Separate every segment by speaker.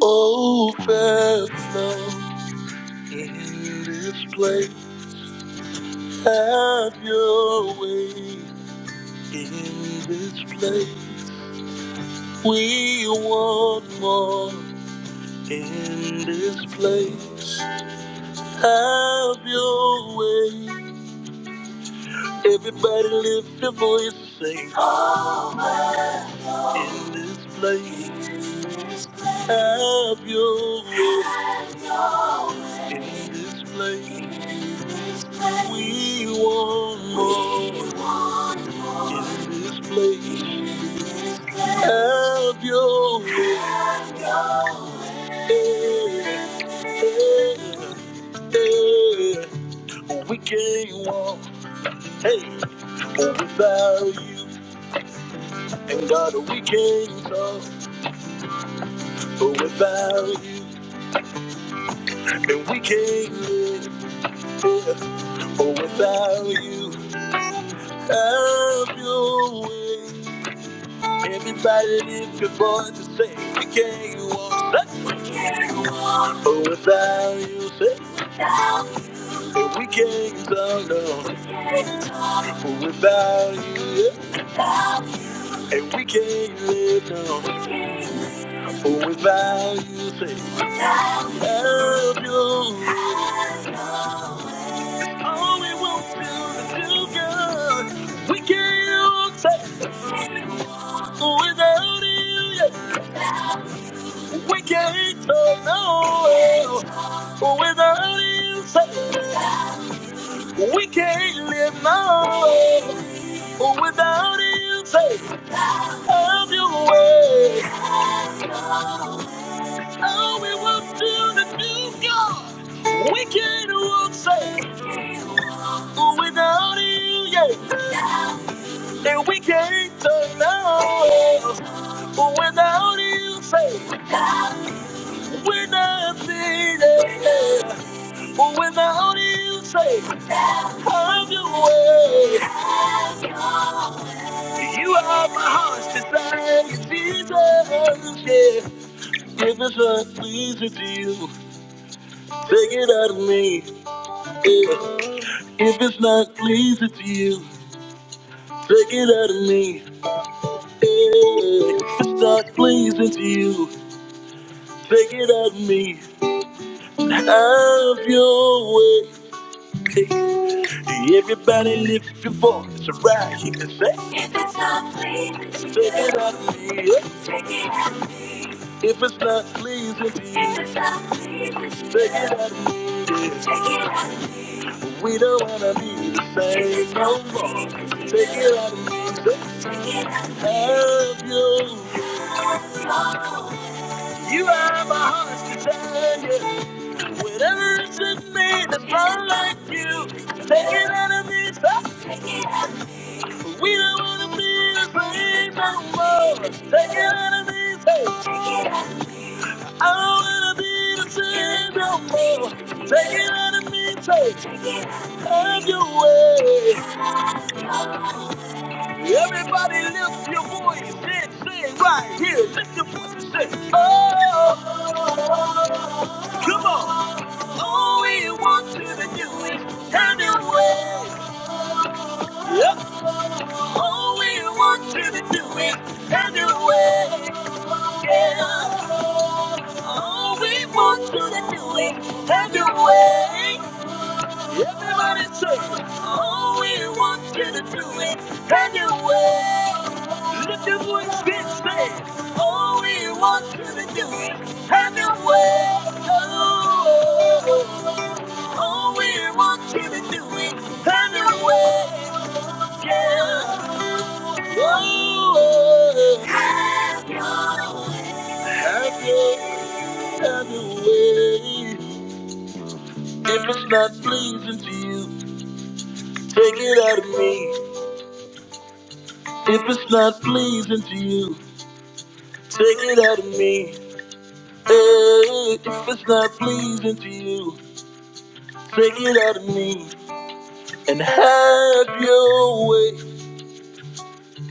Speaker 1: Overflow in this place. Have your way in this place. We want more in this place. Have your way. Everybody lift your voice and sing in this place. Have your way in this place. We want more. In this place, have your way. Yeah, yeah. We can't walk, hey, without you. And God, we can't talk without you. And we can't live without you. Have your way. Everybody lift your voice to say we can't walk. Oh, without you, say, and we can't talk, no. Oh, without you, yeah, and we can't live, no. Oh, without you, say, love you. All we want to do is good. We can't say, without you, yeah, we can't talk, no. Oh, without you, say. We can't live now without you. Take have your way. Oh, we walk do the new God. We can't walk safe without you. Yeah, and we can't turn now. Without you, say we're nothing. yeah. For without you, say, have your way. You are my heart's desire, Jesus. Yeah. If it's not pleasing to you, take it out of me. Yeah. If it's not pleasing to you, take it out of me. Yeah. If it's not pleasing to you, take it out of me. Have your way. Everybody lift your voice and rise. You can say, If it's not pleasing to you, take it out of me. yeah. Take it out of me. If it's not pleasing to you, if it's not pleasing to you, take it out of me. yeah. Take it out of me. We don't wanna be the same no more. Take it out of me. yeah. Take it out of me. Have you. You are my heart's desire. Whatever it's in me that's not like you, take it out of me, stop. We don't wanna be the same no more. Take it out of me, hey. I don't wanna be the same no more. Take it out of me, take it, have your way. Everybody lift your voice and sing right here. Lift your voice and sing. oh, come on. All we want you to do is have your way. Yep. All we want you to do is have your way. Yeah, Oh, we want you to do it. Have your way. Everybody say, Oh, we want you to do it. Have your way. Lift your voice and say, Oh, we want you to do it. Have your way. Oh, oh, oh, we want you to do it. Have your way. Yeah. Oh, have your way. Have your have your way. If it's not pleasing to you, take it out of me. If it's not pleasing to you, take it out of me. Hey, if it's not pleasing to you, take it out of me and have your way.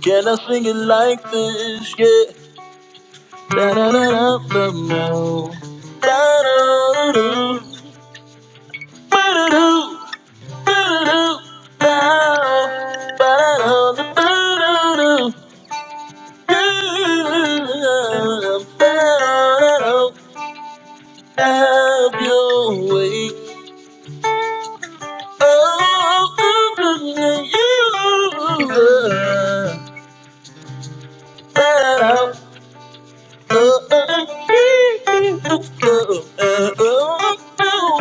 Speaker 1: Can I sing it like this? Yeah. Da da da da da da da da da da da da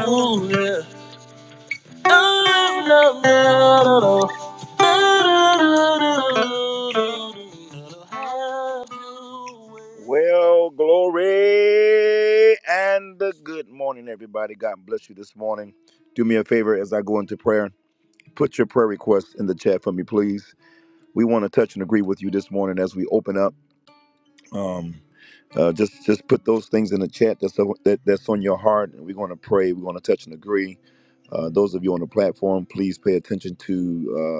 Speaker 1: Oh, Well, glory and good morning, everybody. God bless you this morning. Do me a favor as I go into prayer. Put your prayer requests in the chat for me, please. We want to touch and agree with you this morning as we open up um, uh, just just put those things in the chat that's that, that's on your heart, and we're going to pray. We're going to touch and agree. Uh, those of you on the platform, please pay attention to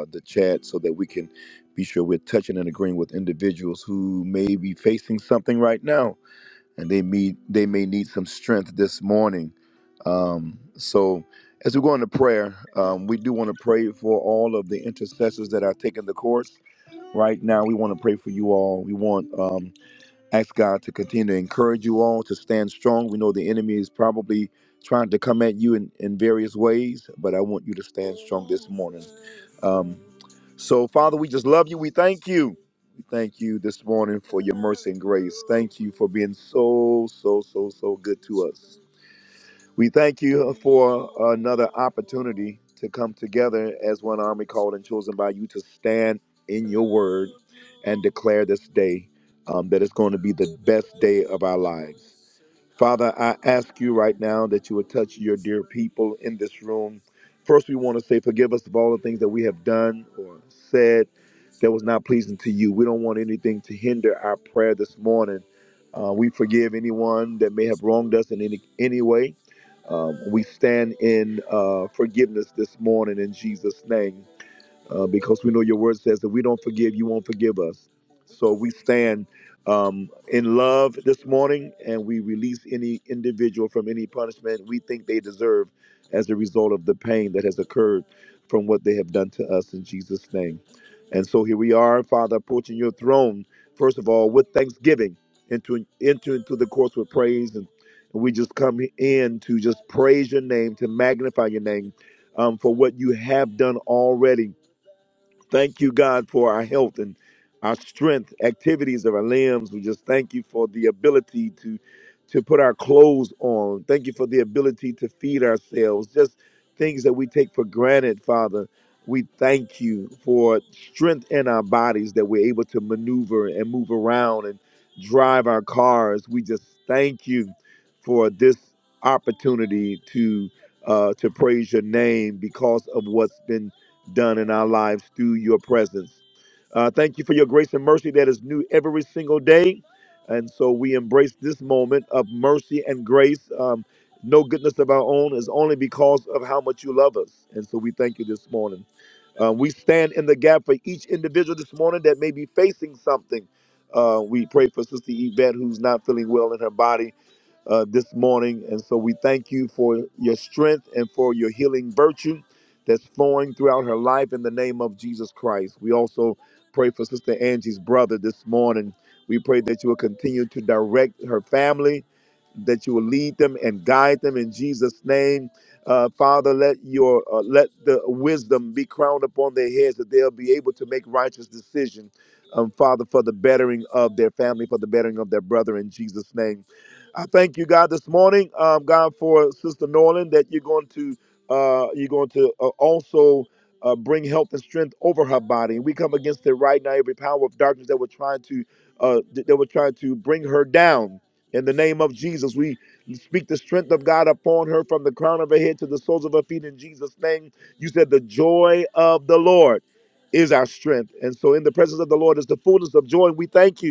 Speaker 1: uh, the chat so that we can be sure we're touching and agreeing with individuals who may be facing something right now, and they may they may need some strength this morning. Um, so. As we go into prayer, um, we do want to pray for all of the intercessors that are taking the course right now. We want to pray for you all. We want um, Ask God to continue to encourage you all to stand strong. We know the enemy is probably trying to come at you in, in various ways, but I want you to stand strong this morning. Um, so, Father, we just love you. We thank you. We thank you this morning for your mercy and grace. Thank you for being so, so, so, so good to us. We thank you for another opportunity to come together as one army called and chosen by you to stand in your word and declare this day um, that it's going to be the best day of our lives. Father, I ask you right now that you would touch your dear people in this room. First, we want to say, forgive us of all the things that we have done or said that was not pleasing to you. We don't want anything to hinder our prayer this morning. Uh, we forgive anyone that may have wronged us in any, any way. Um, we stand in uh, forgiveness this morning in Jesus' name uh, because we know your word says that we don't forgive, you won't forgive us. So we stand um, in love this morning and we release any individual from any punishment we think they deserve as a result of the pain that has occurred from what they have done to us in Jesus' name. And so here we are, Father, approaching your throne, first of all, with thanksgiving, into, enter into the course with praise. And we just come in to just praise your name, to magnify your name um, for what you have done already Thank you, God, for our health and our strength, activities of our limbs. We just thank you for the ability to to put our clothes on. Thank you for the ability to feed ourselves. Just things that we take for granted, Father. We thank you for strength in our bodies that we're able to maneuver and move around and drive our cars. We just thank you for this opportunity to uh, to praise your name because of what's been done in our lives through your presence. Uh, thank you for your grace and mercy that is new every single day. And so we embrace this moment of mercy and grace. Um, no goodness of our own is only because of how much you love us. And so we thank you this morning. Uh, we stand in the gap for each individual this morning that may be facing something. Uh, we pray for Sister Yvette, who's not feeling well in her body uh, this morning. And so we thank you for your strength and for your healing virtue that's flowing throughout her life in the name of Jesus Christ. We also pray for Sister Angie's brother this morning. We pray that you will continue to direct her family, that you will lead them and guide them in Jesus' name. Uh, Father, let your uh, let the wisdom be crowned upon their heads that they'll be able to make righteous decisions, um, Father, for the bettering of their family, for the bettering of their brother in Jesus' name. I thank you, God, this morning, um, God, for Sister Norland that you're going to uh, you're going to uh, also uh, bring health and strength over her body. We come against it right now. Every power of darkness that were trying to uh, th- that were trying to bring her down. In the name of Jesus, we speak the strength of God upon her from the crown of her head to the soles of her feet. In Jesus' name, you said the joy of the Lord is our strength, and so in the presence of the Lord is the fullness of joy. And we thank you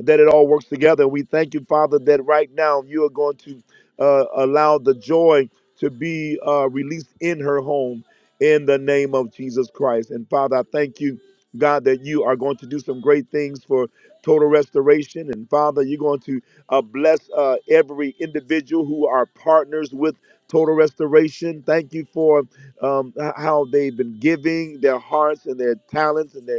Speaker 1: that it all works together. We thank you, Father, that right now you are going to uh, allow the joy to be uh, released in her home in the name of Jesus Christ. And Father, I thank you, God, that you are going to do some great things for total restoration. And Father, you're going to uh, bless uh, every individual who are partners with total restoration. Thank you for um, h- how they've been giving their hearts and their talents and their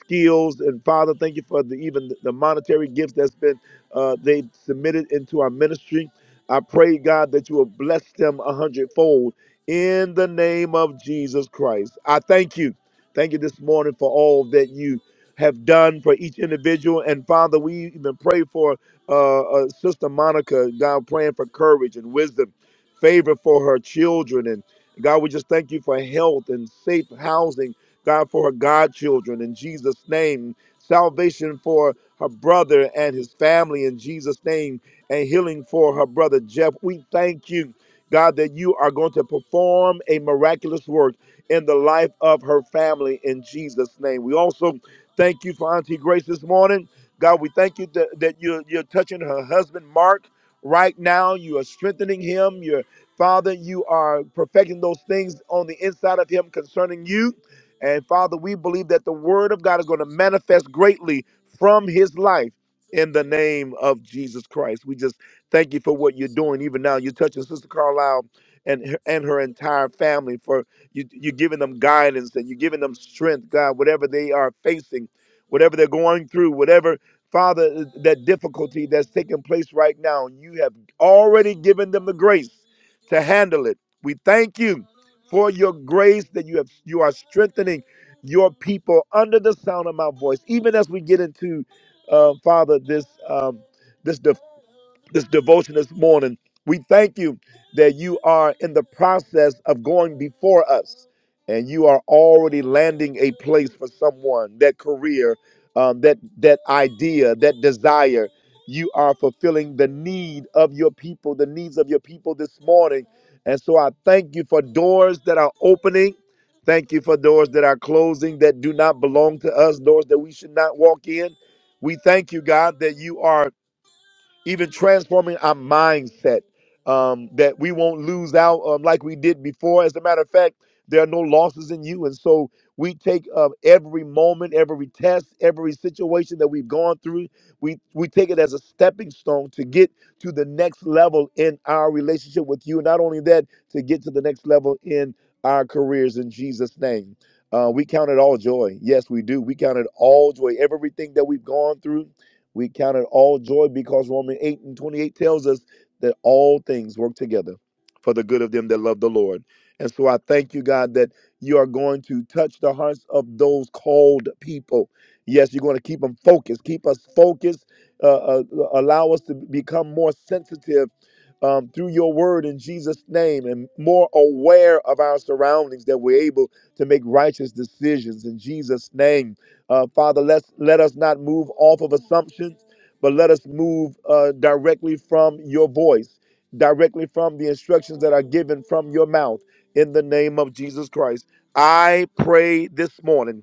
Speaker 1: skills. And Father, thank you for the, even the monetary gifts that's been uh, they submitted into our ministry. I pray, God, that you will bless them a hundredfold in the name of Jesus Christ. I thank you. Thank you this morning for all that you have done for each individual. And Father, we even pray for uh, uh, Sister Monica, God, praying for courage and wisdom, favor for her children. And God, we just thank you for health and safe housing God, for her godchildren in Jesus' name, salvation for her brother and his family in Jesus' name, and healing for her brother Jeff. We thank you, God, that you are going to perform a miraculous work in the life of her family in Jesus' name. We also thank you for Auntie Grace this morning. God, we thank you that, that you're, you're touching her husband, Mark, right now. You are strengthening him. You're Father, you are perfecting those things on the inside of him concerning you. And Father, we believe that the word of God is going to manifest greatly from his life in the name of Jesus Christ. We just thank you for what you're doing even now. You're touching Sister Carlisle and her, and her entire family for you, you're giving them guidance and you're giving them strength, God, whatever they are facing, whatever they're going through, whatever, Father, that difficulty that's taking place right now, you have already given them the grace to handle it. We thank you for your grace that you have you are strengthening your people under the sound of my voice even as we get into uh, father this um, this this devotion this morning. We thank you that you are in the process of going before us and you are already landing a place for someone, that career, um, that, that idea, that desire. You are fulfilling the need of your people, the needs of your people this morning. And so I thank you for doors that are opening. Thank you for doors that are closing that do not belong to us, doors that we should not walk in. We thank you, God, that you are even transforming our mindset um, that we won't lose out um, like we did before. As a matter of fact, there are no losses in you. And so we take uh, every moment, every test, every situation that we've gone through, we, we take it as a stepping stone to get to the next level in our relationship with you. Not only that, to get to the next level in our careers in Jesus' name. Uh, we count it all joy. Yes, we do. We count it all joy. Everything that we've gone through, we count it all joy because Romans 8 and 28 tells us that all things work together for the good of them that love the Lord. And so I thank you, God, that you are going to touch the hearts of those called people. Yes, you're going to keep them focused. Keep us focused. Uh, uh, allow us to become more sensitive um, through your word in Jesus' name and more aware of our surroundings that we're able to make righteous decisions in Jesus' name. Uh, Father, let's, let us not move off of assumptions, but let us move uh, directly from your voice, directly from the instructions that are given from your mouth in the name of Jesus Christ. I pray this morning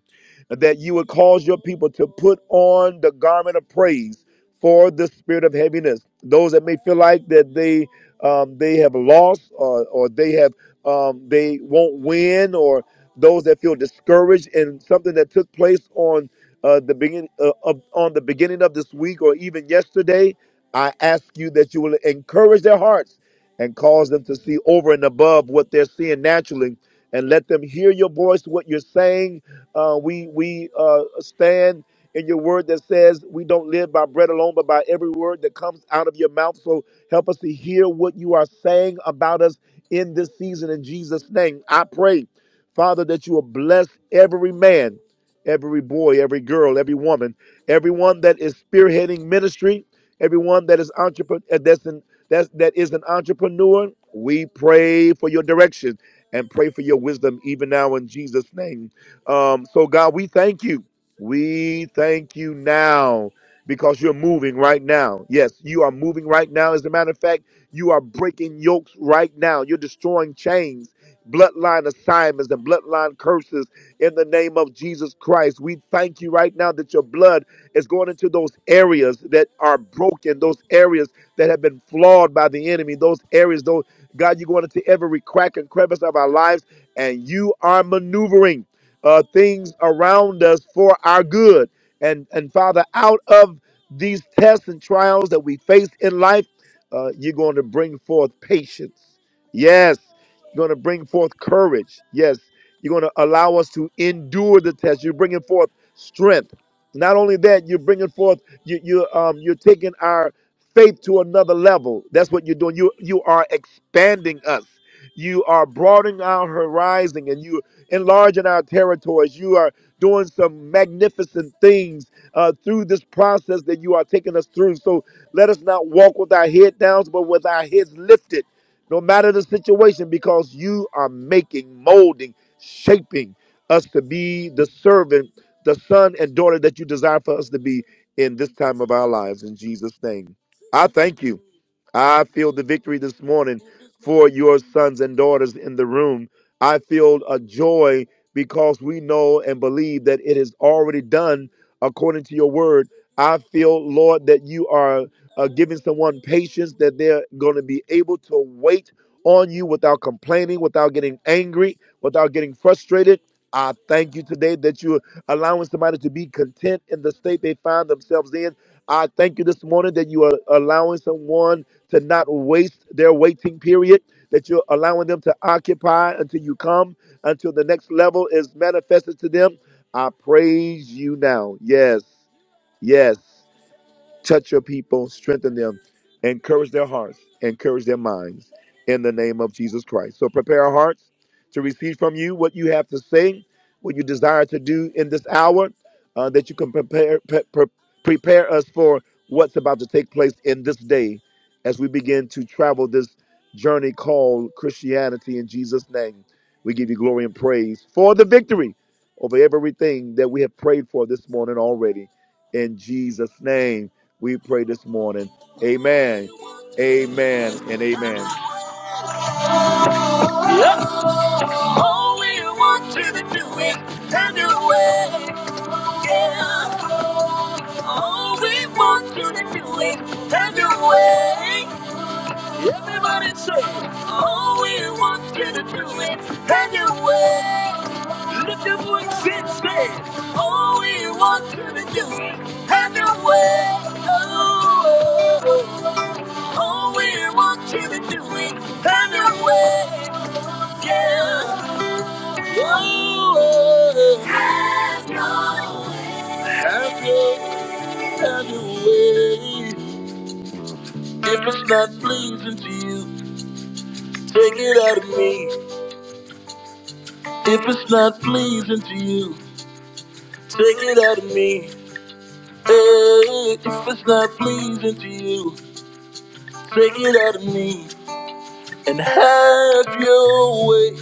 Speaker 1: that you would cause your people to put on the garment of praise for the spirit of heaviness. Those that may feel like that they um, they have lost or, or they have um, they won't win or those that feel discouraged and something that took place on uh, the beginning uh, of, on the beginning of this week or even yesterday, I ask you that you will encourage their hearts and cause them to see over and above what they're seeing naturally, and let them hear your voice, what you're saying. Uh, we we uh, stand in your word that says we don't live by bread alone, but by every word that comes out of your mouth. So help us to hear what you are saying about us in this season in Jesus' name. I pray Father, that you will bless every man, every boy, every girl, every woman, everyone that is spearheading ministry, everyone that is entrepreneur that's an, that's, that is an entrepreneur. We pray for your direction and pray for your wisdom even now in Jesus' name. Um, so God, we thank you. We thank you now because you're moving right now. Yes, you are moving right now. As a matter of fact, you are breaking yokes right now. You're destroying chains bloodline assignments and bloodline curses in the name of Jesus Christ. We thank you right now that your blood is going into those areas that are broken, those areas that have been flawed by the enemy, those areas, Though God, you're going into every crack and crevice of our lives, and you are maneuvering uh, things around us for our good. And and Father, out of these tests and trials that we face in life, uh, you're going to bring forth patience. Yes. You're going to bring forth courage. Yes. You're going to allow us to endure the test. You're bringing forth strength. Not only that, you're bringing forth, you, you, um, you're taking our faith to another level. That's what you're doing. You, you are expanding us. You are broadening our horizon and you enlarging our territories. You are doing some magnificent things uh, through this process that you are taking us through. So let us not walk with our head down, but with our heads lifted no matter the situation, because you are making, molding, shaping us to be the servant, the son and daughter that you desire for us to be in this time of our lives. In Jesus' name, I thank you. I feel the victory this morning for your sons and daughters in the room. I feel a joy because we know and believe that it is already done according to your word. I feel, Lord, that you are uh, giving someone patience that they're going to be able to wait on you without complaining, without getting angry, without getting frustrated. I thank you today that you're allowing somebody to be content in the state they find themselves in. I thank you this morning that you are allowing someone to not waste their waiting period that you're allowing them to occupy until you come, until the next level is manifested to them. I praise you now. Yes, yes. Touch your people, strengthen them, encourage their hearts, encourage their minds in the name of Jesus Christ. So prepare our hearts to receive from you what you have to say, what you desire to do in this hour, uh, that you can prepare pre- pre- prepare us for what's about to take place in this day as we begin to travel this journey called Christianity in Jesus' name. We give you glory and praise for the victory over everything that we have prayed for this morning already in Jesus' name we pray this morning. Amen, amen, and amen. Oh, we want you to do it and do it. Yeah. Oh, we want you to do it and do it. Everybody say, all we want you to do is anyway. Lift your voice and say, all we want you to do is anyway. Oh, oh, oh. all we want you to do is anyway. Yeah. Oh, oh, oh. Have your Have your- have your way. If it's not pleasing to you. Take it out of me if it's not pleasing to you. Take it out of me. Hey, if it's not pleasing to you, take it out of me and have your way.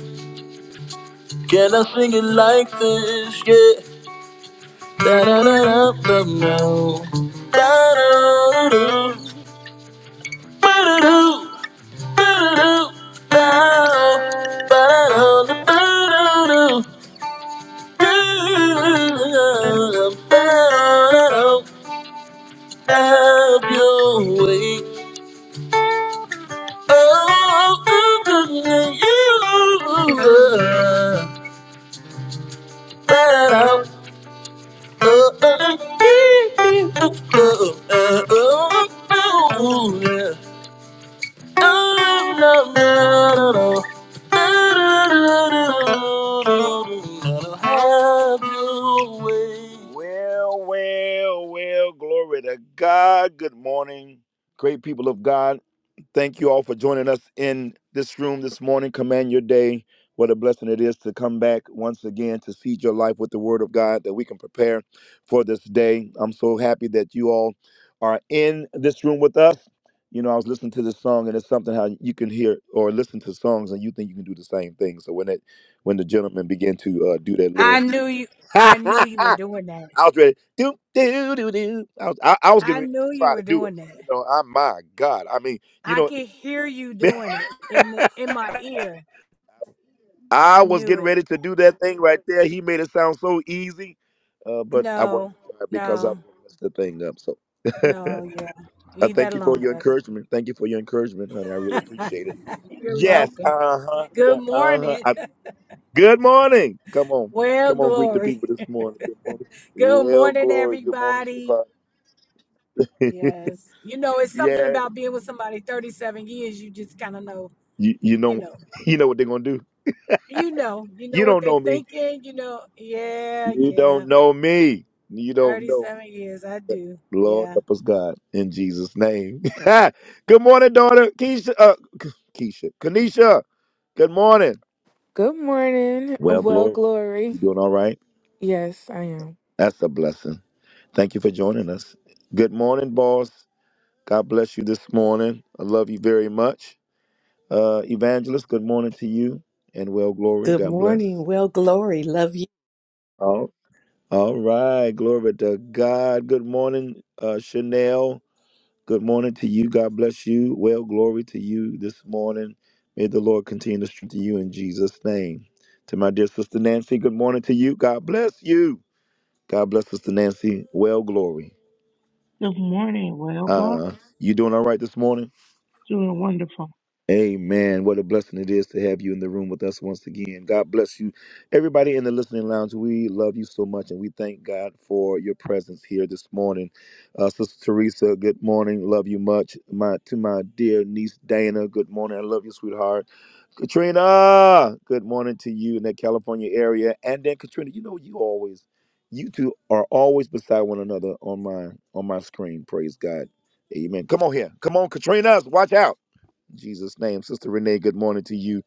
Speaker 1: Can I sing it like this? Yeah. Da da da da da da da da da da da da da Have your way. Oh, oh, oh, oh, you are. Oh, oh, oh, oh, oh, oh, yeah. Oh, no, no, no, no. Have your way. Well, well, well, glory to God. Good morning, great people of God. Thank you all for joining us in this room this morning. Command your day. What a blessing it is to come back once again to seed your life with the Word of God that we can prepare for this day. I'm so happy that you all are in this room with us. You know, I was listening to this song, and it's something how you can hear or listen to songs, and you think you can do the same thing. So when it when the gentleman began to uh, do that little,
Speaker 2: I knew you. I knew
Speaker 1: I
Speaker 2: you were doing that.
Speaker 1: was ready. Do do do do. I was I, I was getting
Speaker 2: I
Speaker 1: ready to
Speaker 2: knew you
Speaker 1: try to
Speaker 2: were
Speaker 1: do it.
Speaker 2: doing that.
Speaker 1: You know, I my God. I mean, you
Speaker 2: I
Speaker 1: know,
Speaker 2: could hear you doing it in the, in my ear. I
Speaker 1: I was
Speaker 2: knew
Speaker 1: getting
Speaker 2: it.
Speaker 1: ready to do that thing right there. He made it sound so easy, uh, but I wasn't
Speaker 2: No,
Speaker 1: gonna try it because I was
Speaker 2: no,
Speaker 1: gonna mess the thing up. So,
Speaker 2: no. Yeah,
Speaker 1: uh,
Speaker 2: leave that
Speaker 1: thank you for
Speaker 2: alone,
Speaker 1: your encouragement. Thank you for your encouragement, honey. I really
Speaker 2: Pastor.
Speaker 1: appreciate it.
Speaker 2: You're
Speaker 1: Yes.
Speaker 2: welcome.
Speaker 1: Uh huh.
Speaker 2: Good
Speaker 1: Yeah. Uh huh.
Speaker 2: morning.
Speaker 1: I- Good morning. Come on.
Speaker 2: Well,
Speaker 1: Come on. Greet the
Speaker 2: glory.
Speaker 1: people this morning. Good morning.
Speaker 2: Good
Speaker 1: Well,
Speaker 2: morning,
Speaker 1: glory. Good morning,
Speaker 2: everybody.
Speaker 1: sweetheart.
Speaker 2: Yes, you know it's something
Speaker 1: yeah.
Speaker 2: about being with somebody 37 years. You just kind of know.
Speaker 1: You you
Speaker 2: You
Speaker 1: know
Speaker 2: know.
Speaker 1: you know what they're gonna do.
Speaker 2: You know. You know
Speaker 1: You
Speaker 2: what
Speaker 1: don't
Speaker 2: they're
Speaker 1: know me.
Speaker 2: thinking. You know. Yeah.
Speaker 1: You
Speaker 2: Yeah.
Speaker 1: don't know me. You don't know.
Speaker 2: 37 years. I do.
Speaker 1: Lord
Speaker 2: Yeah.
Speaker 1: help us, God, in Jesus' name. good morning, daughter. Keisha, uh, K- Keisha, Kanisha. Good morning.
Speaker 3: Good morning.
Speaker 1: Well,
Speaker 3: Well,
Speaker 1: glory.
Speaker 3: Glory.
Speaker 1: You doing all right?
Speaker 3: Yes, I am.
Speaker 1: That's a blessing. Thank you for joining us. Good morning, boss. God bless you this morning. I love you very much. Uh, Evangelist, good morning to you and well, glory.
Speaker 4: Good
Speaker 1: God bless.
Speaker 4: morning. Well, glory. Love you.
Speaker 1: Oh. All right. Glory to God. Good morning, uh, Chanel. Good morning to you. God bless you. Well, glory to you this morning. May the Lord continue to strengthen you in Jesus' name. To my dear sister Nancy, good morning to you. God bless you. God bless sister Nancy. Well, glory.
Speaker 5: Good morning. Well, Glock,
Speaker 1: Uh, you doing all right this morning?
Speaker 5: doing wonderful.
Speaker 1: Amen. What a blessing it is to have you in the room with us once again. God bless you. Everybody in the listening lounge, we love you so much and we thank God for your presence here this morning. Uh, Sister Teresa, good morning. Love you much. My To my dear niece Dana, good morning. I love you, sweetheart. Katrina, good morning to you in that California area. And then Katrina, you know you always, you two are always beside one another on my on my screen. Praise God. Amen. Come on here. Come on, Katrina. Watch out. In Jesus' name. Sister Renee, good morning to you.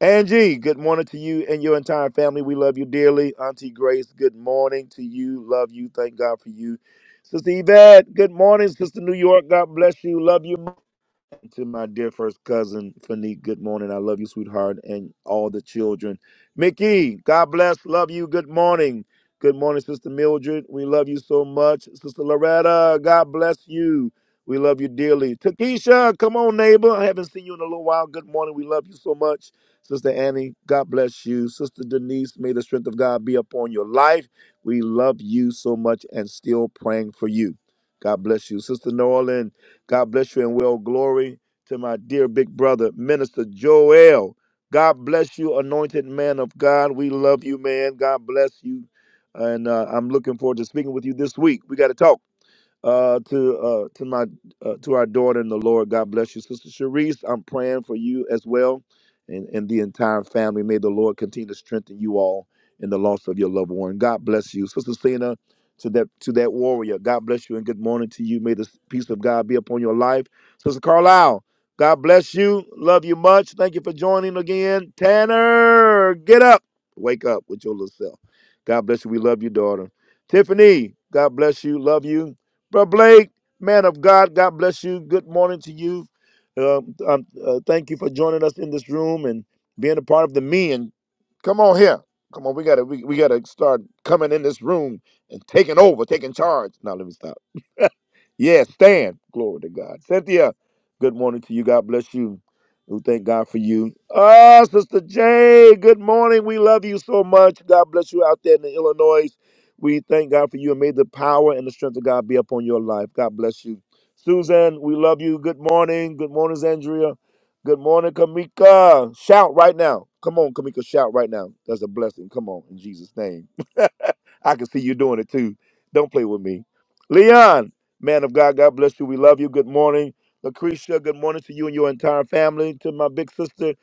Speaker 1: Angie, good morning to you and your entire family. We love you dearly. Auntie Grace, good morning to you. Love you. Thank God for you. Sister Yvette, good morning. Sister New York, God bless you. Love you to my dear first cousin, Fanique, good morning. I love you, sweetheart, and all the children. Mickey, God bless. Love you. Good morning. Good morning, Sister Mildred. We love you so much. Sister Loretta, God bless you. We love you dearly. Takesha, come on, neighbor. I haven't seen you in a little while. Good morning. We love you so much. Sister Annie, God bless you. Sister Denise, may the strength of God be upon your life. We love you so much and still praying for you. God bless you. Sister Norlin, God bless you and well glory to my dear big brother, Minister Joel. God bless you, anointed man of God. We love you, man. God bless you. And uh, I'm looking forward to speaking with you this week. We got to talk uh, to uh, to my uh, to our daughter in the Lord. God bless you, Sister Sharice. I'm praying for you as well, and and the entire family. May the Lord continue to strengthen you all in the loss of your loved one. God bless you, Sister Cena. To that to that warrior. God bless you and good morning to you. May the peace of God be upon your life, Sister Carlisle. God bless you. Love you much. Thank you for joining again. Tanner, get up. Wake up with your little self. God bless you. We love you, daughter. Tiffany, God bless you. Love you. Brother Blake, man of God, God bless you. Good morning to you. Uh, um, uh, thank you for joining us in this room and being a part of the me. And come on here, come on. We gotta, we, we gotta start coming in this room and taking over, taking charge. Now let me stop. Yes, stand. Glory to God. Cynthia, good morning to you. God bless you. We thank God for you. Ah, Sister Jay, good morning. We love you so much. God bless you out there in Illinois. We thank God for you and may the power and the strength of God be upon your life. God bless you. Susan, we love you. Good morning. Good morning, Andrea. Good morning, Kamika. Shout right now. Come on, Kamika, shout right now. That's a blessing. Come on, in Jesus' name. I can see you doing it too. Don't play with me. Leon, man of God, God bless you. We love you. Good morning. Lucretia, good morning to you and your entire family. To my big sister,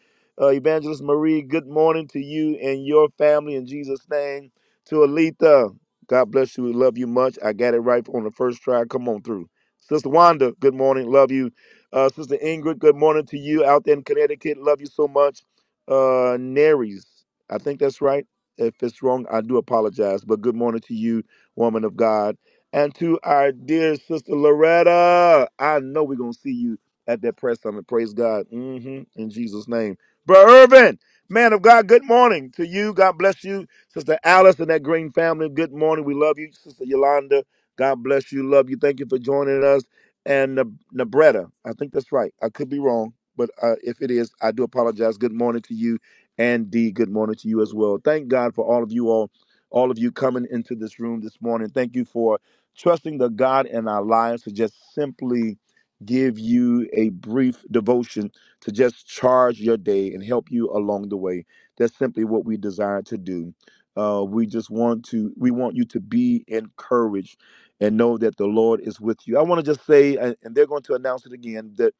Speaker 1: uh, Evangelist Marie, good morning to you and your family in Jesus' name. To Alita, God bless you. We love you much. I got it right on the first try. Come on through. Sister Wanda, good morning. Love you. Uh, Sister Ingrid, good morning to you out there in Connecticut. Love you so much. Uh, Naries, I think that's right. If it's wrong, I do apologize. But good morning to you, woman of God. And to our dear sister Loretta. I know we're going to see you at that press summit. Praise God. hmm In Jesus' name. Brother Irvin, man of God, good morning to you. God bless you. Sister Alice and that green family, good morning. We love you. Sister Yolanda, God bless you. Love you. Thank you for joining us. And Neb- Nebretta, I think that's right. I could be wrong, but uh, if it is, I do apologize. Good morning to you and D. Good morning to you as well. Thank God for all of you all, all of you coming into this room this morning. Thank you for trusting the God in our lives to just simply give you a brief devotion to just charge your day and help you along the way. That's simply what we desire to do. Uh, we just want to we want you to be encouraged and know that the Lord is with you. I want to just say, and and they're going to announce it again, that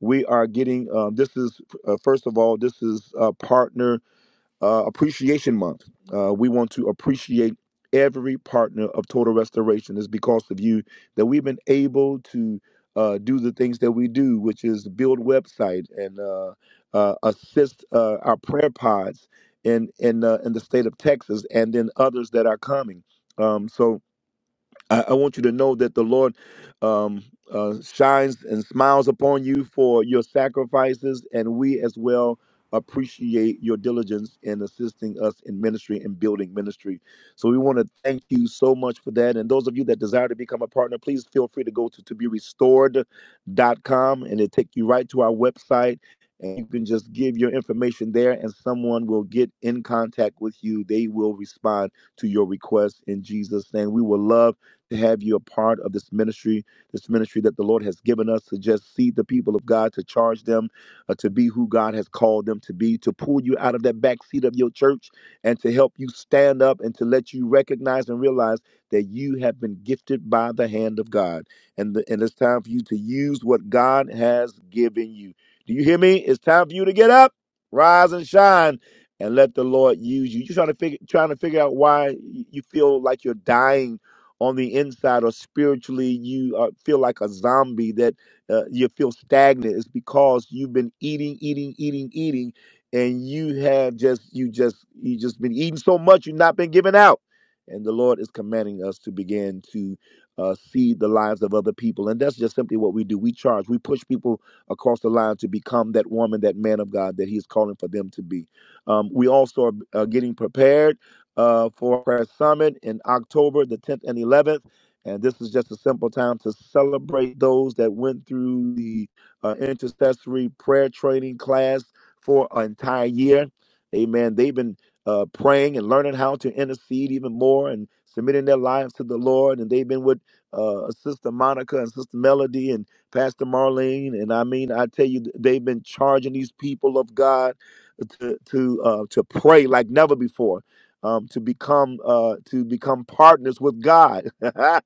Speaker 1: we are getting um, this is uh, first of all, this is uh, Partner uh, Appreciation Month. Uh, we want to appreciate every partner of Total Restoration. It's because of you that we've been able to uh, do the things that we do, which is build website and uh, uh, assist uh, our prayer pods in in uh, in the state of Texas, and then others that are coming. Um, so I, I want you to know that the Lord um, uh, shines and smiles upon you for your sacrifices, and we as well appreciate your diligence in assisting us in ministry and building ministry. So we want to thank you so much for that. And those of you that desire to become a partner, please feel free to go to to be restored. dot com, and it'll take you right to our website. And you can just give your information there, and someone will get in contact with you. They will respond to your request in Jesus' name. We will love to have you a part of this ministry, this ministry that the Lord has given us to just see the people of God, to charge them uh, to be who God has called them to be, to pull you out of that back seat of your church and to help you stand up and to let you recognize and realize that you have been gifted by the hand of God. And, the, and it's time for you to use what God has given you. Do you hear me? It's time for you to get up, rise and shine. And let the Lord use you. You're trying to figure, trying to figure out why you feel like you're dying on the inside or spiritually you uh, feel like a zombie that uh, you feel stagnant it's because you've been eating eating eating eating and you have just you just you just been eating so much you've not been giving out and the lord is commanding us to begin to uh, see the lives of other people and that's just simply what we do we charge we push people across the line to become that woman that man of god that He is calling for them to be um, we also are uh, getting prepared uh, for Prayer Summit in October the 10th and 11th. And this is just a simple time to celebrate those that went through the uh, intercessory prayer training class for an entire year. Amen. They've been uh, praying and learning how to intercede even more and submitting their lives to the Lord. And they've been with uh, Sister Monica and Sister Melody and Pastor Marlene. And I mean, I tell you, they've been charging these people of God to to uh, to pray like never before um, to become uh, to become partners with God. uh,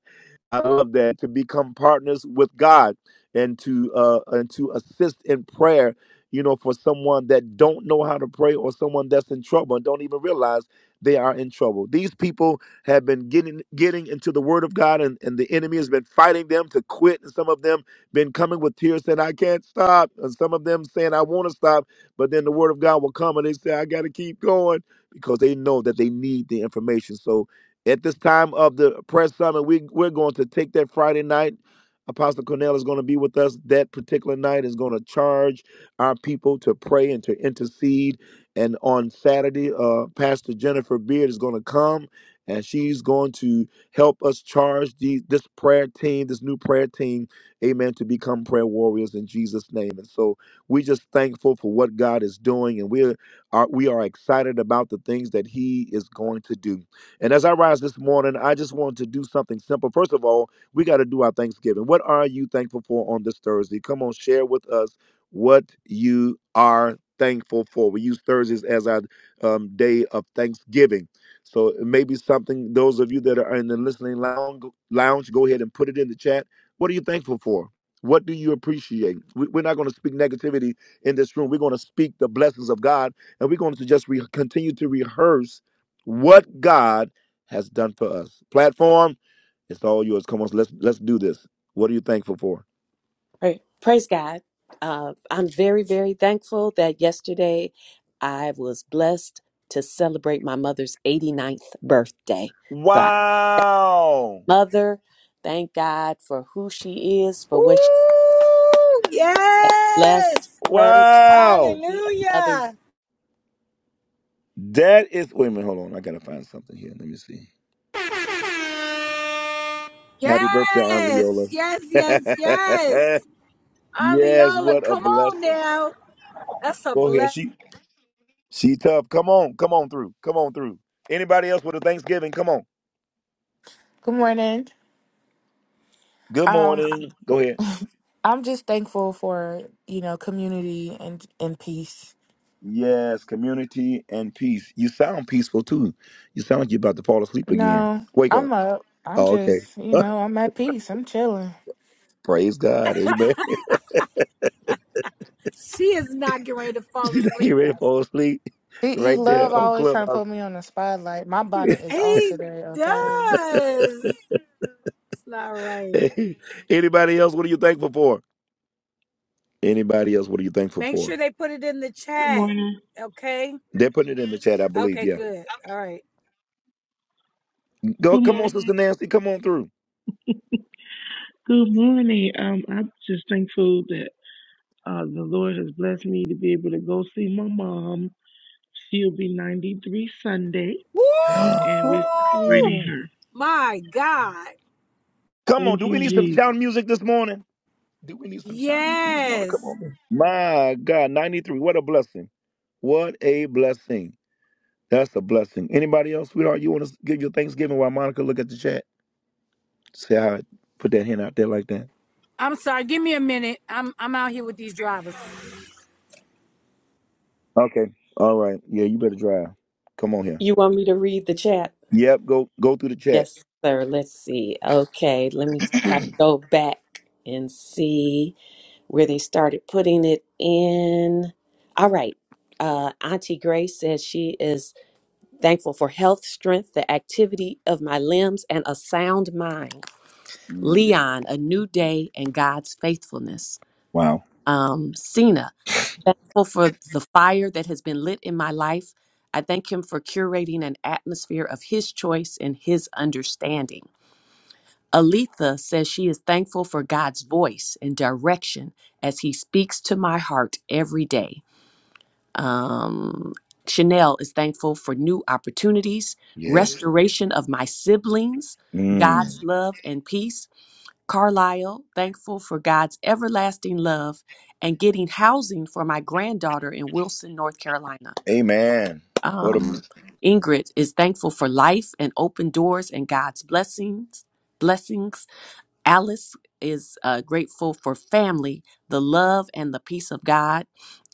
Speaker 1: I love that to become partners with God and to uh, and to assist in prayer. You know, for someone that don't know how to pray or someone that's in trouble and don't even realize they are in trouble. These people have been getting getting into the Word of God, and, and the enemy has been fighting them to quit. And some of them been coming with tears saying, "I can't stop," and some of them saying, "I want to stop," but then the Word of God will come and they say, "I got to keep going." Because they know that they need the information. So at this time of the press summit, we, we're going to take that Friday night. Apostle Cornell is going to be with us that particular night, is going to charge our people to pray and to intercede. And on Saturday, uh, Pastor Jennifer Beard is going to come and she's going to help us charge the, this prayer team, this new prayer team, amen, to become prayer warriors in Jesus' name. And so we're just thankful for what God is doing, and we are, we are excited about the things that He is going to do. And as I rise this morning, I just want to do something simple. First of all, we got to do our Thanksgiving. What are you thankful for on this Thursday? Come on, share with us what you are thankful for. We use Thursdays as our um, day of Thanksgiving. So maybe something, those of you that are in the listening lounge, lounge, go ahead and put it in the chat. What are you thankful for? What do you appreciate? We- We're not going to speak negativity in this room. We're going to speak the blessings of God, and we're going to just re- continue to rehearse what God has done for us. Platform, it's all yours. Come on, let's let's do this. What are you thankful for?
Speaker 4: Pra- Praise God. Uh, I'm very, very thankful that yesterday I was blessed to celebrate my mother's 89th birthday. So I
Speaker 1: Wow.
Speaker 4: mother. Thank God for who she is, for what she
Speaker 2: Ooh,
Speaker 4: has blessed
Speaker 2: yes.
Speaker 4: her to
Speaker 1: Wow.
Speaker 4: be another. year.
Speaker 2: Hallelujah.
Speaker 1: That is wait a minute, hold on. I gotta find something here. Let me see. Happy birthday, Aunt
Speaker 2: Yes.
Speaker 1: Leola.
Speaker 2: Yes, yes, yes.
Speaker 1: yes,
Speaker 2: Aliola,
Speaker 1: what a
Speaker 2: come on
Speaker 1: blessing.
Speaker 2: now. That's a
Speaker 1: Go ahead.
Speaker 2: bless.
Speaker 1: She she tough. Come on, come on through. Come on through. Anybody else with a Thanksgiving? Come on.
Speaker 3: Good morning.
Speaker 1: Good
Speaker 3: Um,
Speaker 1: morning. Go ahead.
Speaker 3: I'm just thankful for, you know, community and and peace.
Speaker 1: Yes, community and peace. You sound peaceful too. You sound like you're about to fall asleep again.
Speaker 3: No,
Speaker 1: Wake up.
Speaker 3: I'm up. I'm
Speaker 1: Oh, okay.
Speaker 3: just, you know, I'm at peace. I'm chilling.
Speaker 1: Praise God. Amen.
Speaker 2: She is not getting ready to fall
Speaker 1: She's not getting
Speaker 2: asleep,
Speaker 1: ready to fall
Speaker 2: Pastor.
Speaker 1: asleep
Speaker 3: He he
Speaker 1: right
Speaker 3: love
Speaker 1: there on
Speaker 3: always trying to
Speaker 1: Clubhouse.
Speaker 3: put me on the spotlight. My bonnet is off
Speaker 2: He
Speaker 3: today, okay?
Speaker 2: does. It's not right.
Speaker 1: Anybody else? What are you thankful for? Anybody else? What are you thankful
Speaker 2: Make
Speaker 1: for?
Speaker 2: sure they put it in the
Speaker 5: Good
Speaker 2: chat.
Speaker 5: morning.
Speaker 2: Okay.
Speaker 1: They're putting it in the chat, I believe.
Speaker 2: Okay,
Speaker 1: Yeah.
Speaker 2: good. All right.
Speaker 1: Go.
Speaker 5: Good
Speaker 1: Come on,
Speaker 5: morning.
Speaker 1: Sister Nancy. Come on through.
Speaker 5: Good morning. Um, I'm just thankful that uh, the Lord has blessed me to be able to go see my mom. She'll be 93 Sunday,
Speaker 1: come
Speaker 5: and we're
Speaker 2: Woo!
Speaker 5: celebrating her.
Speaker 2: My God.
Speaker 1: on.
Speaker 5: Thank
Speaker 1: Do we need some
Speaker 5: you,
Speaker 1: shout music this morning? Do we need some shout music this morning? Come
Speaker 2: Yes.
Speaker 1: on. man. My God, 93. What a blessing. What a blessing. That's a blessing. Anybody else, sweetheart, you want to give your Thanksgiving while Monica look at the chat? See how I put that hand out there like that?
Speaker 2: I'm sorry. Give me a minute. I'm I'm out here with these drivers.
Speaker 1: Okay. All right. Yeah, you better drive. Come on here.
Speaker 4: You want me to read the chat?
Speaker 1: Yep. Go go through the chat.
Speaker 4: Yes, sir. Let's see. Okay, let me try to go back and see. where they started putting it in. All right. Uh, Auntie Grace says she is thankful for health, strength, the activity of my limbs, and a sound mind.
Speaker 1: Mm.
Speaker 4: Leon, a new day and God's faithfulness.
Speaker 1: Wow.
Speaker 4: Um, Cena, thankful for the fire that has been lit in my life. I thank him for curating an atmosphere of his choice and his understanding. Aletha says she is thankful for God's voice and direction as He speaks to my heart every day. Um, Chanel is thankful for new opportunities,
Speaker 1: Yes.
Speaker 4: restoration of my siblings,
Speaker 1: Mm.
Speaker 4: God's love and peace. Carlisle, thankful for God's everlasting love and getting housing for my granddaughter in Wilson, North Carolina.
Speaker 1: Amen. What a
Speaker 4: Um, Ingrid is thankful for life and open doors and God's blessings. Blessings. Alice is uh, grateful for family, the love, and the peace of God.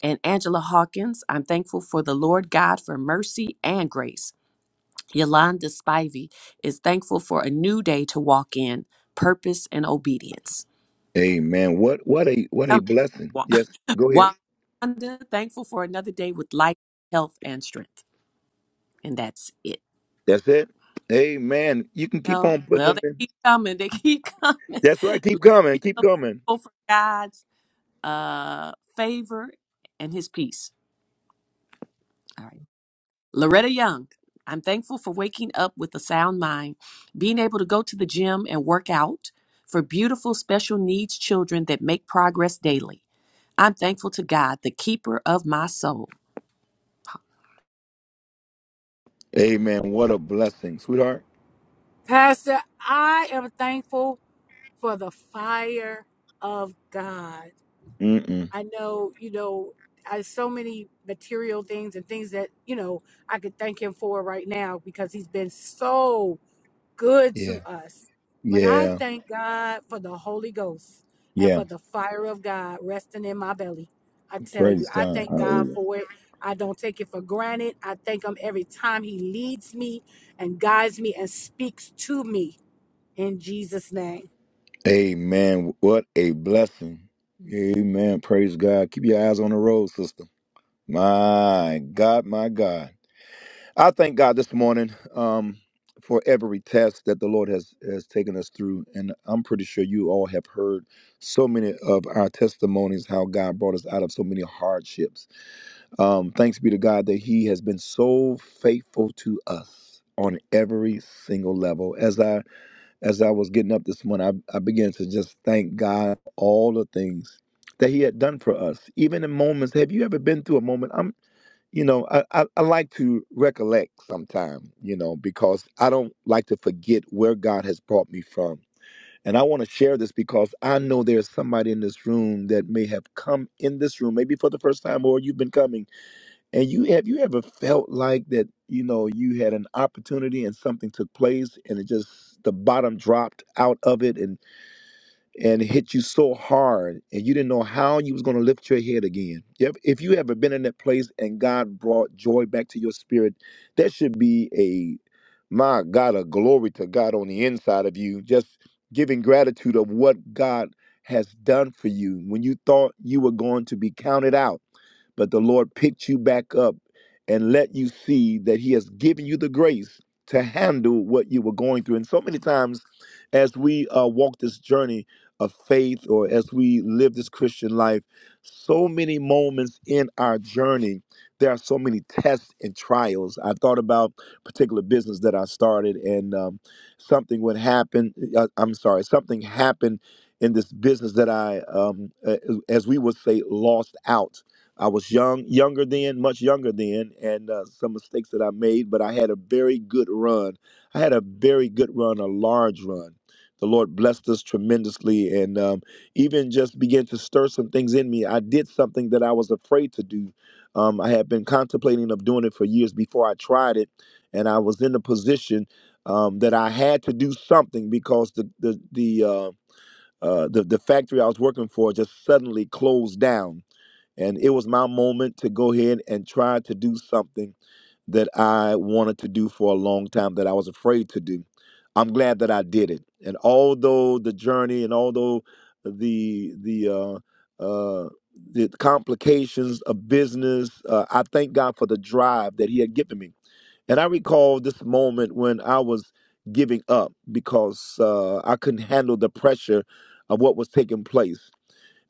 Speaker 4: And Angela Hawkins, I'm thankful for the Lord God for mercy and grace. Yolanda Spivey is thankful for a new day to walk in, purpose and obedience.
Speaker 1: amen. What what a what a
Speaker 4: Um,
Speaker 1: blessing.
Speaker 4: Wa-
Speaker 1: Yes. Go
Speaker 4: Wa-
Speaker 1: ahead.
Speaker 4: Wanda, thankful for another day with life, health, and strength. And that's it.
Speaker 1: That's it. Amen. You can keep
Speaker 4: Well,
Speaker 1: on putting
Speaker 4: well,
Speaker 1: them
Speaker 4: they
Speaker 1: in.
Speaker 4: keep coming. They keep coming.
Speaker 1: That's right. Keep
Speaker 4: Look
Speaker 1: coming. Keep coming.
Speaker 4: for God's uh, favor and his peace. All right. Loretta Young, I'm thankful for waking up with a sound mind, being able to go to the gym and work out, for beautiful special needs children that make progress daily. I'm thankful to God, the keeper of my soul.
Speaker 1: Amen. What a blessing, sweetheart.
Speaker 2: Pastor, I am thankful for the fire of God.
Speaker 1: Mm mm.
Speaker 2: I know, you know, I so many material things and things that, you know, I could thank him for right now because he's been so good
Speaker 1: Yeah.
Speaker 2: to us. But I
Speaker 1: Yeah.
Speaker 2: thank God for the Holy Ghost and
Speaker 1: Yeah.
Speaker 2: for the fire of God resting in my belly. I tell you,
Speaker 1: Praise
Speaker 2: I
Speaker 1: God.
Speaker 2: thank God
Speaker 1: Hallelujah.
Speaker 2: for it. I don't take it for granted. I thank Him every time He leads me and guides me and speaks to me in Jesus' name.
Speaker 1: Amen. What a blessing. Amen. Praise God. Keep your eyes on the road, sister. My God, my God. I thank God this morning um, for every test that the Lord has, has taken us through. And I'm pretty sure you all have heard so many of our testimonies, how God brought us out of so many hardships. Um, thanks be to God that He has been so faithful to us on every single level. As I as I was getting up this morning, I, I began to just thank God for all the things that He had done for us. Even in moments, have you ever been through a moment? I'm, you know, I, I, I like to recollect sometime, you know, because I don't like to forget where God has brought me from. And I want to share this because I know there's somebody in this room that may have come in this room, maybe for the first time, or you've been coming and you have you ever felt like that, you know, you had an opportunity and something took place and it just the bottom dropped out of it and and hit you so hard and you didn't know how you was going to lift your head again. Yep. If you ever been in that place and God brought joy back to your spirit, that should be a my God, a glory to God on the inside of you, just giving gratitude of what God has done for you when you thought you were going to be counted out but the Lord picked you back up and let you see that He has given you the grace to handle what you were going through. And so many times, as we uh, walk this journey of faith or as we live this Christian life, so many moments in our journey, there are so many tests and trials. I thought about a particular business that I started, and um, something would happen. Uh, I'm sorry, something happened in this business that I, um, a- as we would say, lost out I was young, younger then, much younger then, and uh, some mistakes that I made, but I had a very good run. I had a very good run, a large run. The Lord blessed us tremendously and um, even just began to stir some things in me. I did something that I was afraid to do. Um, I had been contemplating of doing it for years before I tried it, and I was in a position um, that I had to do something because the the the uh, uh, the, the factory I was working for just suddenly closed down and it was my moment to go ahead and try to do something that I wanted to do for a long time that I was afraid to do. I'm glad that I did it. And although the journey and although the the uh, uh, the complications of business, uh, I thank God for the drive that He had given me. And I recall this moment when I was giving up because uh, I couldn't handle the pressure of what was taking place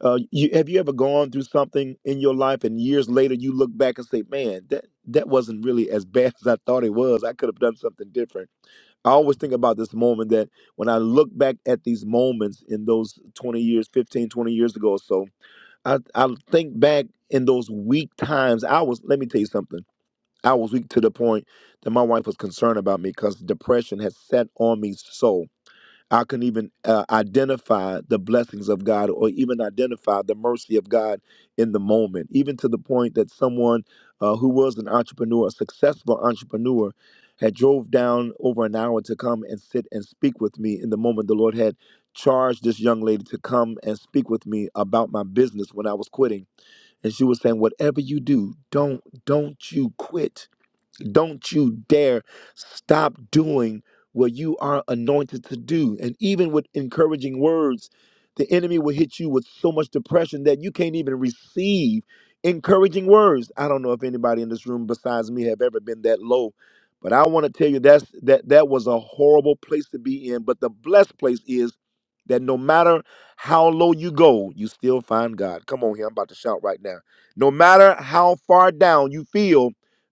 Speaker 1: uh, you, have you ever gone through something in your life and years later you look back and say, man, that, that wasn't really as bad as I thought it was. I could have done something different. I always think about this moment that when I look back at these moments in those 20 years, 15, 20 years ago or so, I, I think back in those weak times. I was, let me tell you something. I was weak to the point that my wife was concerned about me because depression had set on me so. I can even uh, identify the blessings of God or even identify the mercy of God in the moment, even to the point that someone uh, who was an entrepreneur, a successful entrepreneur, had drove down over an hour to come and sit and speak with me in the moment the Lord had charged this young lady to come and speak with me about my business when I was quitting. And she was saying, whatever you do, don't, don't you quit don't you dare stop doing what you are anointed to do. And even with encouraging words, the enemy will hit you with so much depression that you can't even receive encouraging words. I don't know if anybody in this room besides me have ever been that low, but I want to tell you that's that that was a horrible place to be in. But the blessed place is that no matter how low you go, you still find God. Come on here, I'm about to shout right now. No matter how far down you feel,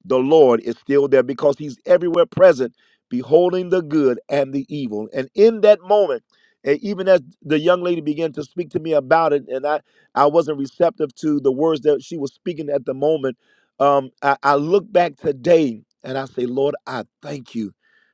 Speaker 1: the Lord is still there because he's everywhere present, beholding the good and the evil. And in that moment, and even as the young lady began to speak to me about it, and I, I wasn't receptive to the words that she was speaking at the moment, um, I, I look back today and I say, Lord, I thank you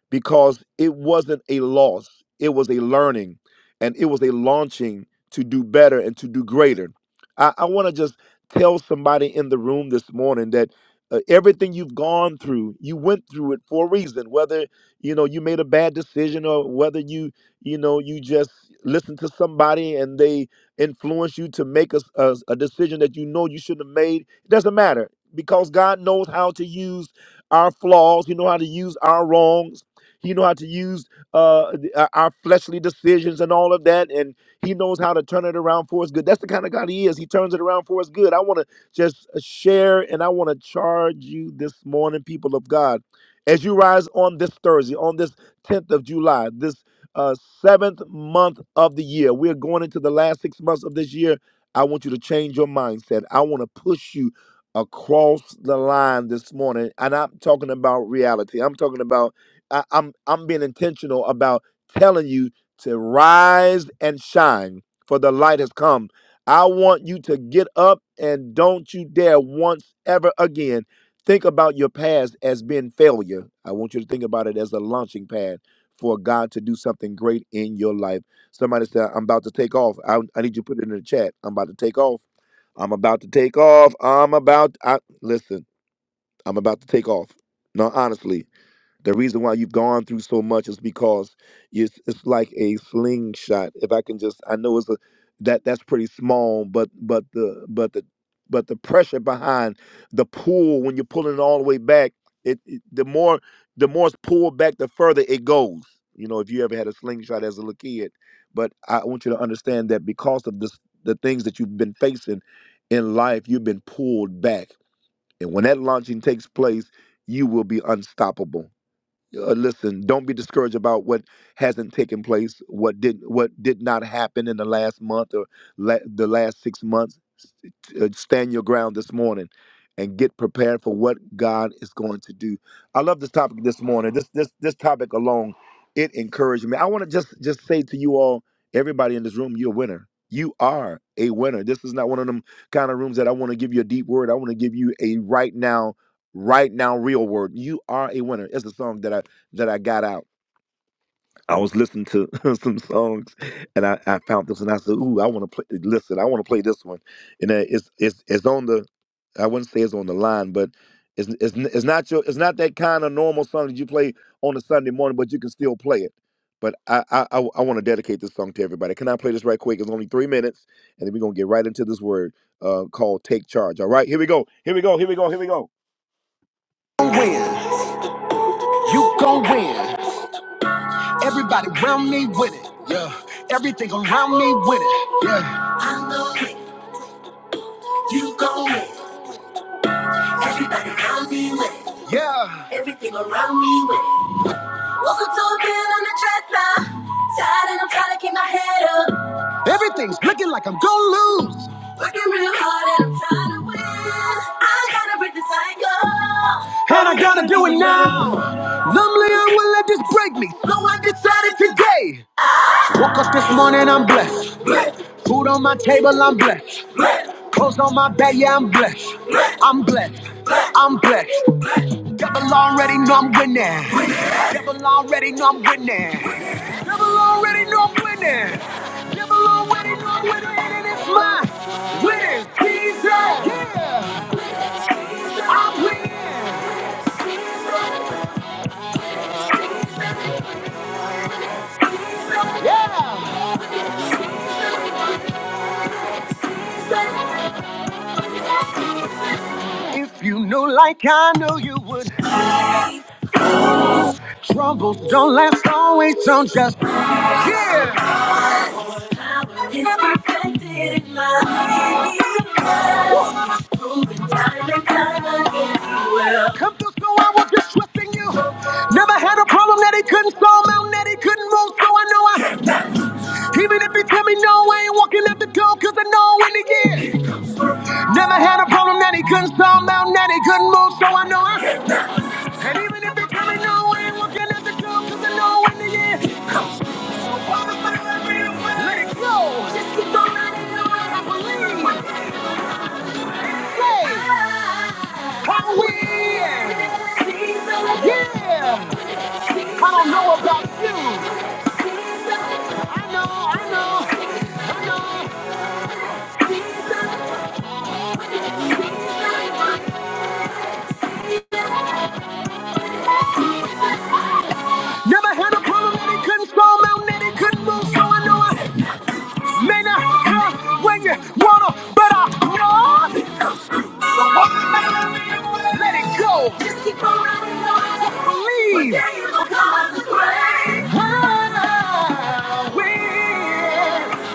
Speaker 1: because it wasn't a loss, it was a learning and it was a launching to do better and to do greater. I, I want to just tell somebody in the room this morning that uh, everything you've gone through you went through it for a reason whether you know you made a bad decision or whether you you know you just listened to somebody and they influenced you to make a, s- a s- a decision that you know you shouldn't have made it doesn't matter because god knows how to use our flaws he know how to use our wrongs he know how to use uh, the- our our fleshly decisions and all of that and he knows how to turn it around for us good that's the kind of god he is he turns it around for us good i want to just uh, share, and I want to charge you this morning, people of God, as you rise on this Thursday, on this 10th of July, this uh, seventh month of the year. We're going into the last six months of this year. I want you to change your mindset. I want to push you across the line this morning, and I'm talking about reality. I'm talking about I, I'm I'm being intentional about telling you to rise and shine, for the light has come I want you to get up and don't you dare once ever again think about your past as being failure. I want you to think about it as a launching pad for God to do something great in your life. Somebody said, I'm about to take off. I, I need you to put it in the chat. I'm about to take off. I'm about to take off. I'm about I, listen, I'm about to take off. No, honestly. The reason why you've gone through so much is because it's, it's like a slingshot. If I can just, I know it's a that that's pretty small, but but the but the but the pressure behind the pull when you're pulling it all the way back, it, it the more the more it's pulled back, the further it goes. You know, if you ever had a slingshot as a little kid, but I want you to understand that because of this, the things that you've been facing in life, you've been pulled back, and when that launching takes place, you will be unstoppable uh, listen don't be discouraged about what hasn't taken place what did what did not happen in the last month or la- the last six months S- uh, stand your ground this morning and get prepared for what god is going to do i love this topic this morning this this this topic alone it encouraged me i want to just just say to you all everybody in this room you're a winner you are a winner this is not one of them kind of rooms that i want to give you a deep word i want to give you a right now right now real word you are a winner it's a song that i that i got out i was listening to some songs and i, I found this and i said ooh i want to play listen i want to play this one and uh, it's it's it's on the i wouldn't say it's on the line but it's, it's n- it's not your it's not that kind of normal song that you play on a sunday morning but you can still play it but i i i, I want to dedicate this song to everybody can i play this right quick it's only three minutes and then we're gonna get right into this word uh called take charge all right here we go here we go here we go here we go Win. You gon' win. Everybody around me with it. Yeah. Everything around me with it. Yeah. I'm gon' kick it. Everybody around me with it. Yeah. Everything around me with it. Welcome to a bin on the dresser. Tired and I'm trying to keep my head up. Everything's looking like I'm gon' lose. Working real hard and I'm trying to win. I gotta break the cycle. Do it now. Numbly, I will let this break me. So I decided today. Woke up this morning, I'm blessed. Food on my table, I'm blessed. Clothes on my back, yeah, I'm blessed. I'm blessed. I'm blessed. Devil already know I'm winning. Devil already know I'm winning. Devil already know I'm winning. Devil already know I'm winning, and it's mine. Winning season. Yeah. I'm winning. Yeah. If you knew like I knew you would, troubles don't last always, don't just. Yeah. It's perfected in my hands. Moving time and time again. Well, Come through, so I was just trusting you. Never had a problem that he couldn't solve, mountain that he couldn't move, so I know I. Even if he tell me no, I ain't walking out the door, cause I know in the end. Never had a problem that he couldn't solve, mountain that he couldn't move, so I know I. And even if he tell me no, I ain't walking out the door, cause I know in the end. Let it go. Just the way I believe. Say. I'm Yeah. I don't know about you. Never had a problem that he couldn't slow mountain that he couldn't move. So I know I may not have when you wanna, but I know. Let it go. Believe. Wow. Weird.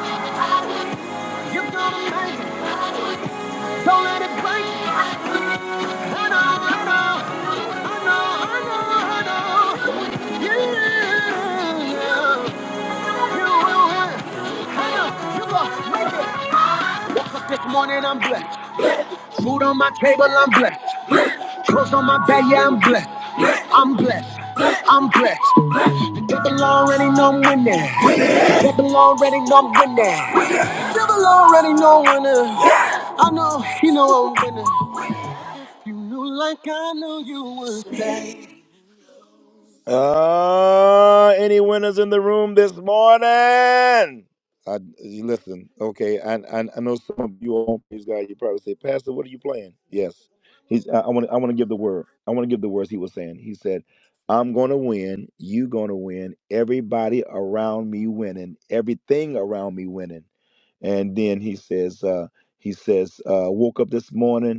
Speaker 1: You're gonna make it. Don't let it break. This morning I'm blessed. Food on my table, I'm blessed. Clothes on my back, yeah, I'm blessed. I'm blessed. I'm blessed. Devil already know I'm winning. Devil already know I'm winning. Devil already know I'm winning. I know, you know I'm winning. You knew like I knew you would. Uh, any winners in the room this morning? I you listen, okay. I, I I know some of you all praise God. You probably say, Pastor, what are you playing? Yes, he's. I want. I want to give the word. I want to give the words he was saying. He said, "I'm going to win. You going to win. Everybody around me winning. Everything around me winning." And then he says, uh, he says, uh, woke up this morning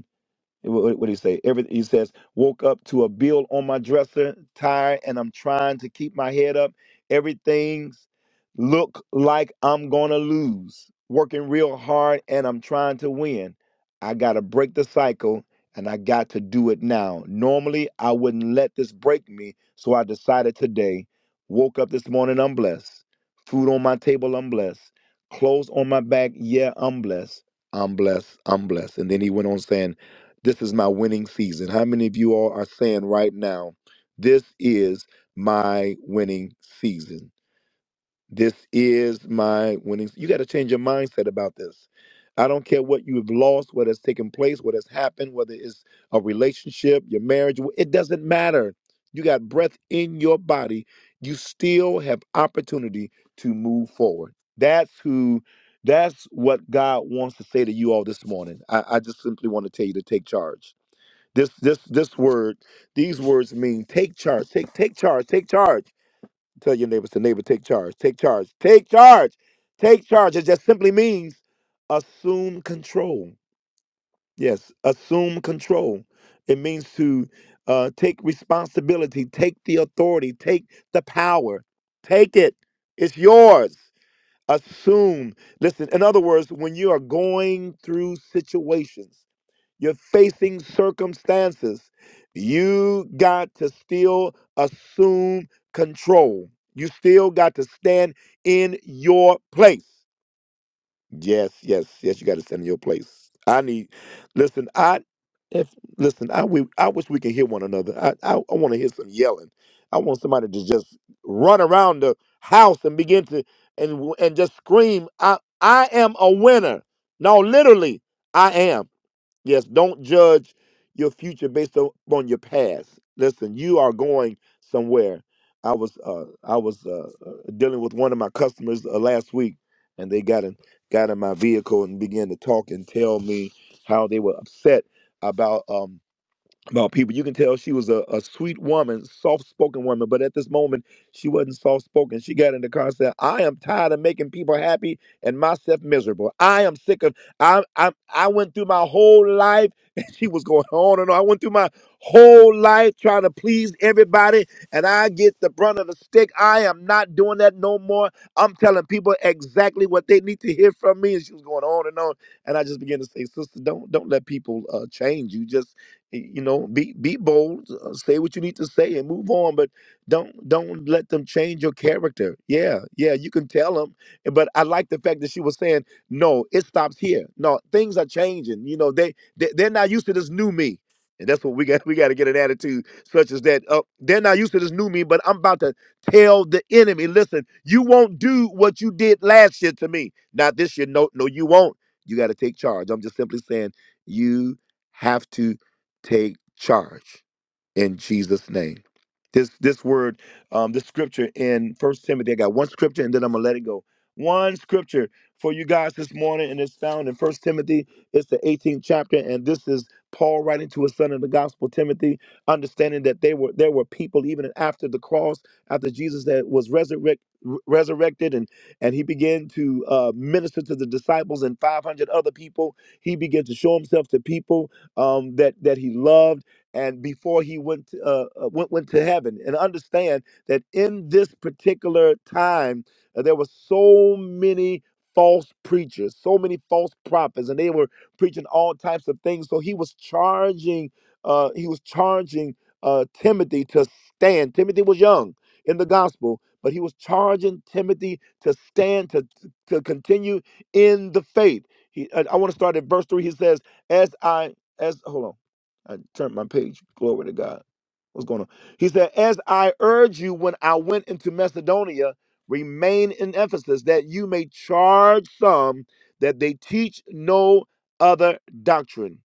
Speaker 1: what, what do you say? Everything he says, woke up to a bill on my dresser, tired, and I'm trying to keep my head up. Everything's look like I'm gonna lose. Working real hard and I'm trying to win. I gotta break the cycle and I got to do it now. Normally I wouldn't let this break me, so I decided today. Woke up this morning, I'm blessed. Food on my table, I'm blessed. Clothes on my back, yeah, I'm blessed. I'm blessed. I'm blessed. And then he went on saying, this is my winning season. How many of you all are saying right now, this is my winning season? This is my winning. You got to change your mindset about this. I don't care what you have lost, what has taken place, what has happened, whether it's a relationship, your marriage, it doesn't matter. You got breath in your body. You still have opportunity to move forward. That's who that's what God wants to say to you all this morning. I, I just simply want to tell you to take charge this this this word, these words mean take charge, take take charge, take charge. Tell your neighbors to neighbor, take charge, take charge, take charge, take charge. It just simply means assume control. Yes, assume control. It means to uh, take responsibility, take the authority, take the power, take it. It's yours. Assume. Listen, in other words, when you are going through situations you're facing circumstances. You got to still assume control. You still got to stand in your place. Yes, yes, yes, you got to stand in your place. I need listen, I if listen, I we I wish we could hear one another. I I, I want to hear some yelling. I want somebody to just run around the house and begin to and and just scream, I I am a winner. No, literally, I am. Yes, don't judge your future based on on your past. Listen, you are going somewhere. I was uh, I was uh, uh, dealing with one of my customers uh, last week, and they got in got in my vehicle and began to talk and tell me how they were upset about. um, about people. You can tell she was a, a sweet woman, soft spoken woman, but at this moment, she wasn't soft spoken. She got in the car and said, I am tired of making people happy and myself miserable. I am sick of, I, I, I went through my whole life, and she was going on and on. I went through my whole life trying to please everybody, and I get the brunt of the stick. I am not doing that no more. I'm telling people exactly what they need to hear from me. And she was going on and on. And I just began to say, Sister, don't, don't let people uh, change you. Just, you know be be bold uh, say what you need to say and move on but don't don't let them change your character yeah yeah you can tell them but i like the fact that she was saying no it stops here no things are changing you know they, they they're not used to this new me and that's what we got we got to get an attitude such as that uh, they're not used to this new me but i'm about to tell the enemy listen you won't do what you did last year to me not this year no no you won't you got to take charge i'm just simply saying you have to take charge in Jesus' name. This this word, um, this scripture in First Timothy, I got one scripture and then I'm gonna let it go. One scripture for you guys this morning, and it's found in First Timothy. It's the 18th chapter, and this is Paul writing to his son in the gospel Timothy, understanding that they were there were people even after the cross, after Jesus that was resurrect, resurrected, and and he began to uh, minister to the disciples and 500 other people. He began to show himself to people um, that that he loved and before he went to, uh, uh, went went to heaven and understand that in this particular time uh, there were so many false preachers so many false prophets and they were preaching all types of things so he was charging uh, he was charging uh, timothy to stand timothy was young in the gospel but he was charging timothy to stand to, to continue in the faith he, i, I want to start at verse 3 he says as i as hold on I turned my page. Glory to God. What's going on? He said, As I urge you when I went into Macedonia, remain in Ephesus, that you may charge some that they teach no other doctrine,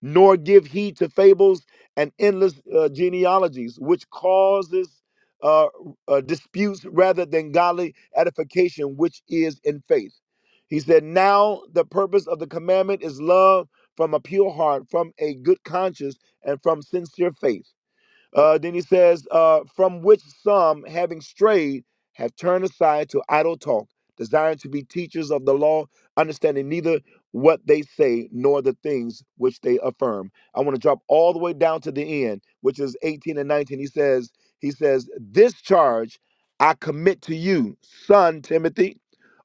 Speaker 1: nor give heed to fables and endless uh, genealogies, which causes uh, uh, disputes rather than godly edification, which is in faith. He said, Now the purpose of the commandment is love from a pure heart, from a good conscience, and from sincere faith. Uh, then he says, uh, from which some, having strayed, have turned aside to idle talk, desiring to be teachers of the law, understanding neither what they say nor the things which they affirm. I want to drop all the way down to the end, which is 18 and 19. He says, he says, this charge I commit to you, son Timothy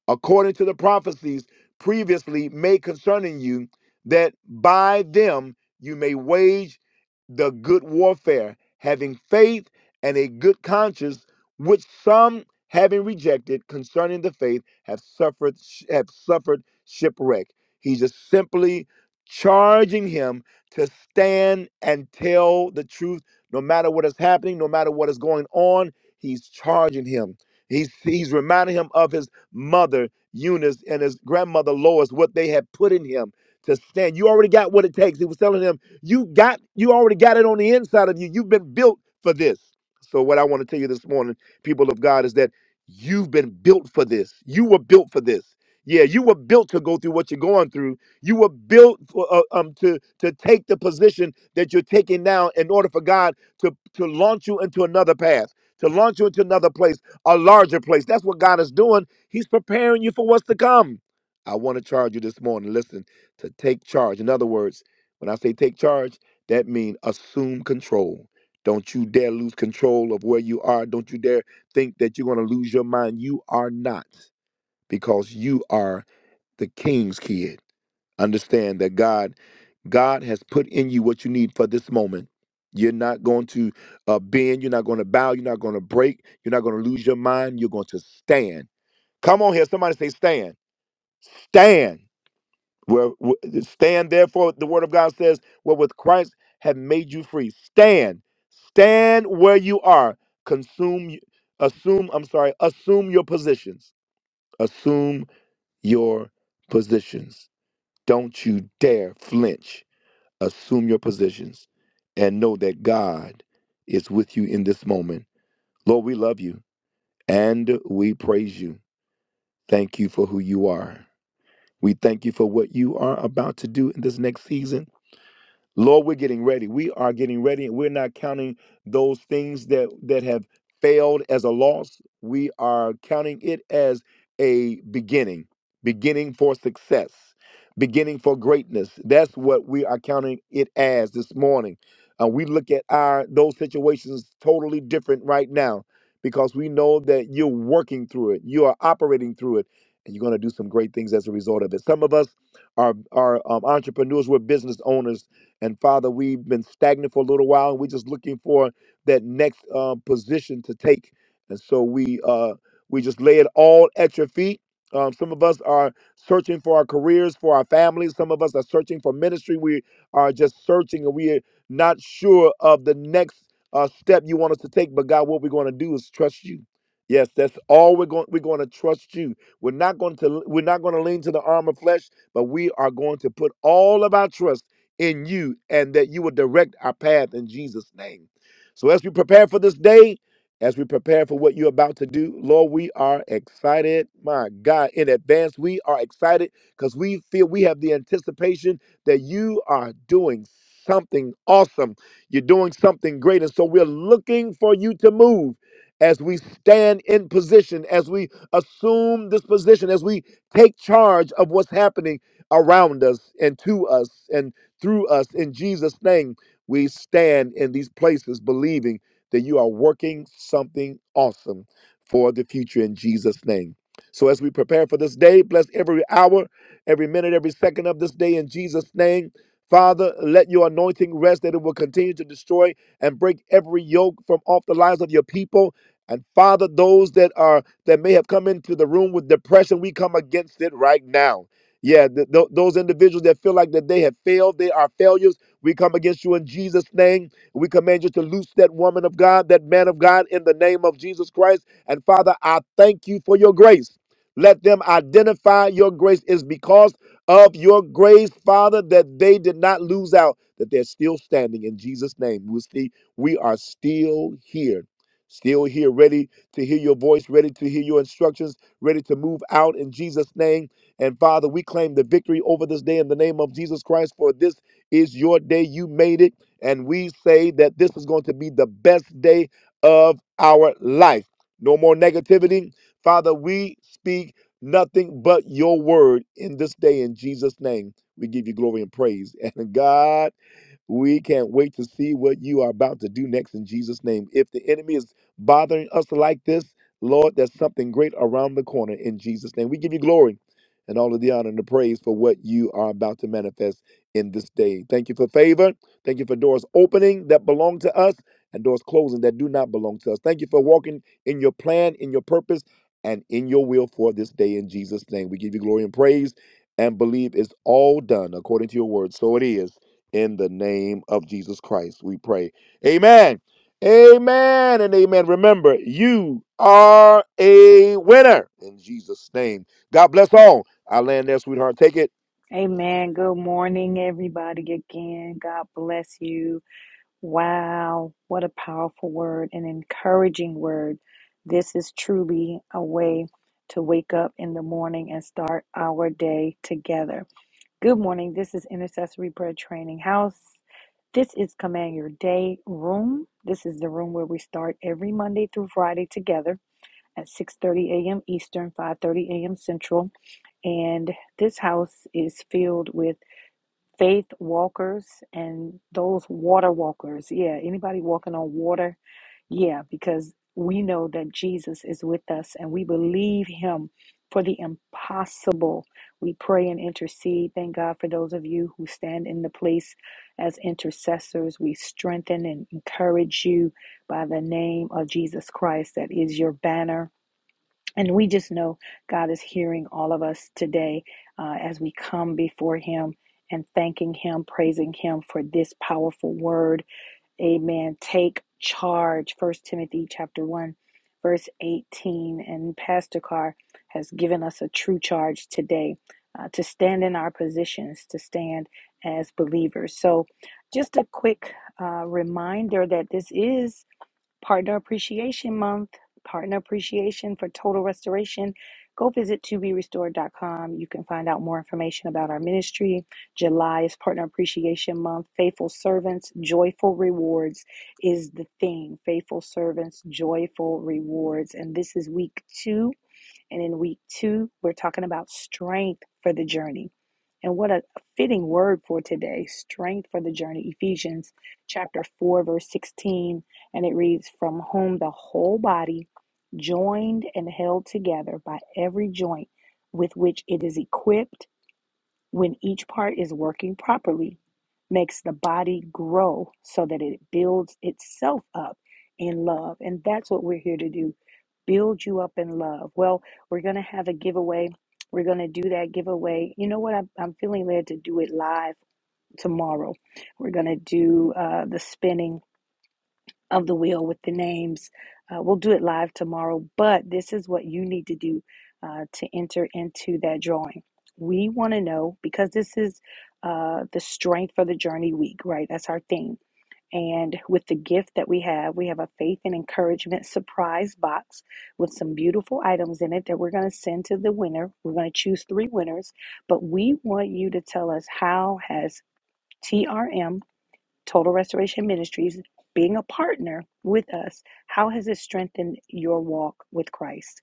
Speaker 1: according to the prophecies previously made concerning you, that by them you may wage the good warfare, having faith and a good conscience, which some having rejected concerning the faith have suffered have suffered shipwreck. He's just simply charging him to stand and tell the truth, no matter what is happening, no matter what is going on. He's charging him. He's he's reminding him of his mother Eunice and his grandmother Lois what they had put in him to stand. You already got what it takes. He was telling him, you got you already got it on the inside of you. You've been built for this. So what I want to tell you this morning, people of God, is that you've been built for this. You were built for this. Yeah, you were built to go through what you're going through. You were built for, uh, um, to to take the position that you're taking now in order for God to to launch you into another path, to launch you into another place, a larger place. That's what God is doing He's preparing you for what's to come. I want to charge you this morning. Listen, to take charge. In other words, when I say take charge, that means assume control. Don't you dare lose control of where you are. Don't you dare think that you're going to lose your mind. You are not, because you are the king's kid. Understand that God, God has put in you what you need for this moment. You're not going to uh, bend. You're not going to bow. You're not going to break. You're not going to lose your mind. You're going to stand Come on here. Somebody say, stand. Stand. Where, wh- stand, therefore, the word of God says, where with Christ have made you free. Stand. Stand where you are. Consume, assume, I'm sorry, assume your positions. Assume your positions. Don't you dare flinch. Assume your positions and know that God is with you in this moment. Lord, we love you and we praise you. Thank you for who you are. We thank you for what you are about to do in this next season. Lord, we're getting ready. We are getting ready, and we're not counting those things that that have failed as a loss. We are counting it as a beginning, beginning for success, beginning for greatness. That's what we are counting it as this morning. Uh, we look at our those situations totally different right now because we know that you're working through it, you are operating through it, and you're going to do some great things as a result of it. Some of us are are um, entrepreneurs, we're business owners and Father, we've been stagnant for a little while and we're just looking for that next uh, position to take. And so we uh, we just lay it all at your feet. Um, some of us are searching for our careers, for our families. Some of us are searching for ministry. We are just searching and we are not sure of the next uh, step you want us to take. But God, what we're going to do is trust you. Yes, that's all we're going. We're going to trust you. We're not going to. We're not going to lean to the arm of flesh, but we are going to put all of our trust in you and that you will direct our path in Jesus' name. So as we prepare for this day, as we prepare for what you're about to do, Lord, we are excited. My God, in advance, we are excited because we feel we have the anticipation that you are doing something awesome. You're doing something great. And so we're looking for you to move as we stand in position, as we assume this position, as we take charge of what's happening around us and to us. and through us. In Jesus' name, we stand in these places believing that you are working something awesome for the future in Jesus' name. So as we prepare for this day, bless every hour, every minute, every second of this day in Jesus' name. Father, let your anointing rest that it will continue to destroy and break every yoke from off the lives of your people. And Father, those that are that may have come into the room with depression, we come against it right now. Yeah, th- th- those individuals that feel like that they have failed, they are failures. We come against you in Jesus' name. We command you to loose that woman of God, that man of God, in the name of Jesus Christ. And Father, I thank you for your grace. Let them identify your grace is because of your grace, Father, that they did not lose out, that they're still standing in Jesus' name. We see we are still here, still here, ready to hear your voice, ready to hear your instructions, ready to move out in Jesus' name and Father, we claim the victory over this day in the name of Jesus Christ, for this is your day. You made it. And we say that this is going to be the best day of our life. No more negativity. Father, we speak nothing but your word in this day in Jesus' name. We give you glory and praise. And God we can't wait to see what you are about to do next in Jesus' name. If the enemy is bothering us like this, Lord, there's something great around the corner in Jesus' name. We give you glory and all of the honor and the praise for what you are about to manifest in this day. Thank you for favor. Thank you for doors opening that belong to us and doors closing that do not belong to us. Thank you for walking in your plan, in your purpose, and in your will for this day in Jesus' name. We give you glory and praise and believe it's all done according to your word. So it is in the name of Jesus Christ. We pray. Amen. Amen and amen. Remember, you are a winner in Jesus' name. God bless all. I land there, sweetheart. Take it.
Speaker 2: Amen. Good morning, everybody. Again, God bless you. Wow, what a powerful word, an encouraging word. This is truly a way to wake up in the morning and start our day together. Good morning. This is Intercessory Prayer Training House. This is Command Your Day room. This is the room where we start every Monday through Friday together at 6:30 a.m. Eastern, 5:30 a.m. Central, and this house is filled with faith walkers and those water walkers. Yeah, anybody walking on water. Yeah, because we know that Jesus is with us and we believe him for the impossible. We pray and intercede. Thank God for those of you who stand in the place as intercessors. We strengthen and encourage you by the name of Jesus Christ. That is your banner and we just know God is hearing all of us today uh, as we come before Him and thanking Him, praising Him for this powerful word. Amen. Take charge. First Timothy chapter one, verse eighteen, and Pastor Carr has given us a true charge today uh, to stand in our positions, to stand as believers. So, just a quick uh, reminder that this is Partner Appreciation Month, Partner Appreciation for Total Restoration. Go visit to be restored dot com. You can find out more information about our ministry. July is Partner Appreciation Month. Faithful Servants, Joyful Rewards is the theme. Faithful Servants, Joyful Rewards. And this is week two and in week two, we're talking about strength for the journey. And what a fitting word for today strength for the journey. Ephesians chapter 4, verse 16. And it reads, From whom the whole body, joined and held together by every joint with which it is equipped, when each part is working properly, makes the body grow so that it builds itself up in love. And that's what we're here to do build you up in love. Well, we're going to have a giveaway. We're going to do that giveaway. You know what? I'm, I'm feeling led to do it live tomorrow. We're going to do uh, the spinning of the wheel with the names. Uh, we'll do it live tomorrow, but this is what you need to do uh, to enter into that drawing. We want to know because this is uh, the strength for the journey week, right? That's our theme and with the gift that we have, we have a faith and encouragement surprise box with some beautiful items in it that we're going to send to the winner. We're going to choose three winners, but we want you to tell us how has TRM, Total Restoration Ministries, being a partner with us, how has it strengthened your walk with Christ?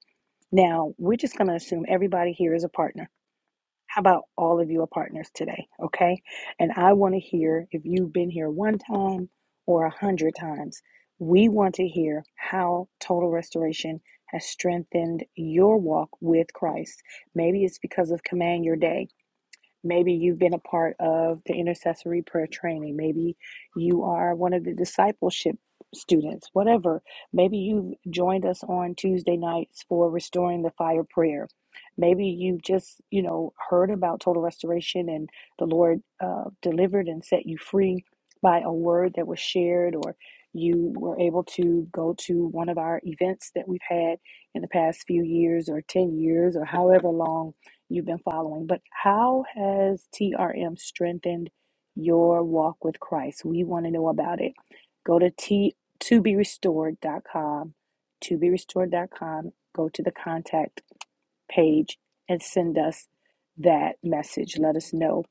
Speaker 2: Now, we're just going to assume everybody here is a partner how about all of you are partners today? Okay. And I want to hear if you've been here one time or a hundred times. We want to hear how total restoration has strengthened your walk with Christ. Maybe it's because of Command Your Day. Maybe you've been a part of the intercessory prayer training. Maybe you are one of the discipleship students, whatever. Maybe you've joined us on Tuesday nights for Restoring the Fire Prayer. Maybe you've just, you know, heard about total restoration and the Lord uh, delivered and set you free by a word that was shared, or you were able to go to one of our events that we've had in the past few years, or 10 years, or however long you've been following, but how has TRM strengthened your walk with Christ? We want to know about it. Go to t to be restored dot com, to be restored dot com. go to the contact page and send us that message. Let us know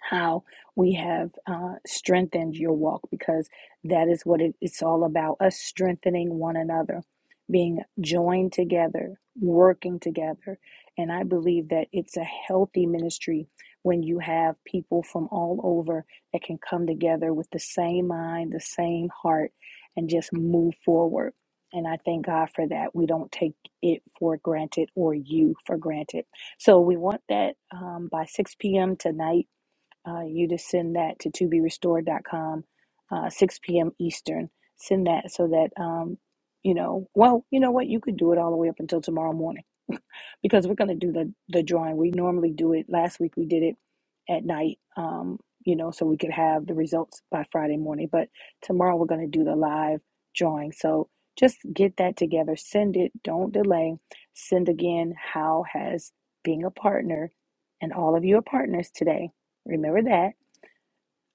Speaker 2: how we have uh, strengthened your walk because that is what it, it's all about us strengthening one another, being joined together, working together. And I believe that it's a healthy ministry when you have people from all over that can come together with the same mind, the same heart, and just move forward. And I thank God for that. We don't take it for granted or you for granted. So we want that um, by 6 p.m. tonight uh, you to send that to toberestored.com, uh, 6 p.m. Eastern. Send that so that, um, you know, well, you know what? You could do it all the way up until tomorrow morning because we're going to do the, the drawing. We normally do it. Last week we did it at night, um, you know, so we could have the results by Friday morning. But tomorrow we're going to do the live drawing. So just get that together. Send it. Don't delay. Send again. How has being a partner and all of you are partners today? Remember that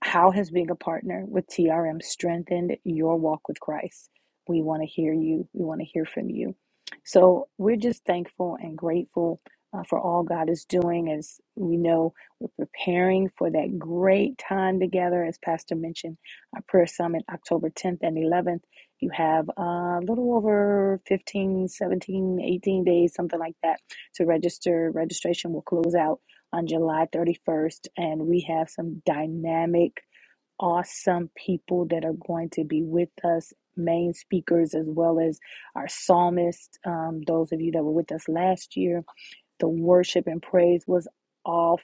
Speaker 2: how has being a partner with TRM strengthened your walk with Christ? We want to hear you. We want to hear from you. So we're just thankful and grateful uh, for all God is doing. As we know, we're preparing for that great time together. As Pastor mentioned, our prayer summit October 10th and 11th. You have uh, a little over 15, 17, 18 days, something like that, to register. Registration will close out on July 31st, and we have some dynamic, awesome people that are going to be with us, main speakers, as well as our psalmist. Um, those of you that were with us last year, the worship and praise was off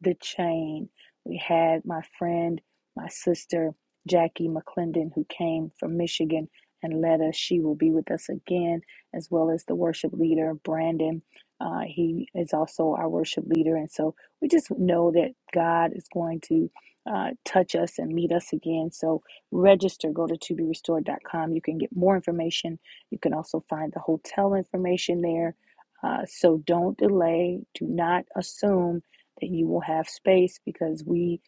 Speaker 2: the chain. We had my friend, my sister, Jackie McClendon, who came from Michigan and led us. She will be with us again, as well as the worship leader, Brandon. Uh, he is also our worship leader. And so we just know that God is going to uh, touch us and meet us again. So register, go to to be restored. dot Com. You can get more information. You can also find the hotel information there uh, so don't delay. Do not assume that you will have space because we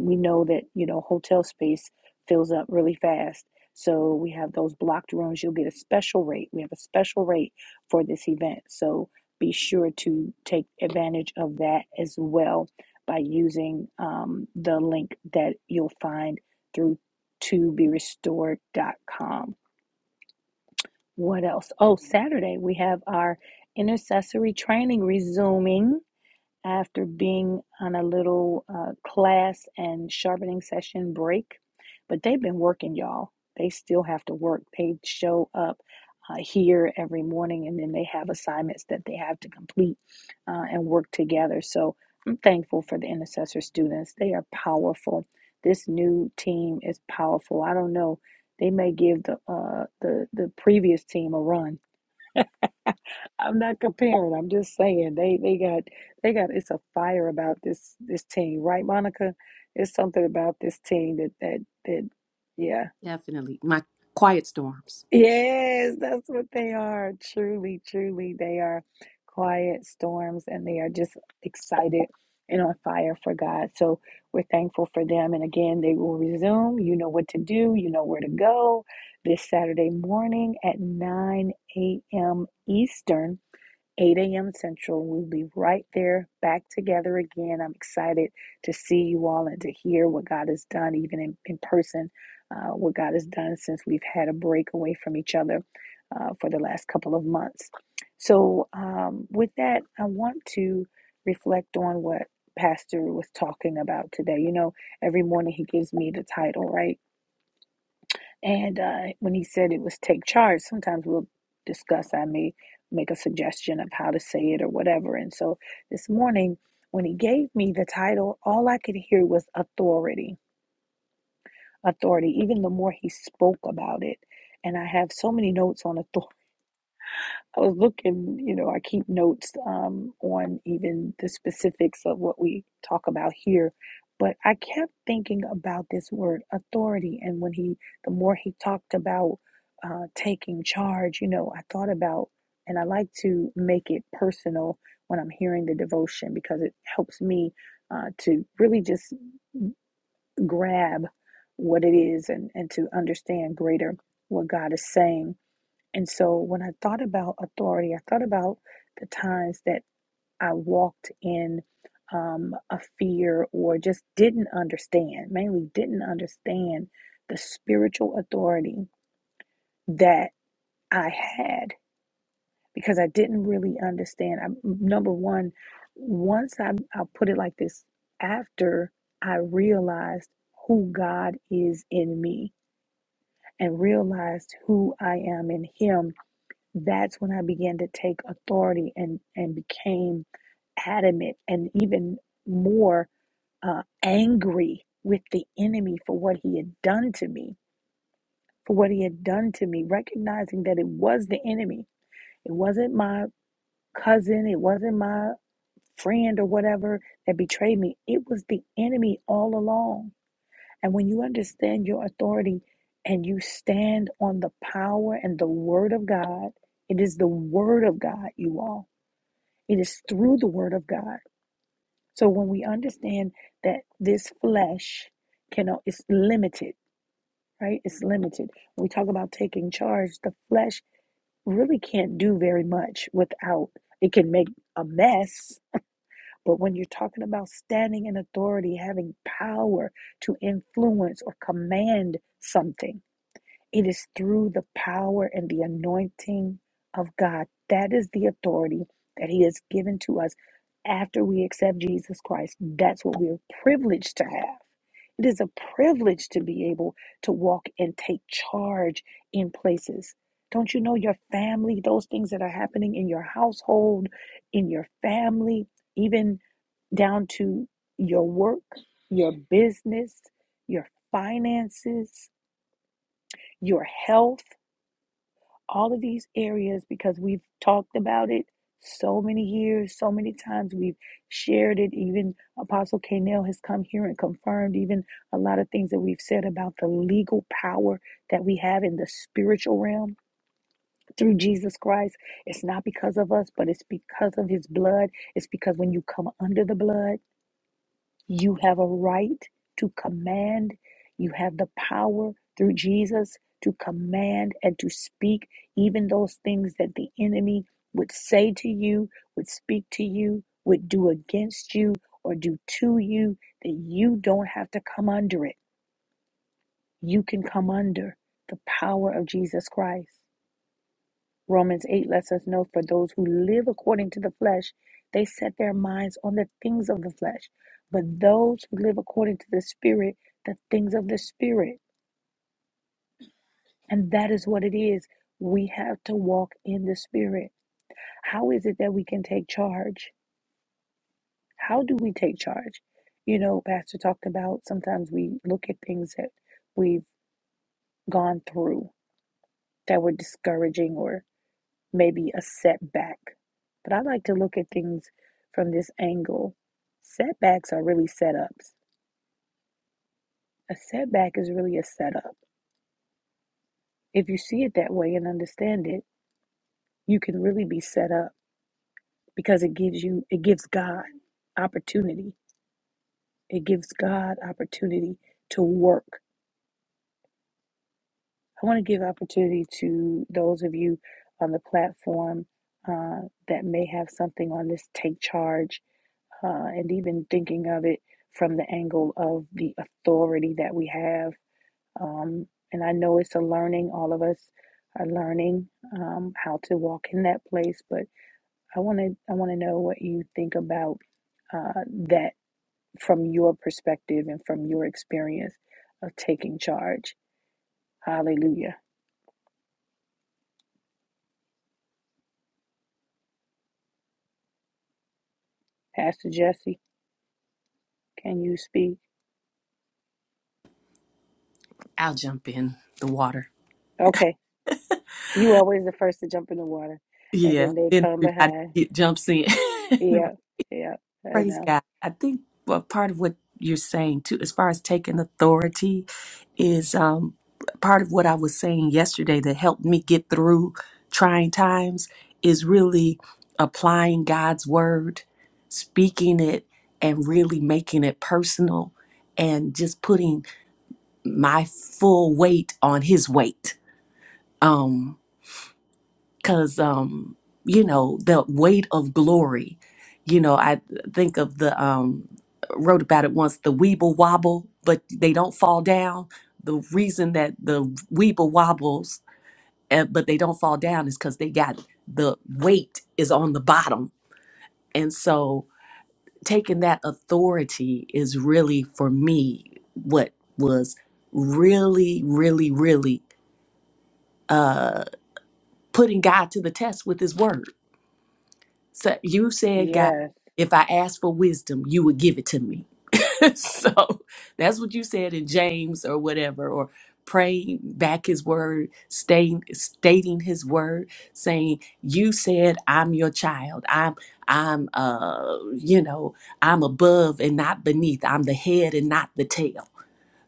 Speaker 2: we know that you know hotel space fills up really fast. So we have those blocked rooms. You'll get a special rate. We have a special rate for this event. So be sure to take advantage of that as well by using um, the link that you'll find through toberestored.com. What else? Oh, Saturday we have our intercessory training resuming after being on a little uh, class and sharpening session break. But they've been working, y'all. They still have to work. They show up uh, here every morning and then they have assignments that they have to complete uh, and work together. So I'm thankful for the intercessor students. They are powerful. This new team is powerful. I don't know. They may give the uh, the the previous team a run, I'm not comparing. I'm just saying they they got they got it's a fire about this this team, right, Monica? It's something about this team that that that yeah.
Speaker 4: Definitely. My quiet storms.
Speaker 2: Yes, that's what they are. Truly, truly they are quiet storms and they are just excited and on fire for God. So we're thankful for them and again, they will resume. You know what to do, you know where to go this Saturday morning at 9 a.m. Eastern 8 a.m. Central. We'll be right there back together again. I'm excited to see you all and to hear what God has done, even in, in person, uh, what God has done since we've had a break away from each other uh, for the last couple of months. So, um, with that, I want to reflect on what Pastor was talking about today. You know, every morning he gives me the title, right? And uh, when he said it was take charge, sometimes we'll discuss, I may make a suggestion of how to say it or whatever. And so this morning, when he gave me the title, all I could hear was authority, authority, even the more he spoke about it. And I have so many notes on authority I was looking, you know, I keep notes um, on even the specifics of what we talk about here, but I kept thinking about this word authority. And when he, the more he talked about uh, taking charge, you know, I thought about, and I like to make it personal when I'm hearing the devotion because it helps me uh, to really just grab what it is and, and to understand greater what God is saying and so when I thought about authority, I thought about the times that I walked in um, a fear or just didn't understand, mainly didn't understand the spiritual authority that I had because I didn't really understand. I, number one, once I, I'll put it like this after I realized who God is in me and realized who I am in Him that's when I began to take authority and and became adamant and even more uh, angry with the enemy for what he had done to me, for what he had done to me, recognizing that it was the enemy. It wasn't my cousin, it wasn't my friend or whatever that betrayed me. It was the enemy all along. And when you understand your authority and you stand on the power and the word of God, it is the word of God, you all It is through the word of God. So when we understand that this flesh cannot it's limited, right? It's limited. When we talk about taking charge, the flesh really can't do very much without it can make a mess. But when you're talking about standing in authority, having power to influence or command something, it is through the power and the anointing of God. That is the authority that He has given to us after we accept Jesus Christ. That's what we're privileged to have. It is a privilege to be able to walk and take charge in places. Don't you know your family, those things that are happening in your household, in your family, even down to your work, your business, your finances, your health? all of these areas because we've talked about it so many years, so many times. We've shared it. Even Apostle Kanell has come here and confirmed even a lot of things that we've said about the legal power that we have in the spiritual realm through Jesus Christ. It's not because of us, but it's because of his blood. It's because when you come under the blood, you have a right to command. You have the power through Jesus to command and to speak even those things that the enemy would say to you, would speak to you, would do against you, or do to you, that you don't have to come under it. You can come under the power of Jesus Christ. Romans 8 lets us know for those who live according to the flesh, they set their minds on the things of the flesh. But those who live according to the Spirit, the things of the Spirit. And that is what it is. We have to walk in the Spirit. How is it that we can take charge? How do we take charge? You know, Pastor talked about sometimes we look at things that we've gone through that were discouraging or. maybe a setback. But I like to look at things from this angle. Setbacks are really setups. A setback is really a setup. If you see it that way and understand it, you can really be set up because it gives you it gives God opportunity. It gives God opportunity to work. I want to give opportunity to those of you on the platform uh, that may have something on this take charge uh, and even thinking of it from the angle of the authority that we have. Um, and I know it's a learning, all of us are learning um, how to walk in that place, but I want to I want to know what you think about uh, that from your perspective and from your experience of taking charge. Hallelujah. Pastor Jesse, can you speak?
Speaker 4: I'll jump in the water.
Speaker 2: Okay. You always the first to jump in the water, and
Speaker 4: Yeah.
Speaker 2: then they
Speaker 4: Then
Speaker 2: come
Speaker 4: everybody
Speaker 2: behind.
Speaker 4: get, jumps in.
Speaker 2: Yeah, yeah. I
Speaker 4: Praise
Speaker 2: know.
Speaker 4: God. I think well, part of what you're saying too, as far as taking authority, is um, part of what I was saying yesterday that helped me get through trying times is really applying God's word, speaking it, and really making it personal, and just putting my full weight on His weight. Um, because um you know the weight of glory you know i think of the um wrote about it once the weeble wobble but they don't fall down the reason that the weeble wobbles and, but they don't fall down is because they got the weight is on the bottom and so taking that authority is really for me what was really really really putting god to the test with his word So you said, God,
Speaker 2: Yes.
Speaker 4: if I ask for wisdom, you would give it to me. so that's what you said in James or whatever, or praying back his word, staying stating his word, saying, You said I'm your child. I'm I'm uh you know, I'm above and not beneath. I'm the head and not the tail.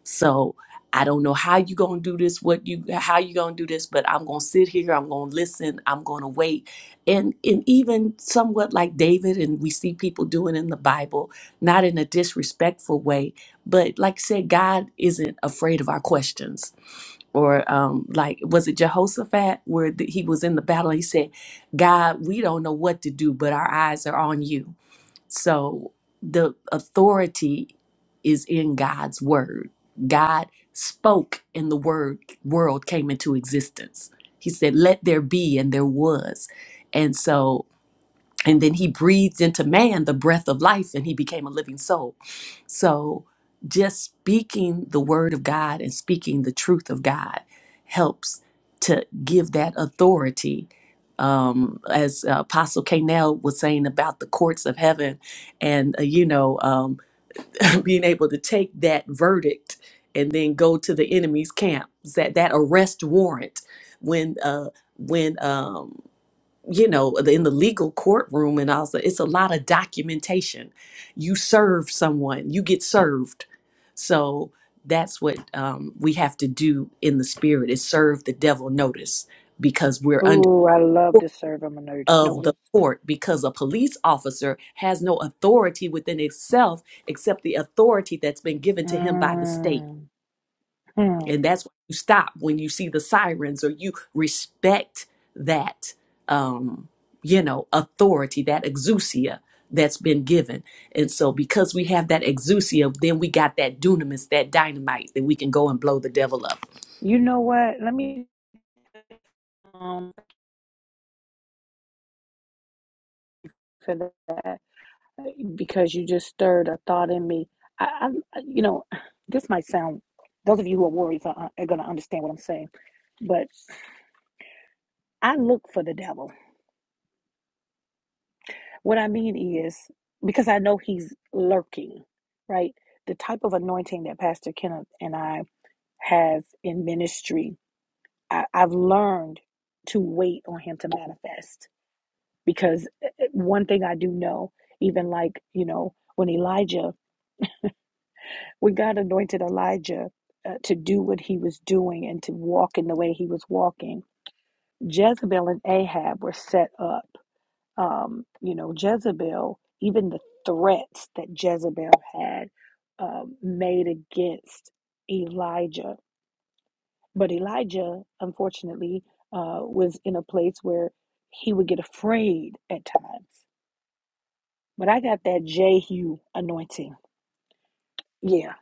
Speaker 4: So I don't know how you gonna do this, what you how you gonna do this, but I'm gonna sit here, I'm gonna listen, I'm gonna wait. And and even somewhat like David and we see people doing in the Bible, not in a disrespectful way, but like I said, God isn't afraid of our questions. Or um, like was it Jehoshaphat where the, he was in the battle? He said, "God, we don't know what to do, but our eyes are on you." So the authority is in God's word. God spoke and the word world came into existence. He said, "Let there be," and there was. And so and then he breathed into man the breath of life and he became a living soul. So, just speaking the word of God and speaking the truth of God helps to give that authority. Um, as uh, Apostle Canel was saying about the courts of heaven, and uh, you know, um, being able to take that verdict and then go to the enemy's camp, that that arrest warrant when uh, when um, you know, in the legal courtroom and also it's a lot of documentation. You serve someone, you get served. So that's what um, we have to do in the spirit is serve the devil notice because we're under
Speaker 2: Ooh, I love to serve them a nerd
Speaker 4: of the
Speaker 2: notice.
Speaker 4: court because a police officer has no authority within itself except the authority that's been given to him by the state.
Speaker 2: Mm. Hmm.
Speaker 4: And that's why you stop when you see the sirens or you respect that, um, you know, authority, that exousia that's been given. And so because we have that exousia, then we got that dunamis, that dynamite that we can go and blow the devil up.
Speaker 2: You know what? Let me um for that because you just stirred a thought in me. I, I you know, this might sound those of you who are warriors are, are going to understand what I'm saying, but I look for the devil. What I mean is because I know he's lurking, right? The type of anointing that Pastor Kenneth and I have in ministry I, I've learned to wait on him to manifest because uh, uh, one thing I do know, even like, you know, when Elijah, when God anointed Elijah uh, to do what he was doing and to walk in the way he was walking, Jezebel and Ahab were set up. Um, you know, Jezebel, even the threats that Jezebel had um, made against Elijah But Elijah, unfortunately, uh, was in a place where he would get afraid at times. But I got that Jehu anointing. Yeah.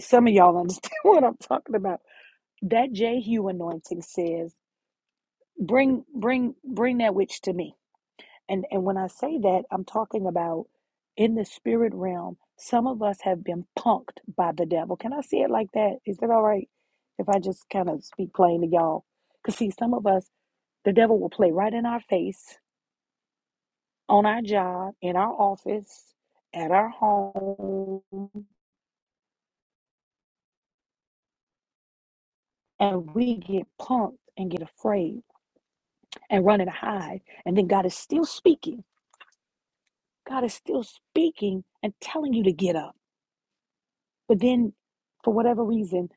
Speaker 2: Some of y'all understand what I'm talking about. That Jehu anointing says, bring, bring, bring that witch to me. And and when I say that, I'm talking about in the spirit realm, some of us have been punked by the devil. Can I say it like that? Is that all right? If I just kind of speak plain to y'all? Because see, some of us The devil will play right in our face, on our job, in our office, at our home, and we get punked and get afraid and run and hide. And then God is still speaking. God is still speaking and telling you to get up. But then, for whatever reason,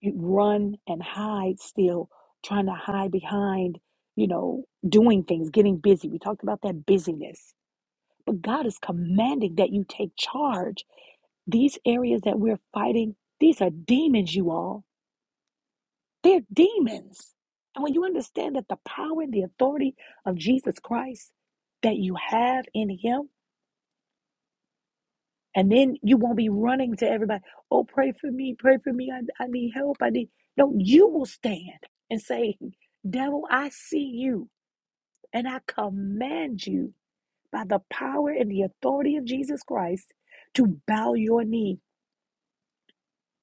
Speaker 2: you run and hide still, trying to hide behind, you know, doing things, getting busy. We talked about that busyness. But God is commanding that you take charge These areas that we're fighting, these are demons, you all. They're demons. And when you understand that the power and the authority of Jesus Christ that you have in Him, and then you won't be running to everybody, oh, pray for me, pray for me, I, I need help, I need. No, you will stand and say, Devil, I see you, and I command you by the power and the authority of Jesus Christ to bow your knee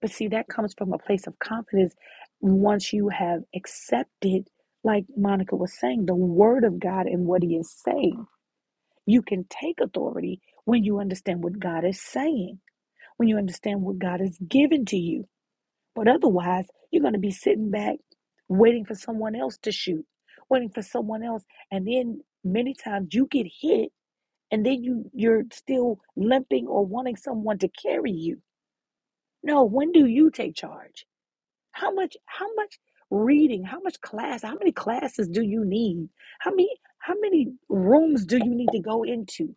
Speaker 2: But see, that comes from a place of confidence once you have accepted, like Monica was saying, the word of God and what he is saying. You can take authority when you understand what God is saying, when you understand what God has given to you. But otherwise, you're going to be sitting back waiting for someone else to shoot, waiting for someone else. And then many times you get hit and then you, you're still limping or wanting someone to carry you. No, when do you take charge? How much how much reading, how much class, how many classes do you need? How many how many rooms do you need to go into?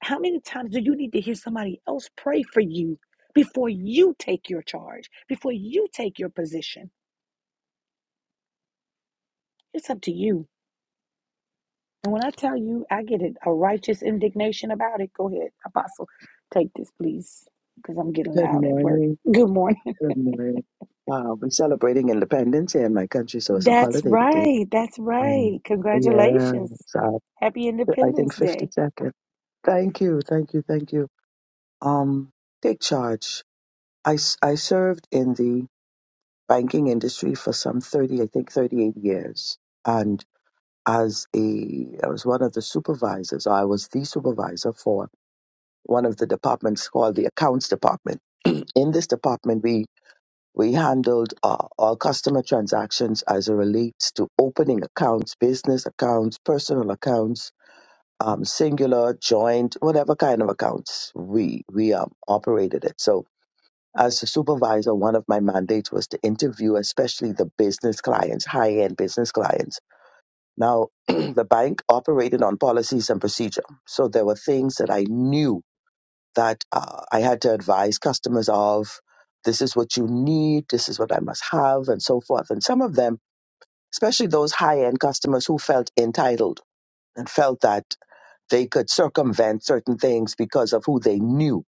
Speaker 2: How many times do you need to hear somebody else pray for you before you take your charge, before you take your position? It's up to you. And when I tell you, I get it, a righteous indignation about it. Go ahead, Apostle, take this, please, because I'm getting
Speaker 6: Good
Speaker 2: loud at work.
Speaker 6: morning.
Speaker 2: Good morning.
Speaker 6: Good morning. Wow, we're celebrating Independence Day in my country, so it's a
Speaker 2: That's
Speaker 6: holiday today.
Speaker 2: right. That's
Speaker 6: Um,
Speaker 2: right.
Speaker 6: yeah,
Speaker 2: Congratulations.
Speaker 6: so
Speaker 2: Happy
Speaker 6: I
Speaker 2: Independence
Speaker 6: think
Speaker 2: Day.
Speaker 6: 50 seconds. Thank you, thank you, thank you. Um, take charge. I, s- I served in the banking industry for some 30, I think 38 years. And as a, I was one of the supervisors, or I was the supervisor for one of the departments called the accounts department. In this department, We handled uh, all customer transactions as it relates to opening accounts, business accounts, personal accounts, um, singular, joint, whatever kind of accounts we we um, operated it. So, as a supervisor, one of my mandates was to interview, especially the business clients, high end business clients. Now, the bank operated on policies and procedure, so there were things that I knew that uh, I had to advise customers of. This is what you need. This is what I must have, and so forth. And some of them, especially those high end customers who felt entitled and felt that they could circumvent certain things because of who they knew.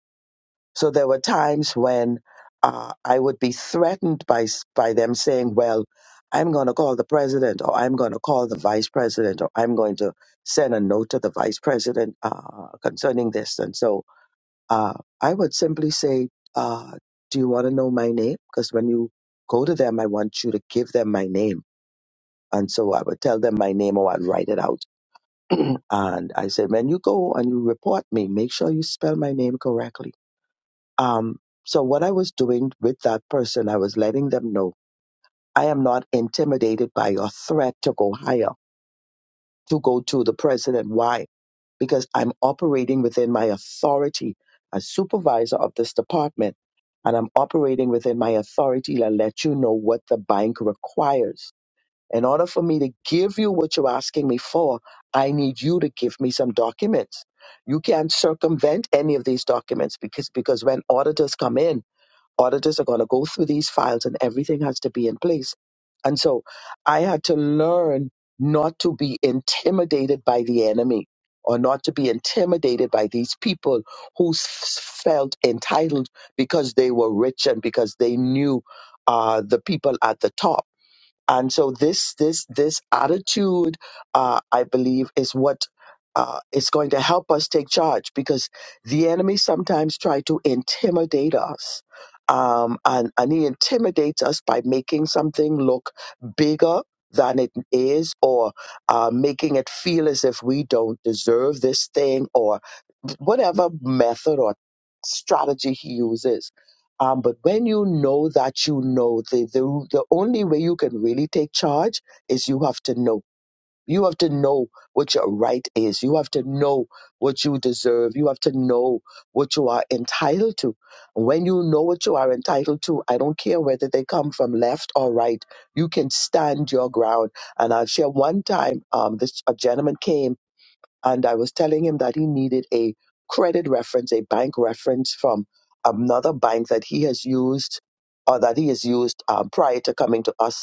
Speaker 6: So there were times when uh, I would be threatened by s- by them saying, "Well, I'm going to call the president, or I'm going to call the vice president, or I'm going to send a note to the vice president uh, concerning this." And so uh, I would simply say, uh, do you want to know my name? Because when you go to them, I want you to give them my name. And so I would tell them my name or I'd write it out. And I say, when you go and you report me, make sure you spell my name correctly. Um, so what I was doing with that person, I was letting them know I am not intimidated by your threat to go higher, to go to the president. Why? because I'm operating within my authority as supervisor of this department. And I'm operating within my authority to let you know what the bank requires. In order for me to give you what you're asking me for, I need you to give me some documents. You can't circumvent any of these documents because, because when auditors come in, auditors are going to go through these files and everything has to be in place. And so I had to learn not to be intimidated by the enemy or not to be intimidated by these people who s- felt entitled because they were rich and because they knew uh, the people at the top and so this this this attitude uh, i believe is what uh, is going to help us take charge because the enemy sometimes try to intimidate us um, and, and he intimidates us by making something look bigger than it is or uh, making it feel as if we don't deserve this thing or whatever method or strategy he uses um, but when you know that you know, the, the the only way you can really take charge is you have to know. You have to know what your right is. You have to know what you deserve. You have to know what you are entitled to. When you know what you are entitled to, I don't care whether they come from left or right, you can stand your ground. And I'll share one time, um, this a gentleman came and I was telling him that he needed a credit reference, a bank reference from another bank that he has used or that he has used um, prior to coming to us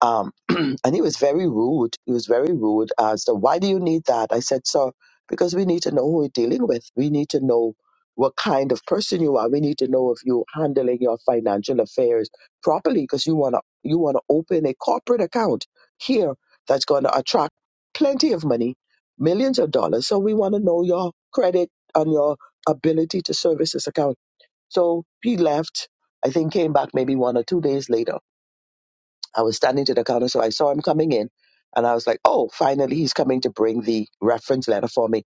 Speaker 6: um, and he was very rude. He was very rude as to why do you need that? I said, sir, because we need to know who we're dealing with. We need to know what kind of person you are. We need to know if you're handling your financial affairs properly because you want to you want to open a corporate account here that's going to attract plenty of money, millions of dollars. So we want to know your credit and your ability to service this account. So he left. I think came back maybe one or two days later I was standing to the counter, so I saw him coming in, and I was like, "Oh, finally, he's coming to bring the reference letter for me."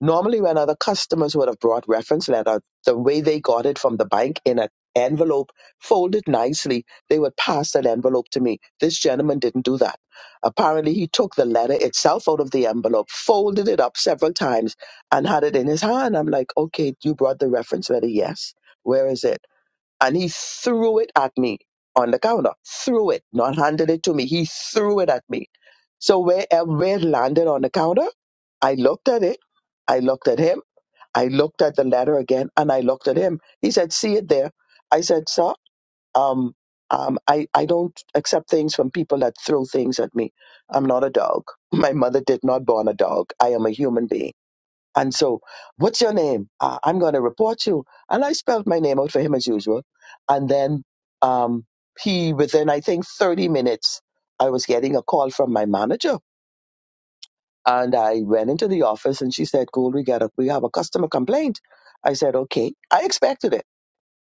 Speaker 6: Normally, when other customers would have brought reference letter, the way they got it from the bank in an envelope folded nicely, they would pass that envelope to me. This gentleman didn't do that. Apparently, he took the letter itself out of the envelope, folded it up several times, and had it in his hand. I'm like, "Okay, you brought the reference letter, yes." Where is it? and he threw it at me on the counter. Threw it, not handed it to me. He threw it at me. So where it landed on the counter, I looked at it. I looked at him. I looked at the letter again, and I looked at him. He said, "See it there." I said, "Sir, um, um, I I don't accept things from people that throw things at me. I'm not a dog. My mother did not born a dog. I am a human being." And so, what's your name? Uh, I'm going to report you. And I spelled my name out for him as usual. And then um, he, within I think 30 minutes, I was getting a call from my manager. And I went into the office and she said, Cool, we, got a, we have a customer complaint. I said, Okay. I expected it.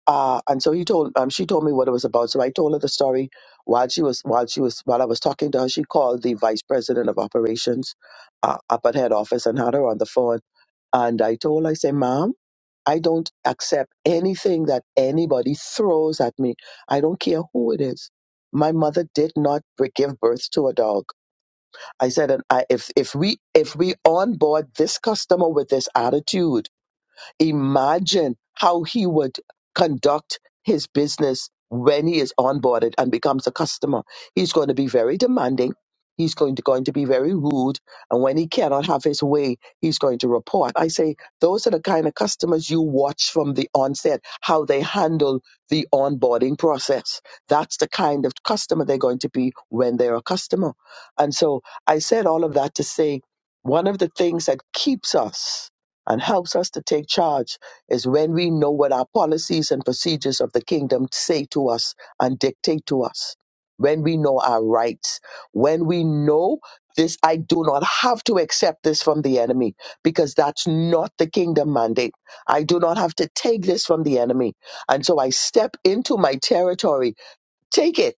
Speaker 6: Uh, and so he told, um, she told me what it was about. So I told her the story while she was, while she was, while I was talking to her, she called the vice president of operations, uh, up at head office and had her on the phone. And I told her, I say, ma'am, I don't accept anything that anybody throws at me. I don't care who it is. My mother did not b- give birth to a dog. I said, and I, if if we if we onboard this customer with this attitude, Imagine how he would conduct his business when he is onboarded and becomes a customer. He's going to be very demanding. He's going to, going to be very rude. And when he cannot have his way, he's going to report. I say those are the kind of customers you watch from the onset, how they handle the onboarding process. That's the kind of customer they're going to be when they're a customer. And so I said all of that to say one of the things that keeps us and helps us to take charge is when we know what our policies and procedures of the kingdom say to us and dictate to us. When we know our rights, when we know this, I do not have to accept this from the enemy because that's not the kingdom mandate. I do not have to take this from the enemy. And so I step into my territory, take it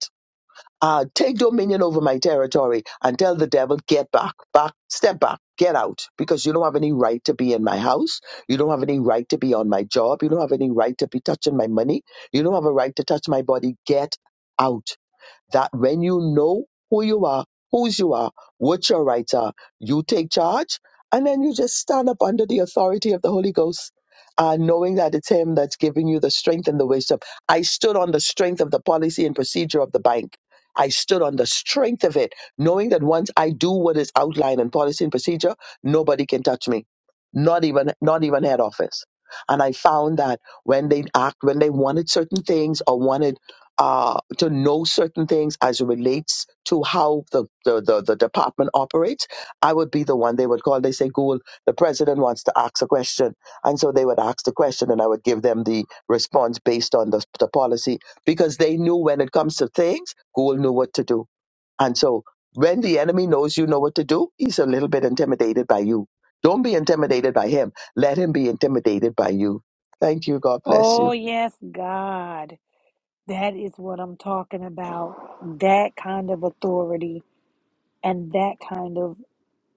Speaker 6: uh, take dominion over my territory and tell the devil, get back, back, step back, get out, because you don't have any right to be in my house. You don't have any right to be on my job. You don't have any right to be touching my money. You don't have a right to touch my body. Get out that when you know who you are, whose you are, what your rights are, you take charge and then you just stand up under the authority of the Holy Ghost. Uh, knowing that it's him that's giving you the strength and the wisdom. I stood on the strength of the policy and procedure of the bank. I stood on the strength of it, knowing that once I do what is outlined in policy and procedure, nobody can touch me. Not even not even head office. And I found that when they act, when they wanted certain things or wanted uh, to know certain things as it relates to how the, the, the, the department operates, I would be the one they would call. They say, Google, the president wants to ask a question. And so they would ask the question and I would give them the response based on the, the policy because they knew when it comes to things, Google knew what to do. And so when the enemy knows you know what to do, he's a little bit intimidated by you. Don't be intimidated by him. Let him be intimidated by you. Thank you. God bless
Speaker 2: Oh,
Speaker 6: you.
Speaker 2: yes, God. That is what I'm talking about. That kind of authority and that kind of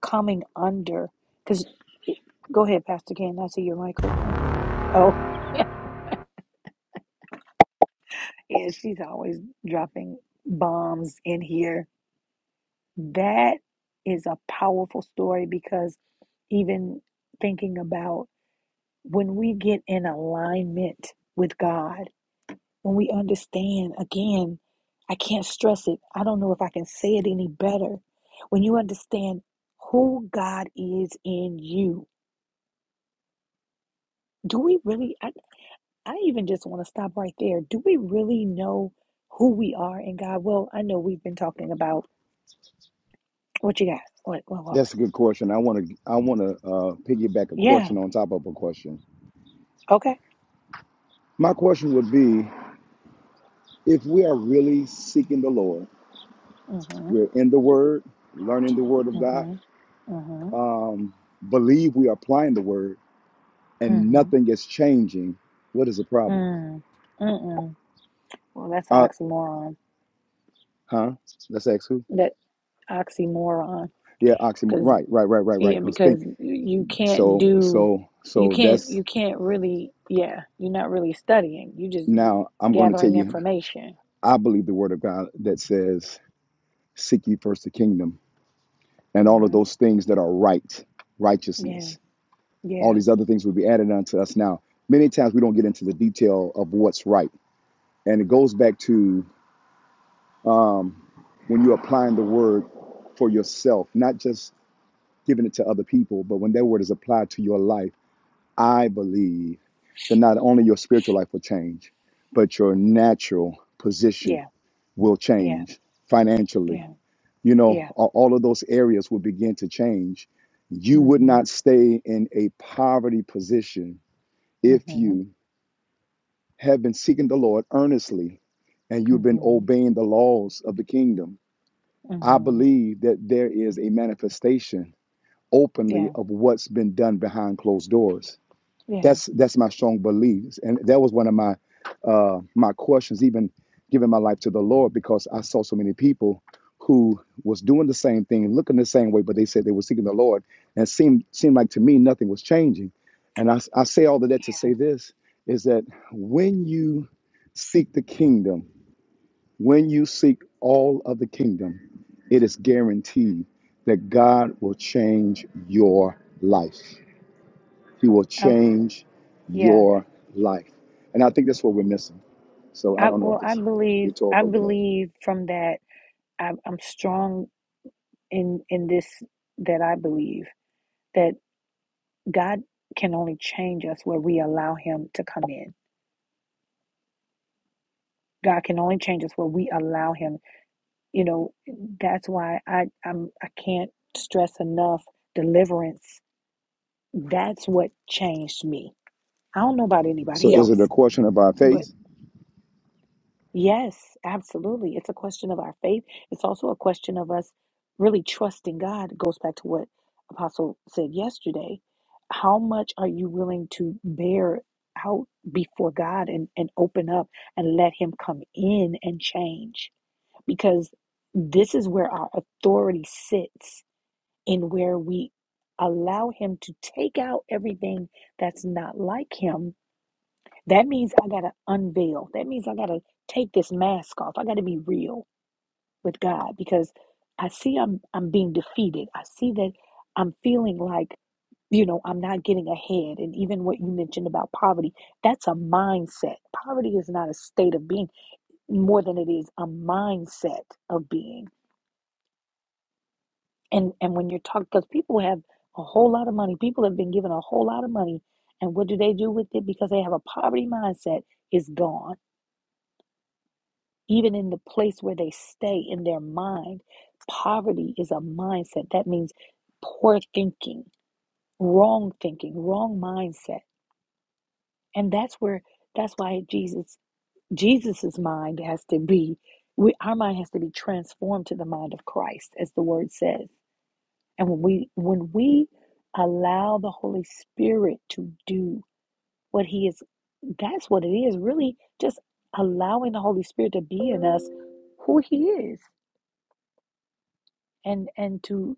Speaker 2: coming under. Because, go ahead, Pastor Ken. I see your mic open. Oh, yeah, she's always dropping bombs in here. That is a powerful story because even thinking about when we get in alignment with God. When we understand, again, I can't stress it. I don't know if I can say it any better. When you understand who God is in you, do we really? I, I even just want to stop right there. Do we really know who we are in God? Well, I know we've been talking about what you got. What, what, what, what?
Speaker 1: That's a good question. I want to I want to uh, piggyback a
Speaker 2: Yeah.
Speaker 1: question on top of a question.
Speaker 2: Okay.
Speaker 1: My question would be: If we are really seeking the Lord,
Speaker 2: Mm-hmm.
Speaker 1: we're in the Word, learning the Word of God,
Speaker 2: Mm-hmm. Mm-hmm.
Speaker 1: um, believe we are applying the Word, and
Speaker 2: Mm-hmm.
Speaker 1: nothing is changing. What is the problem?
Speaker 2: Mm. Mm-mm. Well, that's an
Speaker 1: Uh,
Speaker 2: oxymoron.
Speaker 1: Huh? Let's ask who?
Speaker 2: That oxymoron.
Speaker 1: Yeah, oxymoron.
Speaker 2: because.
Speaker 1: Right, right, right, right,
Speaker 2: Yeah,
Speaker 1: right. Cause
Speaker 2: because
Speaker 1: think
Speaker 2: you can't
Speaker 1: so,
Speaker 2: do,
Speaker 1: so,
Speaker 2: you
Speaker 1: so
Speaker 2: can't,
Speaker 1: that's
Speaker 2: you can't really, yeah, you're not really studying. You're just
Speaker 1: now. I'm going to tell
Speaker 2: gathering
Speaker 1: you.
Speaker 2: information.
Speaker 1: I believe the word of God that says, "Seek ye first the kingdom, and all of
Speaker 2: hmm
Speaker 1: those things that are right,
Speaker 2: Yeah,
Speaker 1: righteousness. All
Speaker 2: yeah,
Speaker 1: these other things will be added unto us." Now, many times we don't get into the detail of what's right, and it goes back to um, when you're applying the word for yourself, not just giving it to other people, but when that word is applied to your life I believe that not only your spiritual life will change, but your natural position
Speaker 2: yeah,
Speaker 1: will
Speaker 2: yeah,
Speaker 1: change financially.
Speaker 2: yeah,
Speaker 1: You know,
Speaker 2: yeah.
Speaker 1: a- all of those areas will begin to change. You would
Speaker 2: hmm
Speaker 1: not stay in a poverty position if
Speaker 2: hmm
Speaker 1: you have been seeking the Lord earnestly and you've been
Speaker 2: hmm
Speaker 1: obeying the laws of the kingdom. I
Speaker 2: hmm
Speaker 1: believe that there is a manifestation openly
Speaker 2: Yeah,
Speaker 1: of what's been done behind closed doors
Speaker 2: yeah.
Speaker 1: That's that's my strong beliefs, and that was one of my uh, my questions, even giving my life to the Lord, because I saw so many people who was doing the same thing, looking the same way, but they said they were seeking the Lord, and it seemed seemed like to me nothing was changing. And I I say all of that to say this is that when you seek the kingdom, when you seek all of the kingdom, it is guaranteed that God will change your life. He will
Speaker 2: I,
Speaker 1: change
Speaker 2: yeah.
Speaker 1: your life. And I think that's what we're missing. So I
Speaker 2: I,
Speaker 1: don't know if
Speaker 2: well, I
Speaker 1: this we
Speaker 2: believe, I
Speaker 1: talk over that.
Speaker 2: believe from that, I, I'm strong in, in this, that I believe that God can only change us where we allow Him to come in God can only change us where we allow Him. You know, that's why I I'm, I can't stress enough deliverance. That's what changed me. I don't know about
Speaker 1: So
Speaker 2: anybody
Speaker 1: is it a
Speaker 2: else,
Speaker 1: question about
Speaker 2: but
Speaker 1: faith?
Speaker 2: yes, absolutely. It's a question of our faith. It's also a question of us really trusting God. It goes back to what Apostle said yesterday. How much are you willing to bear out before God and, and open up and let Him come in and change? because this is where our authority sits and where we allow him to take out everything that's not like him that means i got to unveil that means i got to take this mask off i got to be real with god because i see i'm i'm being defeated i see that i'm feeling like you know i'm not getting ahead and even what you mentioned about poverty that's a mindset poverty is not a state of being more than it is a mindset of being And and when you're talking, because people have a whole lot of money, people have been given a whole lot of money, and what do they do with it? Because they have a poverty mindset, is gone. Even in the place where they stay in their mind, poverty is a mindset. That means poor thinking, wrong thinking, wrong mindset, and that's where that's why Jesus Jesus's mind has to be. We, our mind has to be transformed to the mind of Christ, as the word says. And when we when we allow the Holy Spirit to do what he is that's what it is really just allowing the Holy Spirit to be in us who he is and and to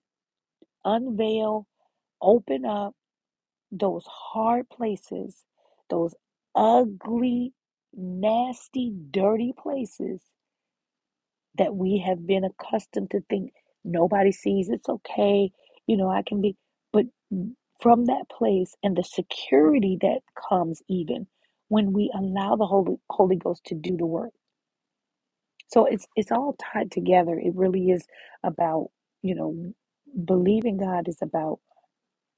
Speaker 2: unveil open up those hard places those ugly nasty dirty places that we have been accustomed to think nobody sees it's okay you know i can be but from that place and the security that comes even when we allow the holy holy ghost to do the work so it's it's all tied together it really is about you know believing god is about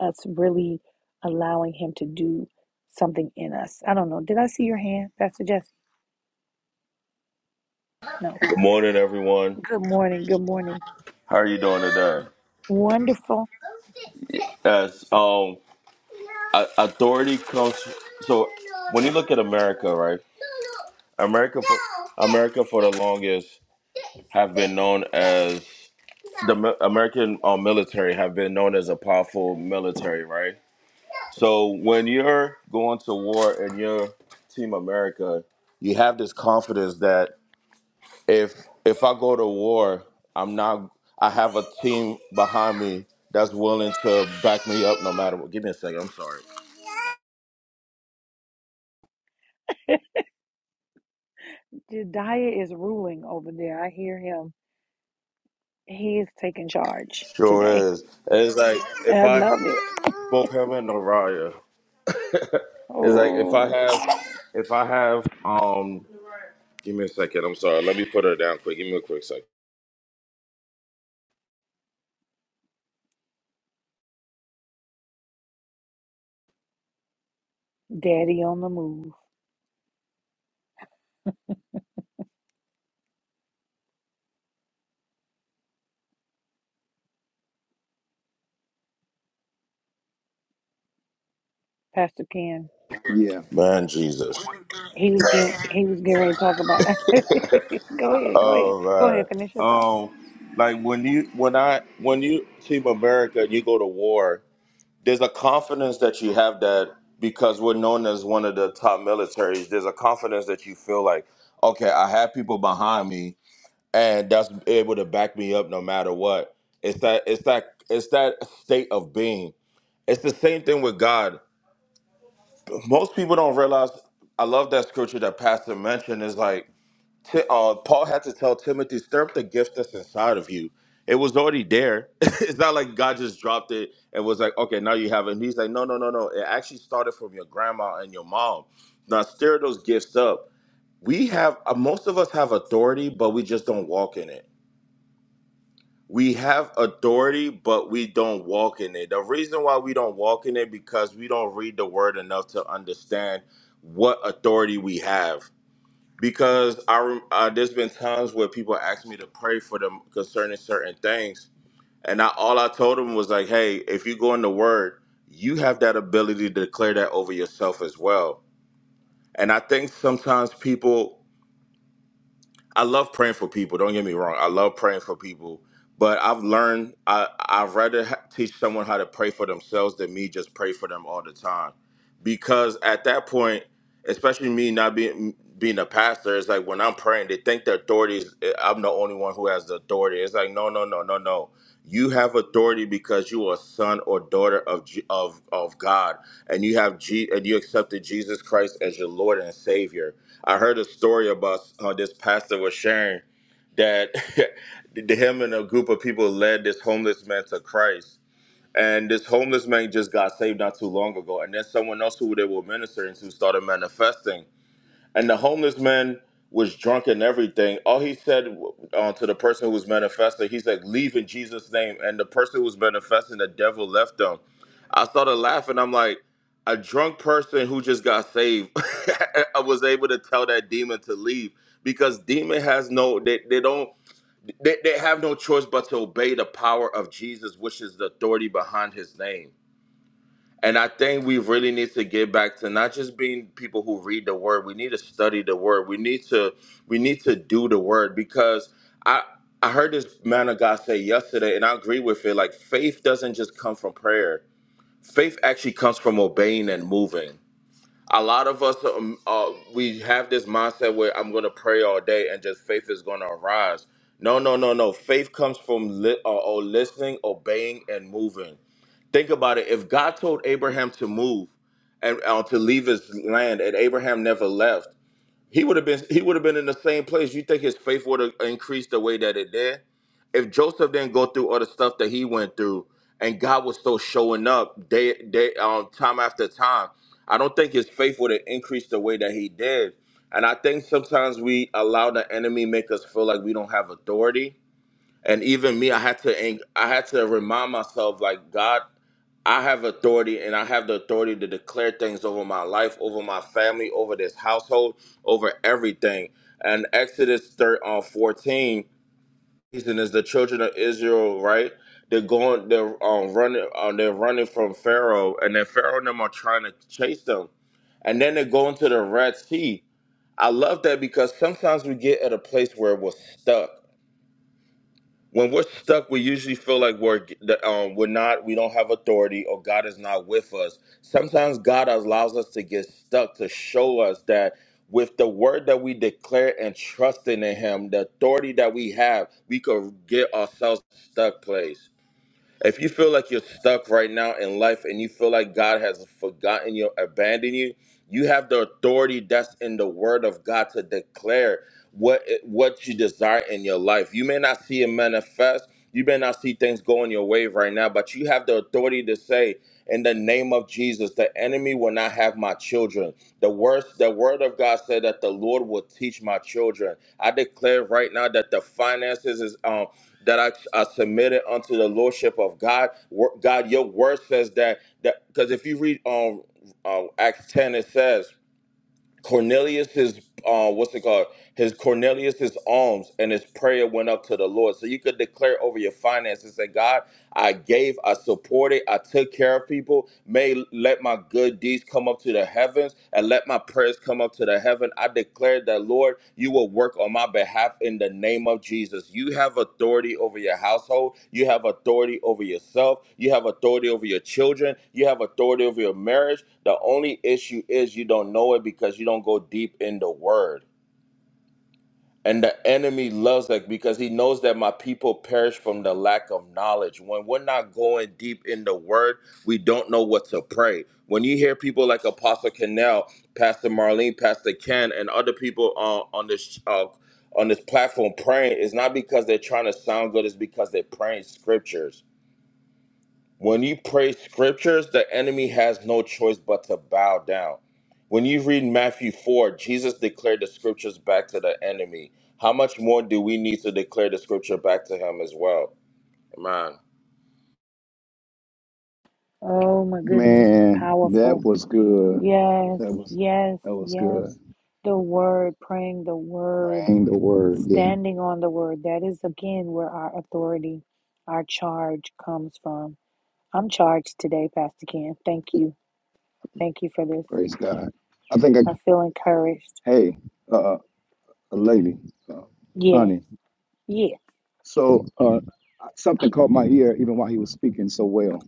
Speaker 2: us really allowing him to do something in us i don't know did i see your hand pastor jesse no
Speaker 7: Good morning, everyone.
Speaker 2: good morning good morning
Speaker 7: How are you doing today?
Speaker 2: wonderful
Speaker 7: Yes. Um, a- authority comes. So when you look at America, right? America, for, America for the longest have been known as the mi- American uh, military have been known as a powerful military, right? So when you're going to war and you're Team America, you have this confidence that if if I go to war, I'm not. I have a team behind me that's willing to back me up no matter what. Give me a second. I'm sorry.
Speaker 2: Jediah is ruling over there. I hear him. He is taking charge today.
Speaker 7: Sure is. It's like if I
Speaker 2: I love it.
Speaker 7: both Pepper and Naraya. It's like if I
Speaker 2: Oh,
Speaker 7: have if I have um. Give me a second. I'm sorry. Let me put her down quick. Give me a quick second.
Speaker 2: daddy on the move. Pastor Ken.
Speaker 1: Yeah.
Speaker 7: Man, Jesus.
Speaker 2: He was getting he was getting ready to talk about go ahead, go ahead.
Speaker 7: All
Speaker 2: Go
Speaker 7: right.
Speaker 2: ahead, finish your thought.
Speaker 7: Um, like when you when I when you Team America, you go to war. there's a confidence that you have that because we're known as one of the top militaries there's a confidence that you feel like okay i have people behind me and that's able to back me up no matter what it's that it's that it's that state of being it's the same thing with god most people don't realize i love that scripture that pastor mentioned is like Ti- uh, Paul had to tell Timothy, stir up the gift that's inside of you. It was already there. it's not like God just dropped it and was like, okay, now you have it. And he's like, no, no, no, no. It actually started from your grandma and your mom. Now stir those gifts up. We have, uh, most of us have authority, but we just don't walk in it. We have authority, but we don't walk in it. The reason why we don't walk in it because we don't read the word enough to understand what authority we have because I rem- uh, there's been times where people ask me to pray for them concerning certain things, and I all I told them was like, "Hey, if you go in the Word, you have that ability to declare that over yourself as well." And I think sometimes people I love praying for people. Don't get me wrong. I love praying for people, but I've learned I I'd rather ha- teach someone how to pray for themselves than me just pray for them all the time, because at that point, especially me not being being a pastor, it's like when I'm praying, they think the authority is eh, I'm the only one who has the authority. It's like no, no, no, no, no. You have authority because you are a son or daughter of G- of of God, and you have G, and you accepted Jesus Christ as your Lord and Savior I heard a story about how this pastor was sharing that him and a group of people led this homeless man to Christ. And this homeless man just got saved not too long ago. And then someone else who they were ministering to started manifesting and the homeless man was drunk and everything. All he said uh, to the person who was manifesting, he said, "Leave in Jesus' name." And the person who was manifesting, the devil left them. I started laughing. I'm like, a drunk person who just got saved. I was able to tell that demon to leave because demon has no they, they don't they, they have no choice but to obey the power of jesus which is the authority behind his name and I think we really need to get back to not just being people who read the word. We need to study the word. We need to we need to do the word because I I heard this man of God say yesterday, and I agree with it. Like faith doesn't just come from prayer. Faith actually comes from obeying and moving. A lot of us um, uh, we have this mindset where I'm going to pray all day and just faith is going to arise. No, no, no, no. Faith comes from li- uh, uh, listening, obeying, and moving. Think about it. If God told Abraham to move and uh, to leave his land, and Abraham never left, he would have been he would have been in the same place. You think his faith would have increased the way that it did? If Joseph didn't go through all the stuff that he went through, and God was still showing up day day um, time after time, I don't think his faith would have increased the way that he did. And I think sometimes we allow the enemy make us feel like we don't have authority and even me i had to en- i had to remind myself like god i have authority and i have the authority to declare things over my life over my family over this household over everything and exodus 3 on 14 reason is the children of israel right they're going they're um, running uh, they're running from pharaoh and then pharaoh and them are trying to chase them and then they go into the red sea i love that because sometimes we get at a place where we're stuck when we're stuck, we usually feel like we're that, um, we're not, we don't have authority, or God is not with us. Sometimes God allows us to get stuck to show us that with the word that we declare and trusting in Him, the authority that we have, we could get ourselves stuck place. If you feel like you're stuck right now in life and you feel like God has forgotten you, abandoned you, you have the authority that's in the word of God to declare what what you desire in your life. You may not see it manifest, you may not see things going your way right now, but you have the authority to say in the name of Jesus, the enemy will not have my children. The words, the word of God said that the Lord will teach my children. I declare right now that the finances is um that I are submitted unto the lordship of God. Wor- God, your word says that that because if you read um, um Acts ten, it says Cornelius is uh, what's it called? His Cornelius's alms and his prayer went up to the Lord. So you could declare over your finances that God, I gave, I supported, I took care of people. May let my good deeds come up to the heavens and let my prayers come up to the heaven. I declare that, Lord, you will work on my behalf in the name of Jesus. You have authority over your household. You have authority over yourself. You have authority over your children. You have authority over your marriage. The only issue is you don't know it because you don't go deep in the word. And the enemy loves that because he knows that my people perish from the lack of knowledge. When we're not going deep in the word, we don't know what to pray. When you hear people like Apostle Cannell, Pastor Marlene, Pastor Ken, and other people uh, on this uh, on this platform praying, it's not because they're trying to sound good, it's because they're praying scriptures. When you pray scriptures, the enemy has no choice but to bow down. When you read Matthew 4, Jesus declared the scriptures back to the enemy. How much more do we need to declare the scripture back to him as well? Man.
Speaker 2: Oh my goodness,
Speaker 1: Man, that
Speaker 2: powerful.
Speaker 1: was good.
Speaker 2: Yes,
Speaker 1: That was
Speaker 2: yes,
Speaker 1: that was good.
Speaker 2: yes. The word, praying the word.
Speaker 1: Ain't the word. Yeah.
Speaker 2: Standing on the word. That is again where our authority, our charge comes from. I'm charged today, Pastor Ken. Thank you. Thank you for this.
Speaker 1: Praise God. I think I
Speaker 2: I feel encouraged.
Speaker 1: hey, uh a lady, uh,
Speaker 2: Yes.
Speaker 1: honey.
Speaker 2: Yes.
Speaker 1: So uh something caught my ear even while he was speaking so well.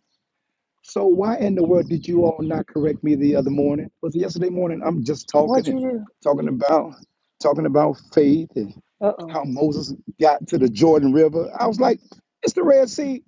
Speaker 1: So why in the world did you all not correct me the other morning? Was it yesterday morning? I'm just talking
Speaker 2: What'd you
Speaker 1: and
Speaker 2: do?
Speaker 1: talking about talking about faith and
Speaker 2: Uh
Speaker 1: how Moses got to the Jordan River. I was like, it's the Red Sea.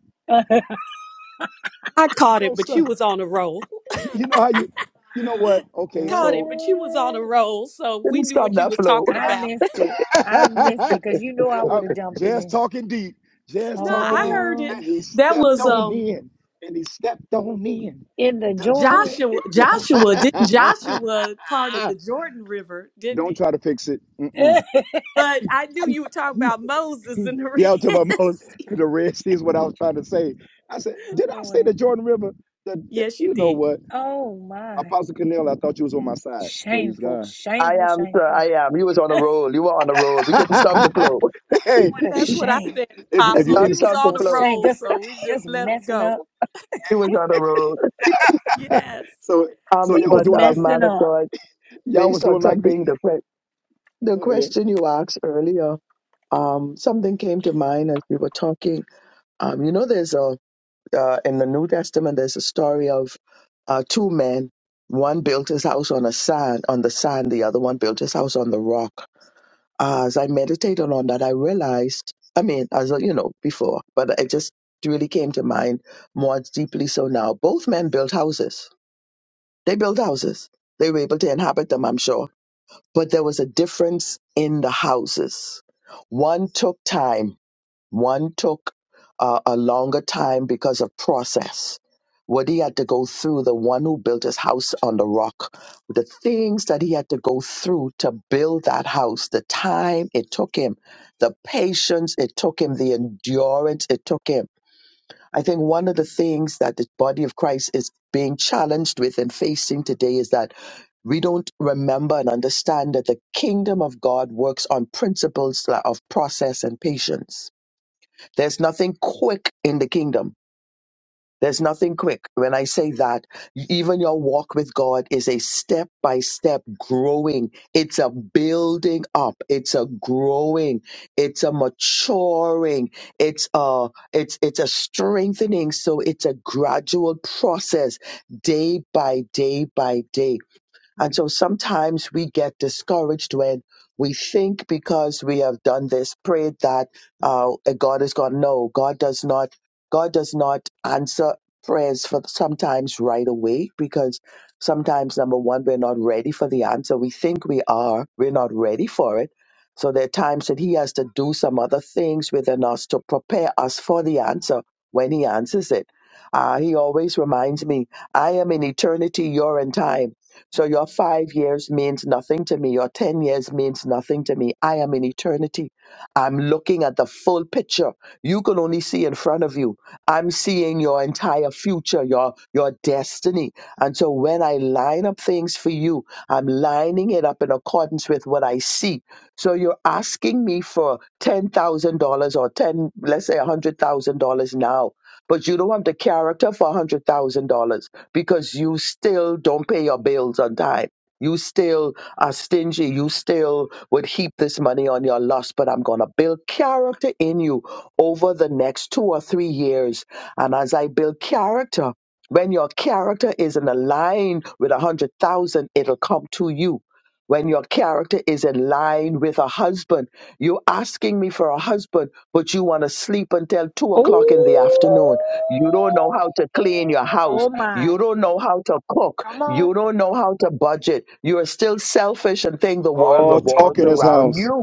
Speaker 4: I
Speaker 1: You
Speaker 4: caught it,
Speaker 1: know
Speaker 4: but you
Speaker 1: stuff.
Speaker 4: was on a roll.
Speaker 1: You, you know how you you know
Speaker 2: oh.
Speaker 1: what? Okay,
Speaker 4: Caught it,
Speaker 1: so
Speaker 4: but you was on a
Speaker 2: what?
Speaker 4: roll, so we
Speaker 6: Didn't
Speaker 4: knew
Speaker 6: stop
Speaker 4: what you
Speaker 6: that
Speaker 4: was
Speaker 6: flow.
Speaker 4: talking
Speaker 2: I
Speaker 4: about.
Speaker 2: missed it. I missed
Speaker 1: I,
Speaker 2: it because you know I would
Speaker 1: I'm
Speaker 2: have jumped
Speaker 1: just
Speaker 2: in.
Speaker 1: talking deep, just
Speaker 4: No,
Speaker 1: talking
Speaker 4: I
Speaker 1: deep,
Speaker 4: heard
Speaker 2: Oh,
Speaker 4: it.
Speaker 1: and he
Speaker 4: That
Speaker 1: stepped
Speaker 4: was
Speaker 1: on
Speaker 4: um
Speaker 1: in, and he stepped on in.
Speaker 2: in the
Speaker 1: The Ju-
Speaker 2: Jordan.
Speaker 4: Joshua. Joshua didn't Joshua parted the Jordan River, didn't
Speaker 1: Don't
Speaker 4: he?
Speaker 1: try to fix it.
Speaker 2: my
Speaker 1: Mm-mm.
Speaker 4: But I knew you were talking about Moses and the
Speaker 1: Yeah, I'm
Speaker 4: Red
Speaker 1: talking about Moses,
Speaker 4: Sea.
Speaker 1: 'cause the Red Sea is what I was trying to say. I said, did I say
Speaker 2: Lord.
Speaker 1: the Jordan River? The,
Speaker 4: Yes, you
Speaker 1: you know
Speaker 4: did.
Speaker 1: what?
Speaker 2: Oh, my.
Speaker 1: Apostle Cornell, I thought you was on my side. Praise
Speaker 2: Shameful,
Speaker 1: God.
Speaker 6: I
Speaker 2: shameful,
Speaker 6: am, sir.
Speaker 2: shameful.
Speaker 6: I am. You was on a roll. You were on a roll. We couldn't stop the flow.
Speaker 1: hey,
Speaker 2: What a
Speaker 6: we
Speaker 4: That's what I
Speaker 2: shame.
Speaker 4: said,
Speaker 1: if, you- if
Speaker 6: could
Speaker 1: you're
Speaker 4: Apostle.
Speaker 1: in
Speaker 4: He
Speaker 6: not
Speaker 1: it.
Speaker 4: was
Speaker 6: stop the
Speaker 4: on the
Speaker 2: That's a
Speaker 6: flow.
Speaker 2: shame.
Speaker 4: roll,
Speaker 2: Just
Speaker 4: so we
Speaker 2: just
Speaker 4: just let him
Speaker 2: messing
Speaker 4: go.
Speaker 2: up.
Speaker 6: He was on a roll.
Speaker 4: Yes.
Speaker 1: so
Speaker 6: Um,
Speaker 1: so
Speaker 2: He
Speaker 1: y'all was
Speaker 6: but
Speaker 2: was
Speaker 1: doing
Speaker 6: uh,
Speaker 1: like
Speaker 6: man
Speaker 2: messing
Speaker 6: of
Speaker 2: up.
Speaker 6: God,
Speaker 1: y'all was
Speaker 6: based on
Speaker 1: doing like
Speaker 6: something
Speaker 1: me.
Speaker 6: the que- the
Speaker 1: Go ahead.
Speaker 6: question you asked earlier, um, something came to mind as we were talking. Um, you know, there's a uh, in the New Testament there's a story of uh, two men. One built his house on a sand on the sand. The other one built his house on the rock as I meditated on that, I realized, I mean, as a- you know, before, but it just really came to mind more deeply so now. Both men built houses. They built houses. They were able to inhabit them, I'm sure. But there was a difference in the houses. One took time one took uh, a longer time because of process. What he had to go through, the one who built his house on the rock, the things that he had to go through to build that house, the time it took him, the patience it took him, the endurance it took him. I think one of the things that the body of Christ is being challenged with and facing today is that we don't remember and understand that the kingdom of God works on principles of process and patience there's nothing quick in the kingdom. There's nothing quick. When I say that, even your walk with God is a step by step growing. It's a building up. It's a growing. It's a maturing. It's a, it's, it's a strengthening. So it's a gradual process day by day by day. And so sometimes we get discouraged when we think because we have done this, prayed that uh, God is gone. No, God does not. God does not answer prayers for sometimes right away because sometimes number one we're not ready for the answer. We think we are. We're not ready for it. So there are times that He has to do some other things within us to prepare us for the answer when He answers it. Uh, he always reminds me, I am in eternity, you're in time. So your five years means nothing to me. Your 10 years means nothing to me. I am in eternity. I'm looking at the full picture. You can only see in front of you. I'm seeing your entire future, your, your destiny. And so when I line up things for you, I'm lining it up in accordance with what I see. So you're asking me for $10,000 or 10, let's say $100,000 now, but you don't have the character for $100,000 because you still don't pay your bills on time. You still are stingy. You still would heap this money on your lust, but I'm going to build character in you over the next two or three years. And as I build character, when your character is in a line with a hundred thousand, it'll come to you when your character is in line with a husband. You're asking me for a husband, but you want to sleep until two o'clock in the
Speaker 2: Ooh.
Speaker 6: afternoon. You don't know how to clean your house.
Speaker 2: Oh my.
Speaker 6: You don't know how to cook.
Speaker 2: Come on.
Speaker 6: You don't know how to budget. You're still selfish and think the world
Speaker 1: Oh, talk
Speaker 6: revolves
Speaker 1: in his
Speaker 6: around
Speaker 1: house.
Speaker 6: you.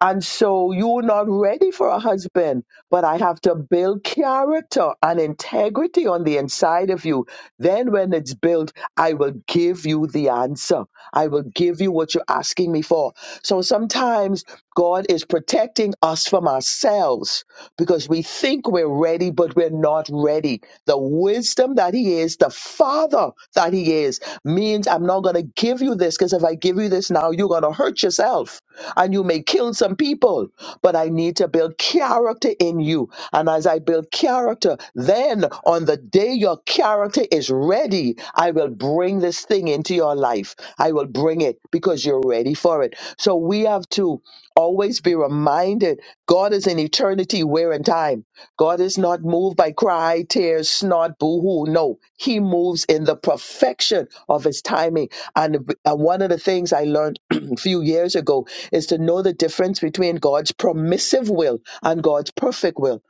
Speaker 6: And so you're not ready for a husband, but I have to build character and integrity on the inside of you. Then, when it's built, I will give you the answer. I will give you what you're asking me for. So sometimes God is protecting us from ourselves because we think we're ready, but we're not ready. The wisdom that He is, the Father that He is, means I'm not going to give you this because if I give you this now, you're going to hurt yourself and you may kill some people, but I need to build character in you. And as I build character, then on the day your character is ready, I will bring this thing into your life. I will bring it because you're ready for it. So we have to always be reminded God is in eternity, where in time. God is not moved by cry, tears, snot, boo hoo. No, He moves in the perfection of His timing. And, and one of the things I learned few years ago is to know the difference between God's permissive will and God's perfect will.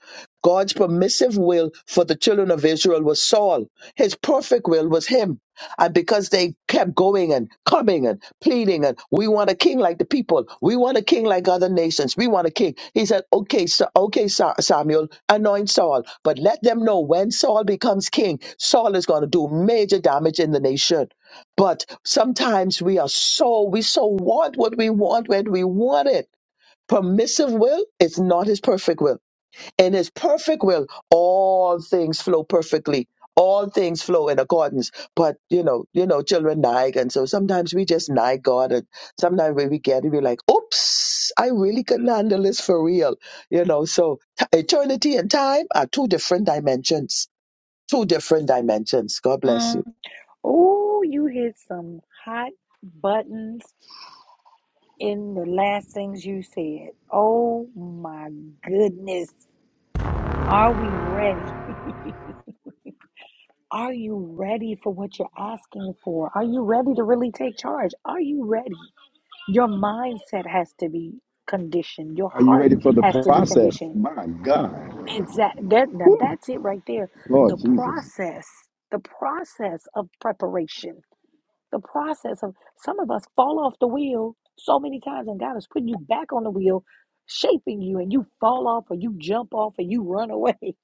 Speaker 6: God's permissive will for the children of Israel was Saul. His perfect will was him. And because they kept going and coming and pleading and we want a king like the people. We want a king like other nations. We want a king. He said, okay, so, okay, Sa- Samuel, anoint Saul, but let them know when Saul becomes king, Saul is going to do major damage in the nation. But sometimes we are so, we so want what we want when we want it. Permissive will is not his perfect will. In his perfect will, all things flow perfectly. All things flow in accordance. But, you know, you know, children nag. And so sometimes we just nag God. And sometimes when we get it, we're like, oops, I really couldn't handle this for real. You know, so t- eternity and time are two different dimensions. Two different dimensions. God bless you.
Speaker 2: Mm. Ooh, you hit some hot buttons in the last things you said. Oh my goodness. Are we ready? Are you ready for what you're asking for? Are you ready to really take charge? Are you ready? Your mindset has to be conditioned. Your
Speaker 1: Are you
Speaker 2: heart
Speaker 1: ready for the
Speaker 2: has to be
Speaker 1: process?
Speaker 2: conditioned.
Speaker 1: My God.
Speaker 2: Exactly. That, now
Speaker 1: Whew.
Speaker 2: that's it right there. The
Speaker 1: Lord Jesus.
Speaker 2: process, the process of preparation, the process of some of us fall off the wheel so many times, and God is putting you back on the wheel, shaping you, and you fall off, or you jump off, or you run away,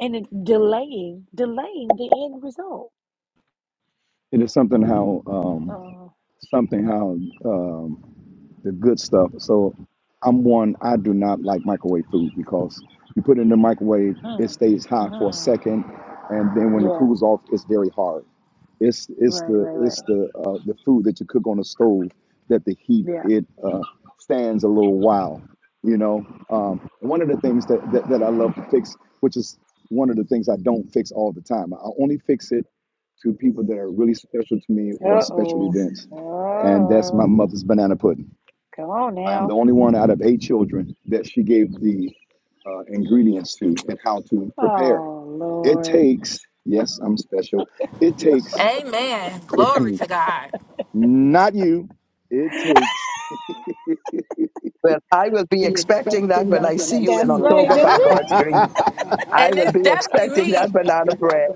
Speaker 2: and it's delaying, delaying the end result.
Speaker 1: It is something how um
Speaker 2: Uh
Speaker 1: something how um the good stuff. So I'm one, I do not like microwave food because you put it in the microwave, it
Speaker 2: hmm.
Speaker 1: stays hot for a
Speaker 2: hmm
Speaker 1: second, and then when it
Speaker 2: Yeah.
Speaker 1: cools off, it's very hard. It's it's
Speaker 2: Right.
Speaker 1: the
Speaker 2: Right. Right.
Speaker 1: it's the uh, the food that you cook on the stove that the heat
Speaker 2: Yeah.
Speaker 1: it uh, stands a little while. You know, um, one of the things that, that that I love to fix, which is one of the things I don't fix all the time. I only fix it to people that are really special to me or
Speaker 2: Uh
Speaker 1: special
Speaker 2: oh.
Speaker 1: events, and that's my
Speaker 2: Oh.
Speaker 1: mother's banana pudding.
Speaker 2: Come on
Speaker 1: I am the
Speaker 2: now.
Speaker 1: only one out of eight children that she gave the uh, ingredients to and how to prepare.
Speaker 2: Oh
Speaker 1: It
Speaker 2: Lord.
Speaker 1: takes, yes, I'm special. It takes,
Speaker 3: Amen. Glory to God.
Speaker 1: not you, it takes,
Speaker 6: Well, I will be
Speaker 3: Be
Speaker 6: expecting that
Speaker 3: expecting
Speaker 6: when
Speaker 3: that
Speaker 6: I
Speaker 3: when
Speaker 6: see
Speaker 3: I
Speaker 6: you
Speaker 3: see
Speaker 6: in
Speaker 2: That's
Speaker 3: you.
Speaker 2: right.
Speaker 6: October
Speaker 2: That's
Speaker 6: by
Speaker 2: right.
Speaker 6: God's
Speaker 1: you
Speaker 6: grace. I
Speaker 3: And
Speaker 6: will
Speaker 3: it's
Speaker 6: be expecting that
Speaker 3: definitely
Speaker 6: banana bread.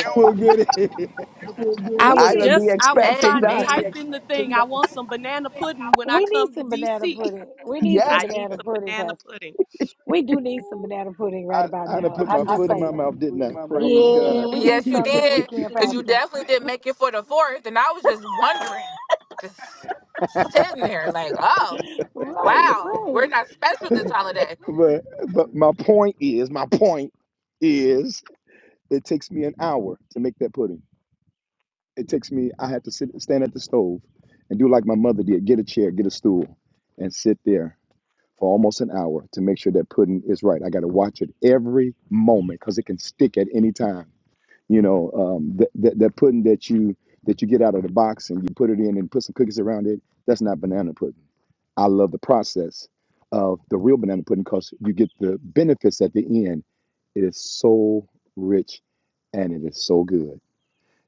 Speaker 3: me.
Speaker 1: will get it.
Speaker 3: Amen.
Speaker 4: I
Speaker 2: We
Speaker 4: was
Speaker 6: I will
Speaker 2: need
Speaker 6: be
Speaker 4: just I was
Speaker 3: I
Speaker 6: expecting
Speaker 4: trying to
Speaker 6: that.
Speaker 4: type in the thing. I want some banana pudding when I
Speaker 2: we need
Speaker 4: come to
Speaker 2: some banana
Speaker 4: DC.
Speaker 2: pudding. We need some
Speaker 6: Yes.
Speaker 4: I need
Speaker 2: banana
Speaker 4: some
Speaker 2: pudding,
Speaker 4: banana
Speaker 2: Pastor.
Speaker 4: pudding.
Speaker 2: We do need some banana pudding right
Speaker 1: I,
Speaker 2: about
Speaker 1: I done
Speaker 2: now.
Speaker 1: put my
Speaker 2: I'm just
Speaker 1: foot in my
Speaker 3: put
Speaker 2: saying.
Speaker 3: my
Speaker 1: mouth, didn't
Speaker 3: foot in
Speaker 1: I?
Speaker 3: my mouth,
Speaker 1: Praise
Speaker 3: didn't
Speaker 2: Yeah,
Speaker 1: God.
Speaker 3: I?
Speaker 2: we need
Speaker 3: Yes, you
Speaker 2: some this
Speaker 3: did,
Speaker 2: weekend,
Speaker 3: because you
Speaker 2: Pastor.
Speaker 3: definitely didn't make it for the fourth. And I was just wondering, just sitting there, like, oh,
Speaker 2: Right,
Speaker 3: wow, we're
Speaker 2: right.
Speaker 3: not special this holiday.
Speaker 1: but but my point is, my point is, it takes me an hour to make that pudding. it takes me i had to sit stand at the stove and do like my mother did get a chair get a stool and sit there for almost an hour to make sure that pudding is right i got to watch it every moment because it can stick at any time you know um, that, that, that pudding that you that you get out of the box and you put it in and put some cookies around it that's not banana pudding I love the process of the real banana pudding because you get the benefits at the end. It is so rich and it is so good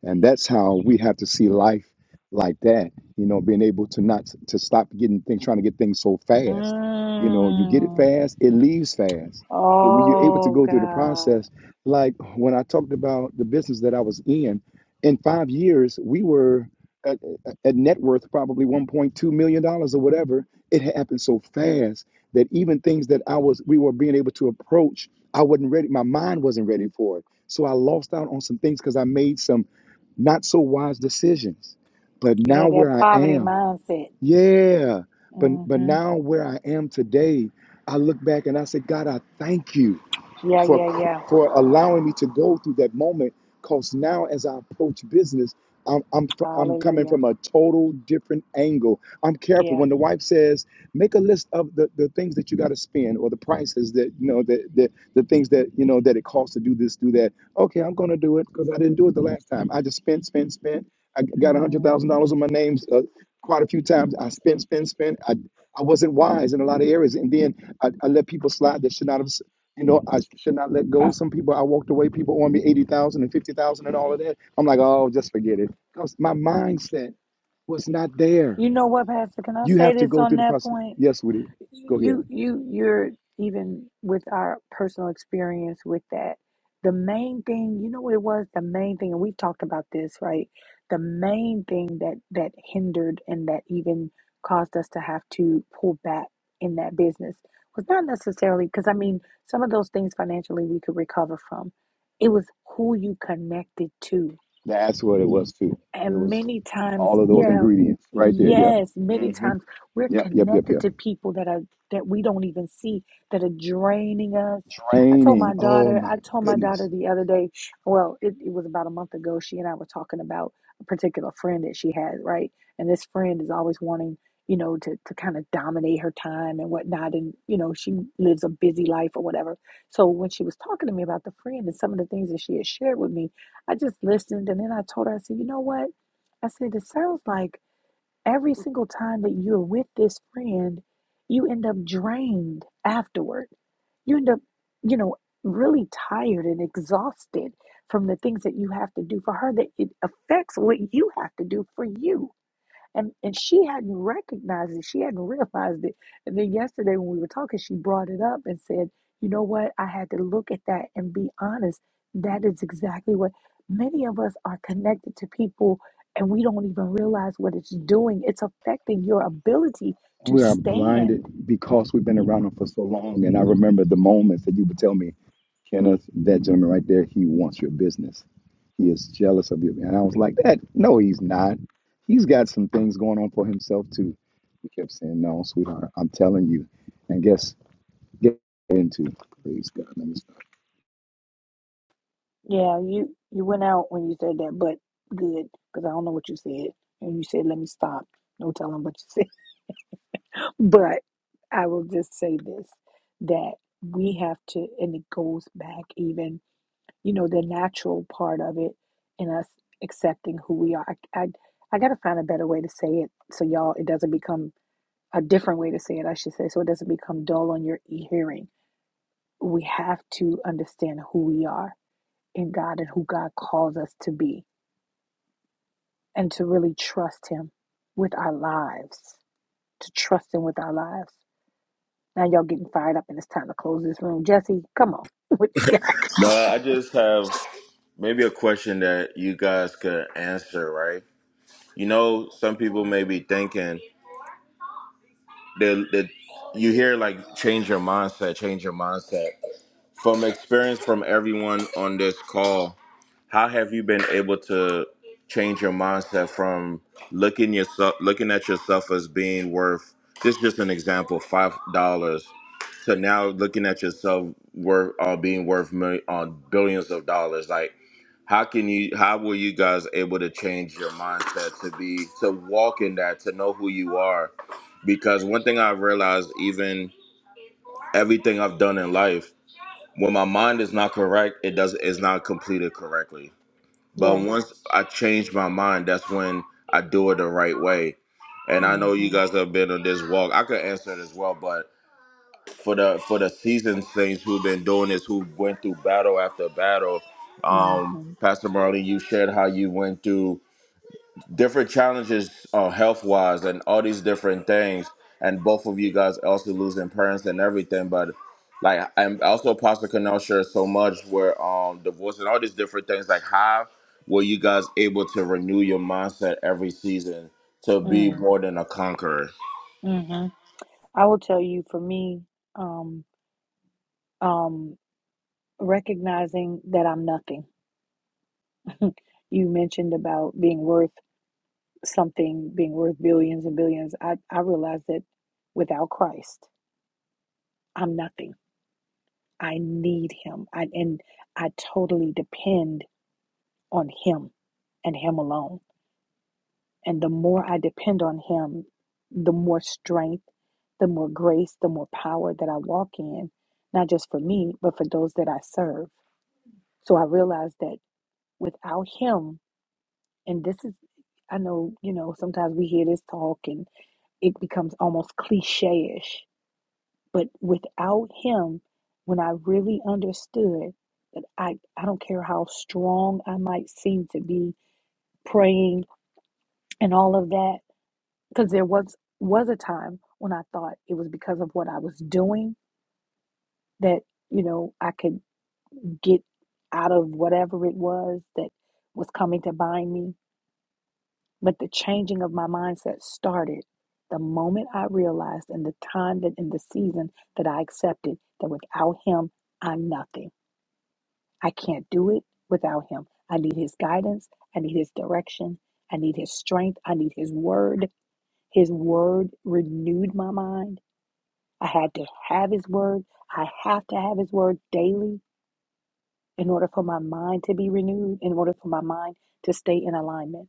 Speaker 1: and that's how we have to see life like that you know being able to not to stop getting things trying to get things so fast you know you get it
Speaker 2: Mm.
Speaker 1: fast it leaves fast but when you're able to
Speaker 2: Oh
Speaker 1: go through the
Speaker 2: God,
Speaker 1: process like when i talked about the business that i was in in five years we were at, at net worth probably 1.2 million dollars or whatever it happened so fast that even things that i was we were being able to approach i wasn't ready my mind wasn't ready for it so i lost out on some things because i made some not so wise decisions. But
Speaker 2: you
Speaker 1: now
Speaker 2: had that
Speaker 1: where I
Speaker 2: poverty
Speaker 1: am,
Speaker 2: mindset.
Speaker 1: yeah. But but
Speaker 2: hmm
Speaker 1: now where I am today, I look back and I say, God, I thank you
Speaker 2: Yeah,
Speaker 1: for
Speaker 2: yeah, yeah.
Speaker 1: for allowing me to go through that moment. Cause now, as I approach business, I'm I'm I'm coming
Speaker 2: Hallelujah.
Speaker 1: from a total different angle. I'm careful
Speaker 2: Yeah.
Speaker 1: when the wife says, "Make a list of the, the things that you got to spend or the prices that you know that the, the things that you know that it costs to do this, do that." Okay, I'm gonna do it because I didn't do it the last time. I just spent, spent, spent. I got a hundred
Speaker 2: Mm.
Speaker 1: thousand dollars on my names uh, quite a few times. I spent, spent, spent. I I wasn't wise in a lot of areas, and then I, I let people slide that should not have you know, I should not let
Speaker 2: Uh,
Speaker 1: go. Some people I walked away, people owe me 80,000 and 50,000 and all of that. I'm like, oh, just forget it. Because my mindset was not there.
Speaker 2: you know what, Pastor? Can I
Speaker 1: You
Speaker 2: say
Speaker 1: have to
Speaker 2: this
Speaker 1: go
Speaker 2: on
Speaker 1: through the
Speaker 2: that
Speaker 1: process.
Speaker 2: point?
Speaker 1: Yes, Woody, go ahead.
Speaker 2: you you you're even with our personal experience with that the main thing you know what it was the main thing and we've talked about this right the main thing that that hindered and that even caused us to have to pull back in that business was not necessarily because i mean some of those things financially we could recover from it was who you connected to
Speaker 1: That's what it was, too. It
Speaker 2: and
Speaker 1: was
Speaker 2: many times,
Speaker 1: all of those
Speaker 2: yeah,
Speaker 1: ingredients right there. Yep.
Speaker 2: yes, many
Speaker 1: hmm
Speaker 2: times we're
Speaker 1: Yep, yep, yep,
Speaker 2: connected
Speaker 1: yep.
Speaker 2: to people that are that we don't even see that are draining us. I told my
Speaker 1: Draining. Oh,
Speaker 2: daughter,
Speaker 1: my
Speaker 2: I told my daughter
Speaker 1: goodness.
Speaker 2: the other day, well, it, it was about a month ago, she and I were talking about a particular friend that she had, right? And this friend is always wanting, you know, to, to kind of dominate her time and whatnot. And, you know, she lives a busy life or whatever. So when she was talking to me about the friend and some of the things that she had shared with me, I just listened and then I told her, I said, you know what? I said, it sounds like every single time that you're with this friend, you end up drained afterward. You end up, you know, really tired and exhausted from the things that you have to do for her, that it affects what you have to do for you. And and she hadn't recognized it. She hadn't realized it. And then yesterday when we were talking, she brought it up and said, "You know what? I had to look at that and be honest. That is exactly what many of us are connected to people and we don't even realize what it's doing. It's affecting your ability to
Speaker 1: we are
Speaker 2: stand.
Speaker 1: blinded because we've been around him for so long. And I remember the moments that you would tell me, Kenneth, that gentleman right there, he wants your business. He is jealous of you. And I was like, that no, he's not. He's got some things going on for himself too. You kept saying, No, sweetheart, I'm telling you. And guess get into please God, let me stop.
Speaker 2: Yeah, you you went out when you said that, but good because I don't know what you said, and you said let me stop. No telling what you said, but I will just say this: that we have to, and it goes back even, you know, the natural part of it, in us accepting who we are. I I, I got to find a better way to say it so y'all it doesn't become a different way to say it. I should say so it doesn't become dull on your e- hearing. We have to understand who we are in God and who God calls us to be and to really trust Him with our lives, to trust Him with our lives. Now, y'all getting fired up, and it's time to close this room. Jesse, come on. What you got?
Speaker 7: No, I just have maybe a question that you guys could answer, right? You know, some people may be thinking that that you hear like change your mindset, change your mindset. From experience from everyone on this call, how have you been able to change your mindset from looking yourself looking at yourself as being worth this is just an example, five dollars to now looking at yourself worth uh, being worth million, uh, billions of dollars. Like, how can you? How were you guys able to change your mindset to be to walk in that to know who you are? Because one thing I realized, even everything I've done in life when my mind is not correct, it does it's not completed correctly. But
Speaker 2: Yeah.
Speaker 7: once I change my mind, that's when I do it the right way. And I know you
Speaker 2: Mm-hmm.
Speaker 7: guys have been on this walk. I could answer it as well, but for the for the seasoned saints who've been doing this, who went through battle after battle, um,
Speaker 2: Mm-hmm.
Speaker 7: Pastor Marley, you shared how you went through different challenges uh, health wise and all these different things. And both of you guys also losing parents and everything. But like I'm also Pastor Canal shares so much where um divorce and all these different things like how were you guys able to renew your mindset every season to be
Speaker 2: Mm.
Speaker 7: more than a conqueror?
Speaker 2: Mm-hmm. I will tell you for me, um, um, recognizing that I'm nothing. you mentioned about being worth something, being worth billions and billions. I, I realized that without Christ, I'm nothing. I need him. I, and I totally depend on Him and Him alone. And the more I depend on Him, the more strength, the more grace, the more power that I walk in, not just for me, but for those that I serve. So I realize that without Him, and this is, I know, you know, sometimes we hear this talk and it becomes almost cliche ish, but without Him, when I really understood that I, I don't care how strong I might seem to be praying and all of that, because there was was a time when I thought it was because of what I was doing that you know I could get out of whatever it was that was coming to bind me. But the changing of my mindset started the moment I realized, and the time that in the season that I accepted that without him I'm nothing. I can't do it without him. I need his guidance. I need his direction. I need his strength. I need his word. His word renewed my mind I had to have his word. I have to have his word daily in order for my mind to be renewed, in order for my mind to stay in alignment.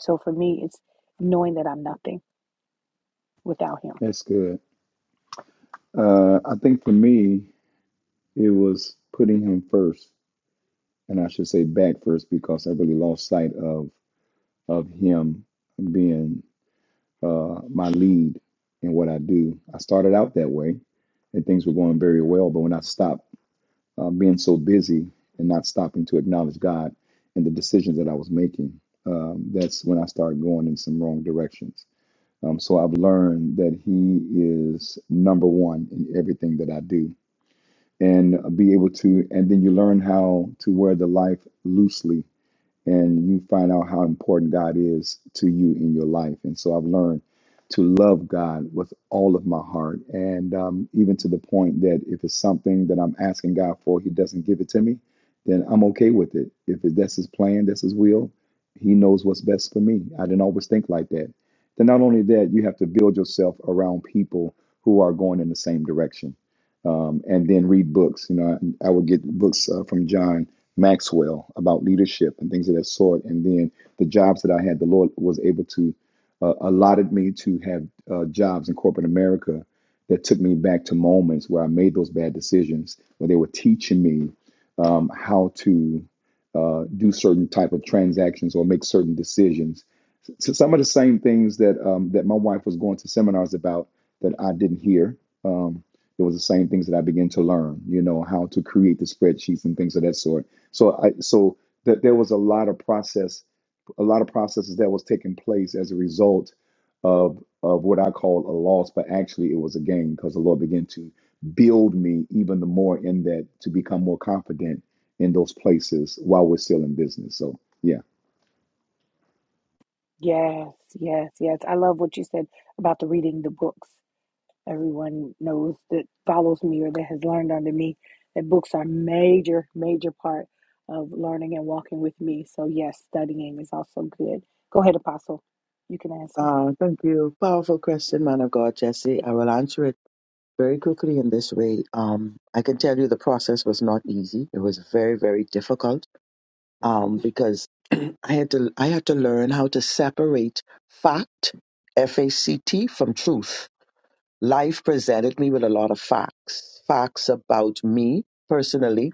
Speaker 2: So for me, it's knowing that I'm nothing without him.
Speaker 1: That's good. Uh, I think for me, it was putting him first, and I should say back first because I really lost sight of of him being uh, my lead in what I do. I started out that way and things were going very well, but when I stopped uh, being so busy and not stopping to acknowledge God and the decisions that I was making, um, that's when I started going in some wrong directions. Um, so I've learned that He is number one in everything that I do and be able to, and then you learn how to wear the life loosely and you find out how important God is to you in your life. And so I've learned to love God with all of my heart, and um, even to the point that if it's something that I'm asking God for, He doesn't give it to me, then I'm okay with it. If that's His plan, that's His will, He knows what's best for me. I didn't always think like that. Then not only that, you have to build yourself around people who are going in the same direction, um, and then read books. You know, I, I would get books uh, from John. Maxwell about leadership and things of that sort. And then the jobs that I had, the Lord was able to uh, allotted me to have uh, jobs in corporate America that took me back to moments where I made those bad decisions, where they were teaching me um, how to uh, do certain type of transactions or make certain decisions. So some of the same things that um, that my wife was going to seminars about that I didn't hear. Um, it was the same things that I began to learn, you know, how to create the spreadsheets and things of that sort so I so that there was a lot of process, a lot of processes that was taking place as a result of of what I call a loss, but actually it was a gain because the Lord began to build me even the more in that to become more confident in those places while we're still in business. So yeah.
Speaker 2: Yes, yes, yes. I love what you said about the reading the books. Everyone knows that follows me or that has learned under me that books are major, major part of learning and walking with me. So yes, studying is also good. Go ahead, Apostle. You can answer.
Speaker 6: Uh, thank you. Powerful question, man of God, Jesse. I will answer it very quickly in this way. Um, I can tell you the process was not easy. It was very, very difficult um, because I had to I had to learn how to separate fact, F A C T, from truth life presented me with a lot of facts facts about me personally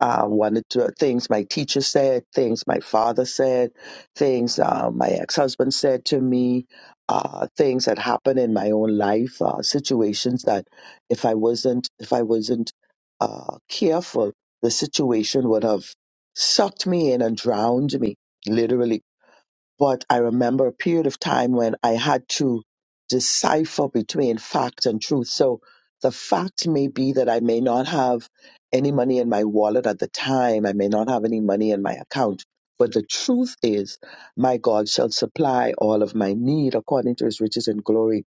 Speaker 6: uh, wanted to, things my teacher said things my father said things uh, my ex-husband said to me uh, things that happened in my own life uh, situations that if i wasn't if i wasn't uh, careful the situation would have sucked me in and drowned me literally but I remember a period of time when I had to decipher between fact and truth. So the fact may be that I may not have any money in my wallet at the time. I may not have any money in my account. But the truth is, my God shall supply all of my need according to his riches and glory.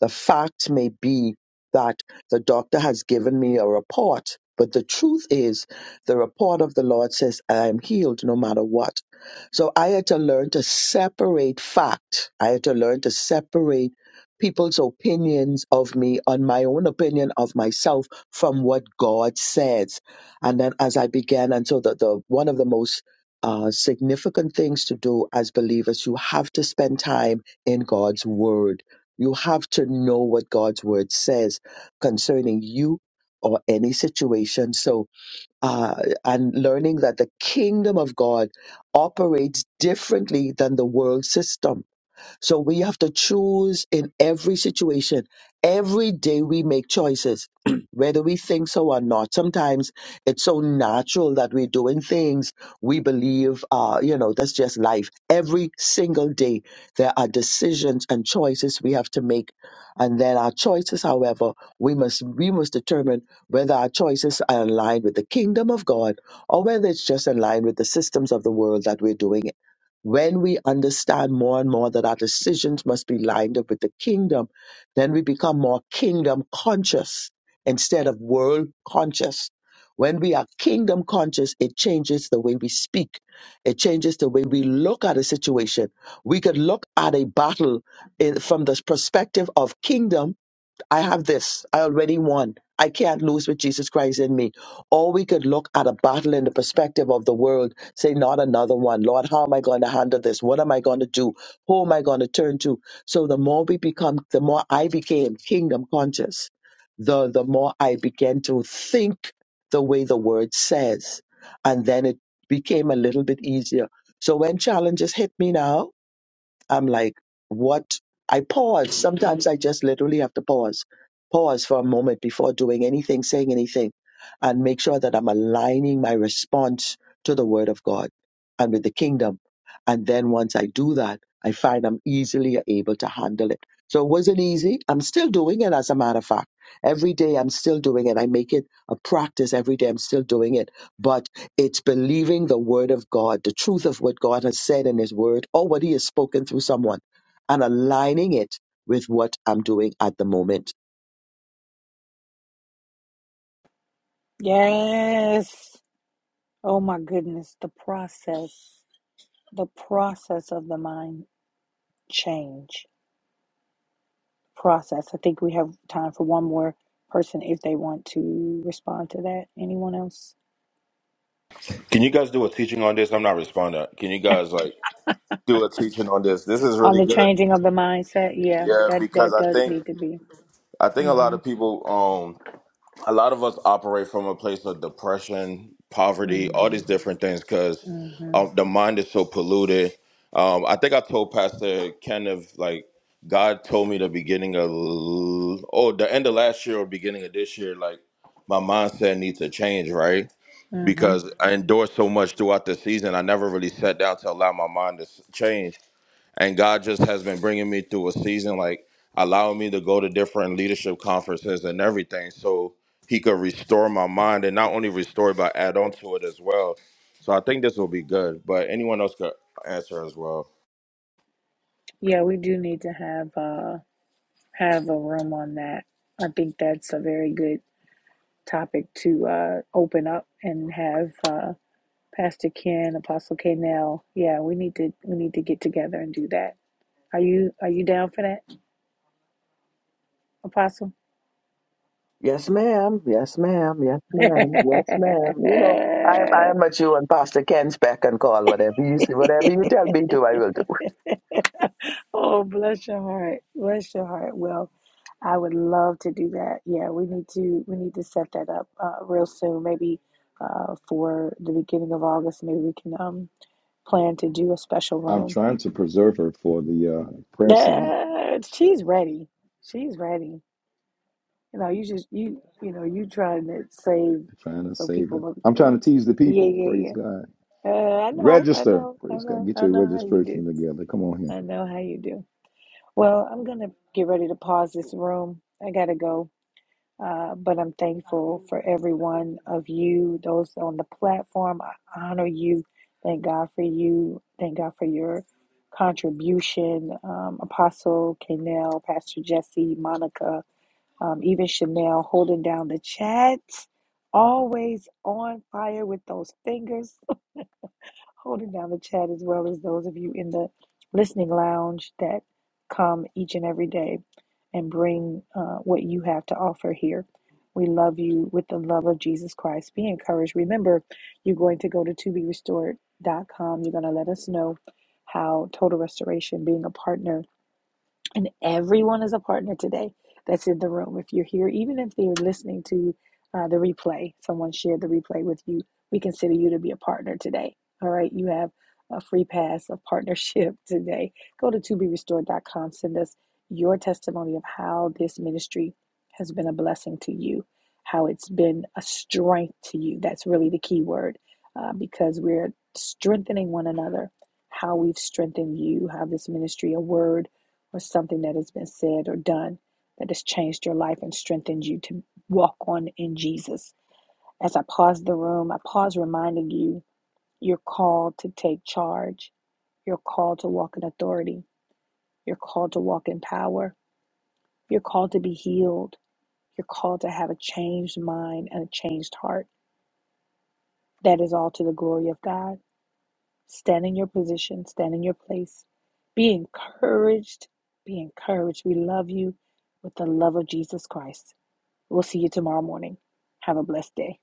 Speaker 6: The fact may be that the doctor has given me a report. But the truth is, the report of the Lord says, I am healed no matter what. So I had to learn to separate fact. I had to learn to separate people's opinions of me on my own opinion of myself from what God says. And then as I began, and so the, the one of the most uh, significant things to do as believers, you have to spend time in God's word. You have to know what God's word says concerning you or any situation. So uh, and learning that the kingdom of God operates differently than the world system so we have to choose in every situation. Every day we make choices, whether we think so or not. Sometimes it's so natural that we're doing things we believe, uh, you know, that's just life. Every single day there are decisions and choices we have to make. And then our choices, however, we must we must determine whether our choices are in line with the kingdom of God or whether it's just in line with the systems of the world that we're doing when we understand more and more that our decisions must be lined up with the kingdom, then we become more kingdom conscious instead of world conscious. When we are kingdom conscious, it changes the way we speak. It changes the way we look at a situation. We could look at a battle in, from the perspective of kingdom I have this. I already won. I can't lose with Jesus Christ in me. Or we could look at a battle in the perspective of the world, say, not another one. Lord, how am I going to handle this? What am I going to do? Who am I going to turn to? So the more we become, the more I became kingdom conscious, the, the more I began to think the way the word says. And then it became a little bit easier. So when challenges hit me now, I'm like, what? I pause. Sometimes I just literally have to pause, pause for a moment before doing anything, saying anything, and make sure that I'm aligning my response to the word of God and with the kingdom. And then once I do that, I find I'm easily able to handle it. So it wasn't easy. I'm still doing it, as a matter of fact. Every day I'm still doing it. I make it a practice every day. I'm still doing it. but. It's believing the word of God, the truth of what God has said in his word or what he has spoken through someone and aligning it with what I'm doing at the moment.
Speaker 2: Yes. Oh my goodness, the process, the process of the mind change process. I think we have time for one more person if they want to respond to that. Anyone else
Speaker 7: Can you guys do a teaching on this? I'm not responding. Can you guys like do a teaching on this? This is
Speaker 2: on
Speaker 7: really
Speaker 2: the
Speaker 7: good.
Speaker 2: changing of the mindset? Yeah,
Speaker 7: Yeah,
Speaker 2: that
Speaker 7: because
Speaker 2: that
Speaker 7: I
Speaker 2: does
Speaker 7: think
Speaker 2: need to be.
Speaker 7: I think a lot
Speaker 2: Mhm.
Speaker 7: of people a lot of us operate from a place of depression, poverty, all these
Speaker 2: Mhm.
Speaker 7: different things because
Speaker 2: Mhm.
Speaker 7: um, the mind is so polluted. Um, I think I told Pastor Kenneth, like, God told me the beginning of, oh, the end of last year or beginning of this year, like, my mindset needs to change, right?
Speaker 2: Mhm.
Speaker 7: Because I endured so much throughout the season, I never really sat down to allow my mind to s- change and God just has been bringing me through a season, like allowing me to go to different leadership conferences and everything, so He could restore my mind and not only restore it, but add on to it as well. So I think this will be good. But anyone else could answer as well.
Speaker 2: Yeah, we do need to have uh have a room on that. I think that's a very good topic to uh open up and have. uh. Pastor Ken, Apostle K. Nell. Yeah, we need to we need to get together and do that. Are you are you down for that, Apostle?
Speaker 6: Yes, ma'am. Yes, ma'am. Yes, ma'am. Yes, ma'am. You know, I am, I am at you and Pastor Ken's beck and call, whatever you say, whatever you tell me to, I will do.
Speaker 2: oh, bless your heart. Bless your heart. Well, I would love to do that. Yeah, we need to we need to set that up uh, real soon. Maybe uh, for the beginning of August, maybe we can um plan to do a special
Speaker 1: I'm
Speaker 2: room.
Speaker 1: trying to preserve her for the uh, prayer summit.
Speaker 2: Ah, she's ready. She's ready. You know, you just you you know you trying to save
Speaker 1: I'm trying to
Speaker 2: so
Speaker 1: save
Speaker 2: people
Speaker 1: her.
Speaker 2: look.
Speaker 1: I'm trying
Speaker 2: Go,
Speaker 1: to tease the
Speaker 2: yeah,
Speaker 1: people. Praise
Speaker 2: yeah, yeah.
Speaker 1: God.
Speaker 2: Uh, I know, I
Speaker 1: Register.
Speaker 2: know, I
Speaker 1: Praise God.
Speaker 2: know,
Speaker 1: Get
Speaker 2: I
Speaker 1: your
Speaker 2: know how you
Speaker 1: registration
Speaker 2: do.
Speaker 1: together. Come on here.
Speaker 2: I know how you do. Well, I'm gonna get ready to pause this room. I gotta go. Uh, but I'm thankful for every one of you, those on the platform. I honor you. Thank God for you. Thank God for your contribution, um, Apostle Kanell, Pastor Jesse, Monica um, even Chanel holding down the chat, always on fire with those fingers, holding down the chat, as well as those of you in the listening lounge that come each and every day and bring uh, what you have to offer here. We love you with the love of Jesus Christ. Be encouraged. Remember, you're going to go to toberestored.com. You're going to let us know how Total Restoration, being a partner, and everyone is a partner today that's in the room. If you're here, even if they're listening to uh, the replay, someone shared the replay with you, we consider you to be a partner today. All right, you have a free pass of partnership today. Go to to be restored dot com. send us your testimony of how this ministry has been a blessing to you, how it's been a strength to you. That's really the key word uh, because we're strengthening one another, how we've strengthened you, how this ministry, a word, or something that has been said or done that has changed your life and strengthened you to walk on in Jesus. As I pause the room, I pause reminding you you're called to take charge, you're called to walk in authority, you're called to walk in power, you're called to be healed, you're called to have a changed mind and a changed heart. That is all to the glory of God. Stand in your position, stand in your place. Be encouraged. Be encouraged. We love you with the love of Jesus Christ. We'll see you tomorrow morning. Have a blessed day.